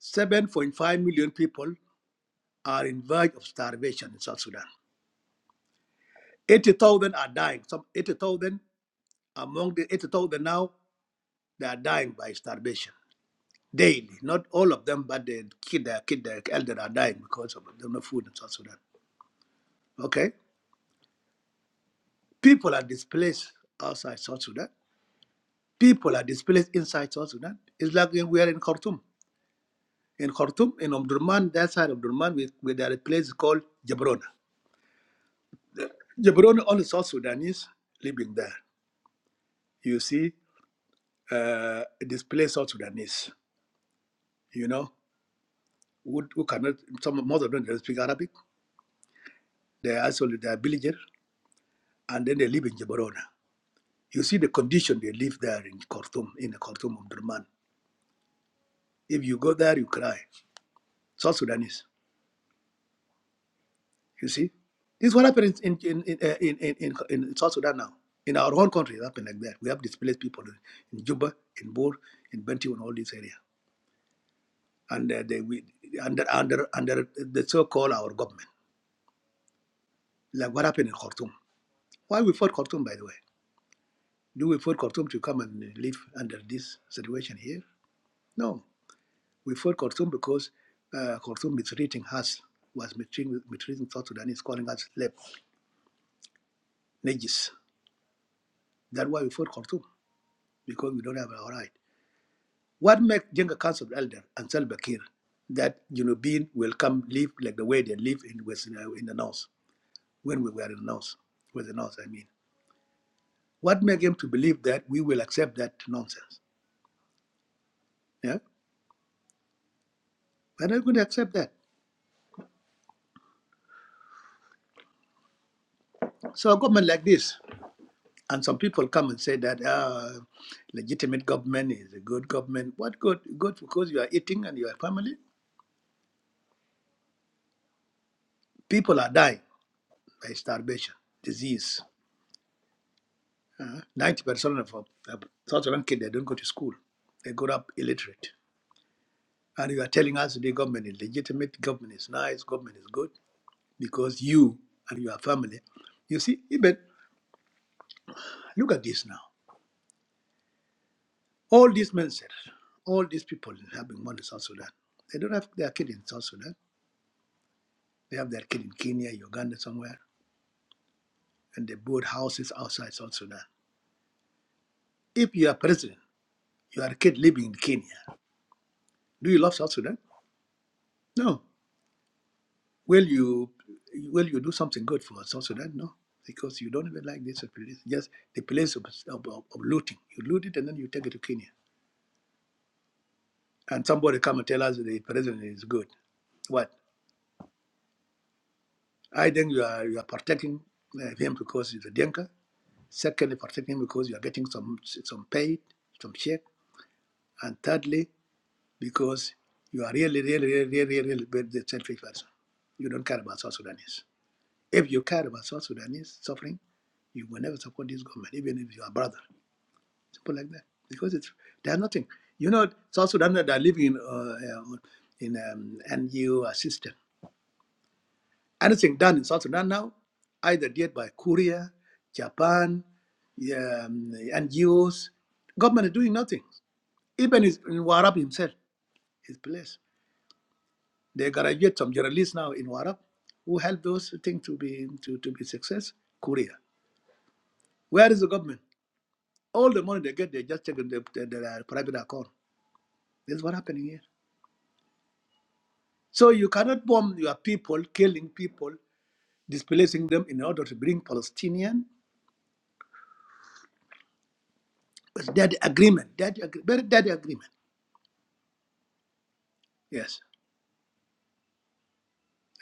Speaker 14: 7.5 million people are in verge of starvation in South Sudan. 80,000 are dying. Some 80,000 among the 80,000 now, they are dying by starvation daily. Not all of them, but the kid, their kid, their elder are dying because of there's no food in South Sudan. Okay, people are displaced outside South Sudan. People are displaced inside South Sudan. It's like when we are in Khartoum. In Khartoum, in Omdurman, that side of Omdurman, we, we, there are a place called Jabrona. Jabroni, all the South Sudanese living there. You see, uh, displaced South Sudanese, you know, who, who cannot, some most of them don't speak Arabic. They are actually, they are villagers, and then they live in Jabrona. You see the condition they live there in Khartoum, in the Khartoum of Durman. If you go there, you cry. South Sudanese, you see? This is what happened in, in, in, uh, in, in, in, in South Sudan now. In our own country, it happened like that. We have displaced people in Juba, in Bor, in Bentiu, and all this area. and uh, they we, under under under the so-called our government, like what happened in Khartoum. Why we fought Khartoum, by the way? Do we fought Khartoum to come and live under this situation here? No, we fought Khartoum because uh, Khartoum mistreating us was mistreating, mistreating South Sudanese, calling us slave najis. That's why we fought Khartoum because we don't have our right. What makes Jenga Council of Elder and Salva Kiir that you know being will come live like the way they live in West, uh, in the north when we were in the north, with the north, I mean. What make him to believe that we will accept that nonsense? Yeah, we're not going to accept that. So a government like this, and some people come and say that uh, legitimate government is a good government. What good? Good because you are eating and your family. People are dying by starvation, disease. Uh, Ninety percent of of South Sudan kids they don't go to school. They grow up illiterate. And you are telling us the government is legitimate, government is nice, government is good, because you and your family, you see, even look at this now. All these men said, all these people having money in South Sudan, they don't have their kid in South Sudan. They have their kid in Kenya, Uganda, somewhere, and they build houses outside South Sudan. If you are president, you are a kid living in Kenya. Do you love South Sudan? No. Will you will you do something good for South Sudan? No. Because you don't even like this place. Just the place of, of, of looting. You loot it and then you take it to Kenya. And somebody come and tell us the president is good. What? I think you are you are protecting uh, him because he's a dinka. Secondly, protecting him because you are getting some some paid, some check, and thirdly, because you are really, really, really, really, really really very the selfish person. You don't care about South Sudanese. If you care about South Sudanese suffering, you will never support this government, even if you are brother. Simple like that. Because it's they are nothing. You know, South Sudan they are living in uh, uh, in um, NGO assistance. Anything done in South Sudan now, either did by Korea, Japan, yeah, um, NGOs, government is doing nothing. Even is- in Warab himself, his place. They graduate some journalists now in Warab who help those things to be to, to be success. Korea. Where is the government? All the money they get, they just take in their, their, their private account. This is what happening here. So you cannot bomb your people, killing people, displacing them in order to bring Palestinian. But that agreement, that agree- very dead agreement. Yes.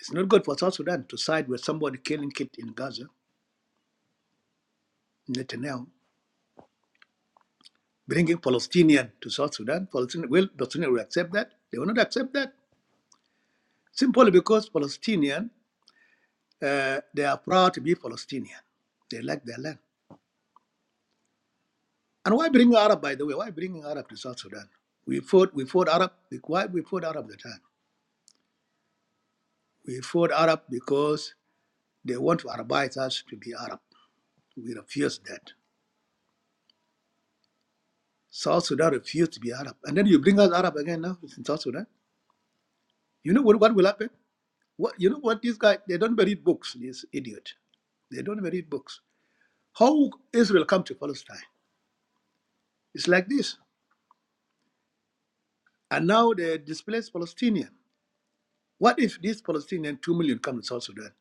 Speaker 14: It's not good for South Sudan to side with somebody killing kid in Gaza, Netanyahu, bringing Palestinian to South Sudan. Palestinian, will Palestinian will accept that? They will not accept that. Simply because Palestinian, uh, they are proud to be Palestinian. They like their land. And why bring Arab, by the way? Why bringing Arab to South Sudan? We fought, we fought Arab. Why we fought Arab at the time? We fought Arab because they want to Arabize us to be Arab. We refuse that. South Sudan refused to be Arab. And then you bring us Arab again now in South Sudan? You know what, what will happen? What you know what these guys they don't read books, this idiot. They don't read books. How Israel come to Palestine? It's like this. And now they displaced Palestinian. What if these Palestinian two million come to South Sudan?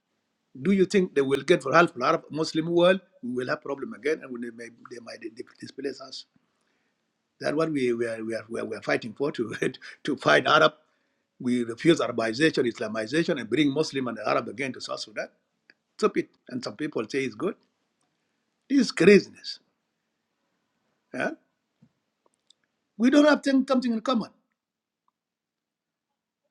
Speaker 14: Do you think they will get for half the Arab Muslim world? We will have problem again, and they may they might di- displace us. That's what we we are, we are, we are we are fighting for to to fight Arab. We refuse Arabization, Islamization, and bring Muslim and Arab again to South Sudan. Stupid. And some people say it's good. This is craziness. huh? We don't have thing- something in common.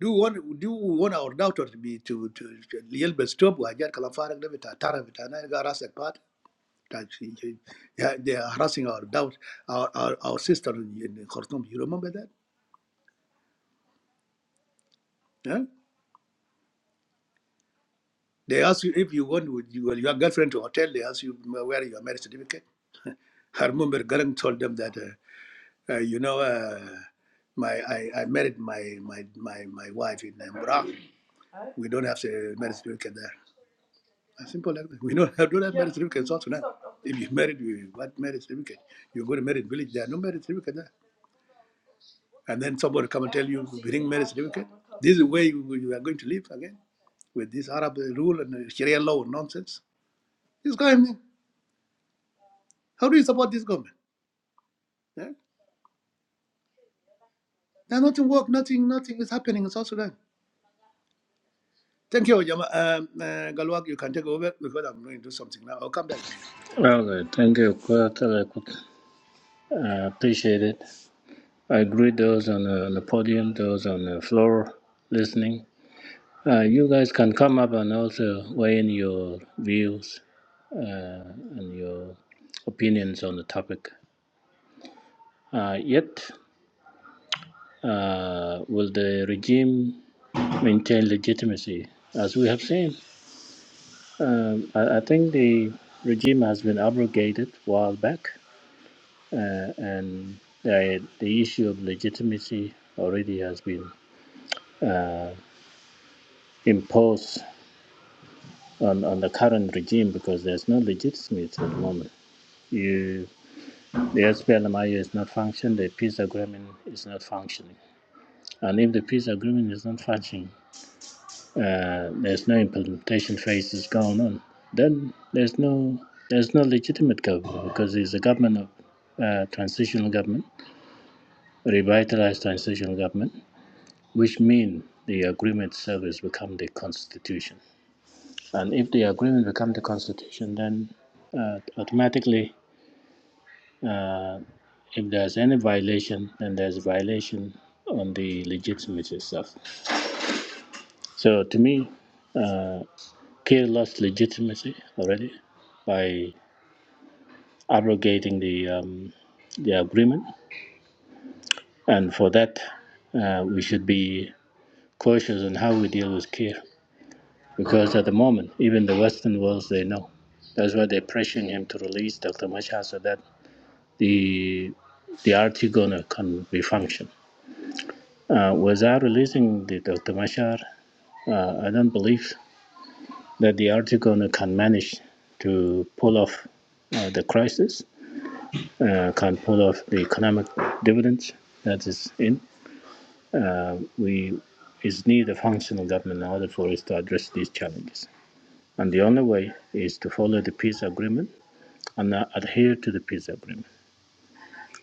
Speaker 14: Do we want do we want our daughter to be to to yell best stop or get kalafarak de vita tara vita na ga rasak pat. That she- she- yeah, They are harassing our doubt, our, our, our sister in, in Khartoum. You remember that? huh? They ask you if you want with your, your girlfriend to hotel. They ask you where your marriage certificate. I remember Garang told them that, uh, uh, you know, uh, my I, I married my my my, my wife in Iraq. We don't have a marriage certificate there. As simple like that. We don't have, don't have marriage certificates also now. If you married, you what marriage certificate? You go to married village, there are no marriage certificate there. And then somebody come and tell you, bring marriage certificate. This is the way you, you are going to live again with this Arab rule and uh, Sharia law nonsense. This government, how do you support this government? Yeah? Now nothing work, nothing, nothing is happening in South Sudan. Thank you, Jama. Um, uh, Galwak, you can take over because I'm going to do something now. I'll come back again. Thank you.
Speaker 15: Okay, thank you, Kuratele. I appreciate it. I greet those on the, on the podium, those on the floor listening. Uh, you guys can come up and also weigh in your views uh, and your opinions on the topic. Uh, yet, uh, will the regime maintain legitimacy? As we have seen, um, I, I think the regime has been abrogated a while back uh, and uh, the issue of legitimacy already has been uh, imposed on, on the current regime because there's no legitimacy at the moment. You, the SPLMIO is not functioning, the peace agreement is not functioning. And if the peace agreement is not functioning, uh, there's no implementation phases going on. Then there's no there's no legitimate government because it's a government of uh, transitional government, revitalized transitional government which mean the agreement service become the constitution. And if the agreement becomes the constitution, then uh, automatically, uh, if there's any violation, then there's a violation on the legitimacy itself. So to me, uh, Kiir lost legitimacy already by abrogating the um, the agreement, and for that, uh, we should be cautious on how we deal with Kiir. Because at the moment, even the Western world, they know. That's why they're pressuring him to release Dr. Machar so that the the RT going can be function. Uh, without releasing the Dr. Machar, uh, I don't believe that the RT going can manage to pull off uh, the crisis, uh, can pull off the economic dividends that is in. Uh, we is need a functional government in order for us to address these challenges. And the only way is to follow the peace agreement and adhere to the peace agreement.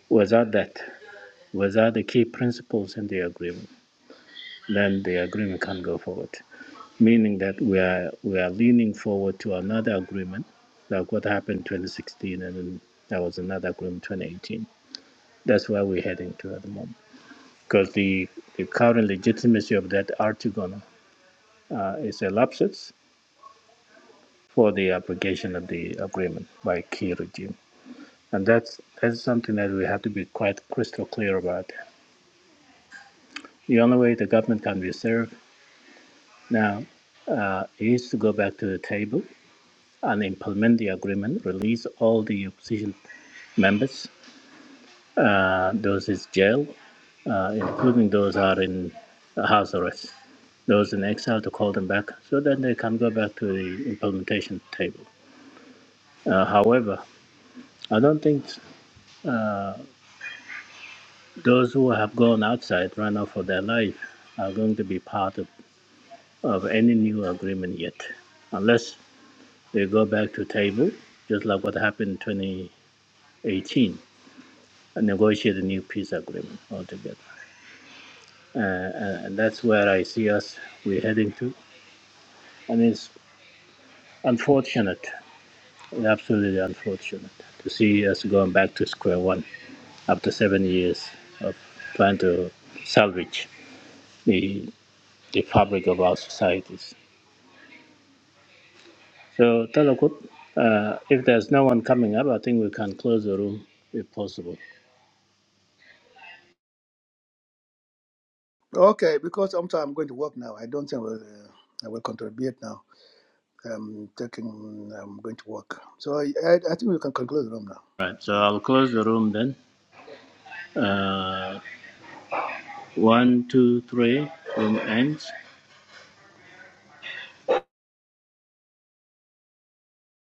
Speaker 15: Without that, without the key principles in the agreement, then the agreement can't go forward. Meaning that we are we are leaning forward to another agreement, like what happened 2016, and then there was another agreement 2018. That's where we're heading to at the moment, because the the current legitimacy of that Article uh, is elapses for the application of the agreement by key regime, and that's that's something that we have to be quite crystal clear about The only way the government can be served now uh, is to go back to the table and implement the agreement, release all the opposition members, uh, those in jail, uh, including those who are in house arrest, those in exile to call them back so that they can go back to the implementation table. Uh, however, I don't think those who have gone outside, run off for their life, are going to be part of, of any new agreement yet, unless They go back to table, just like what happened in 2018, and negotiate a new peace agreement altogether. Uh, and and that's where I see us, we're heading to. And it's unfortunate, absolutely unfortunate, to see us going back to square one after seven years of trying to salvage the, the fabric of our societies. So, Talakut, uh, if there's no one coming up, I think we can close the room if possible.
Speaker 14: Okay, because I'm I'm going to work now. I don't think I will, uh, I will contribute now. I'm taking, I'm going to work. So I, I, I think we can conclude the room now.
Speaker 15: Right, so
Speaker 14: Uh,
Speaker 15: I'll close the room then. Uh, one, two, three, from ends.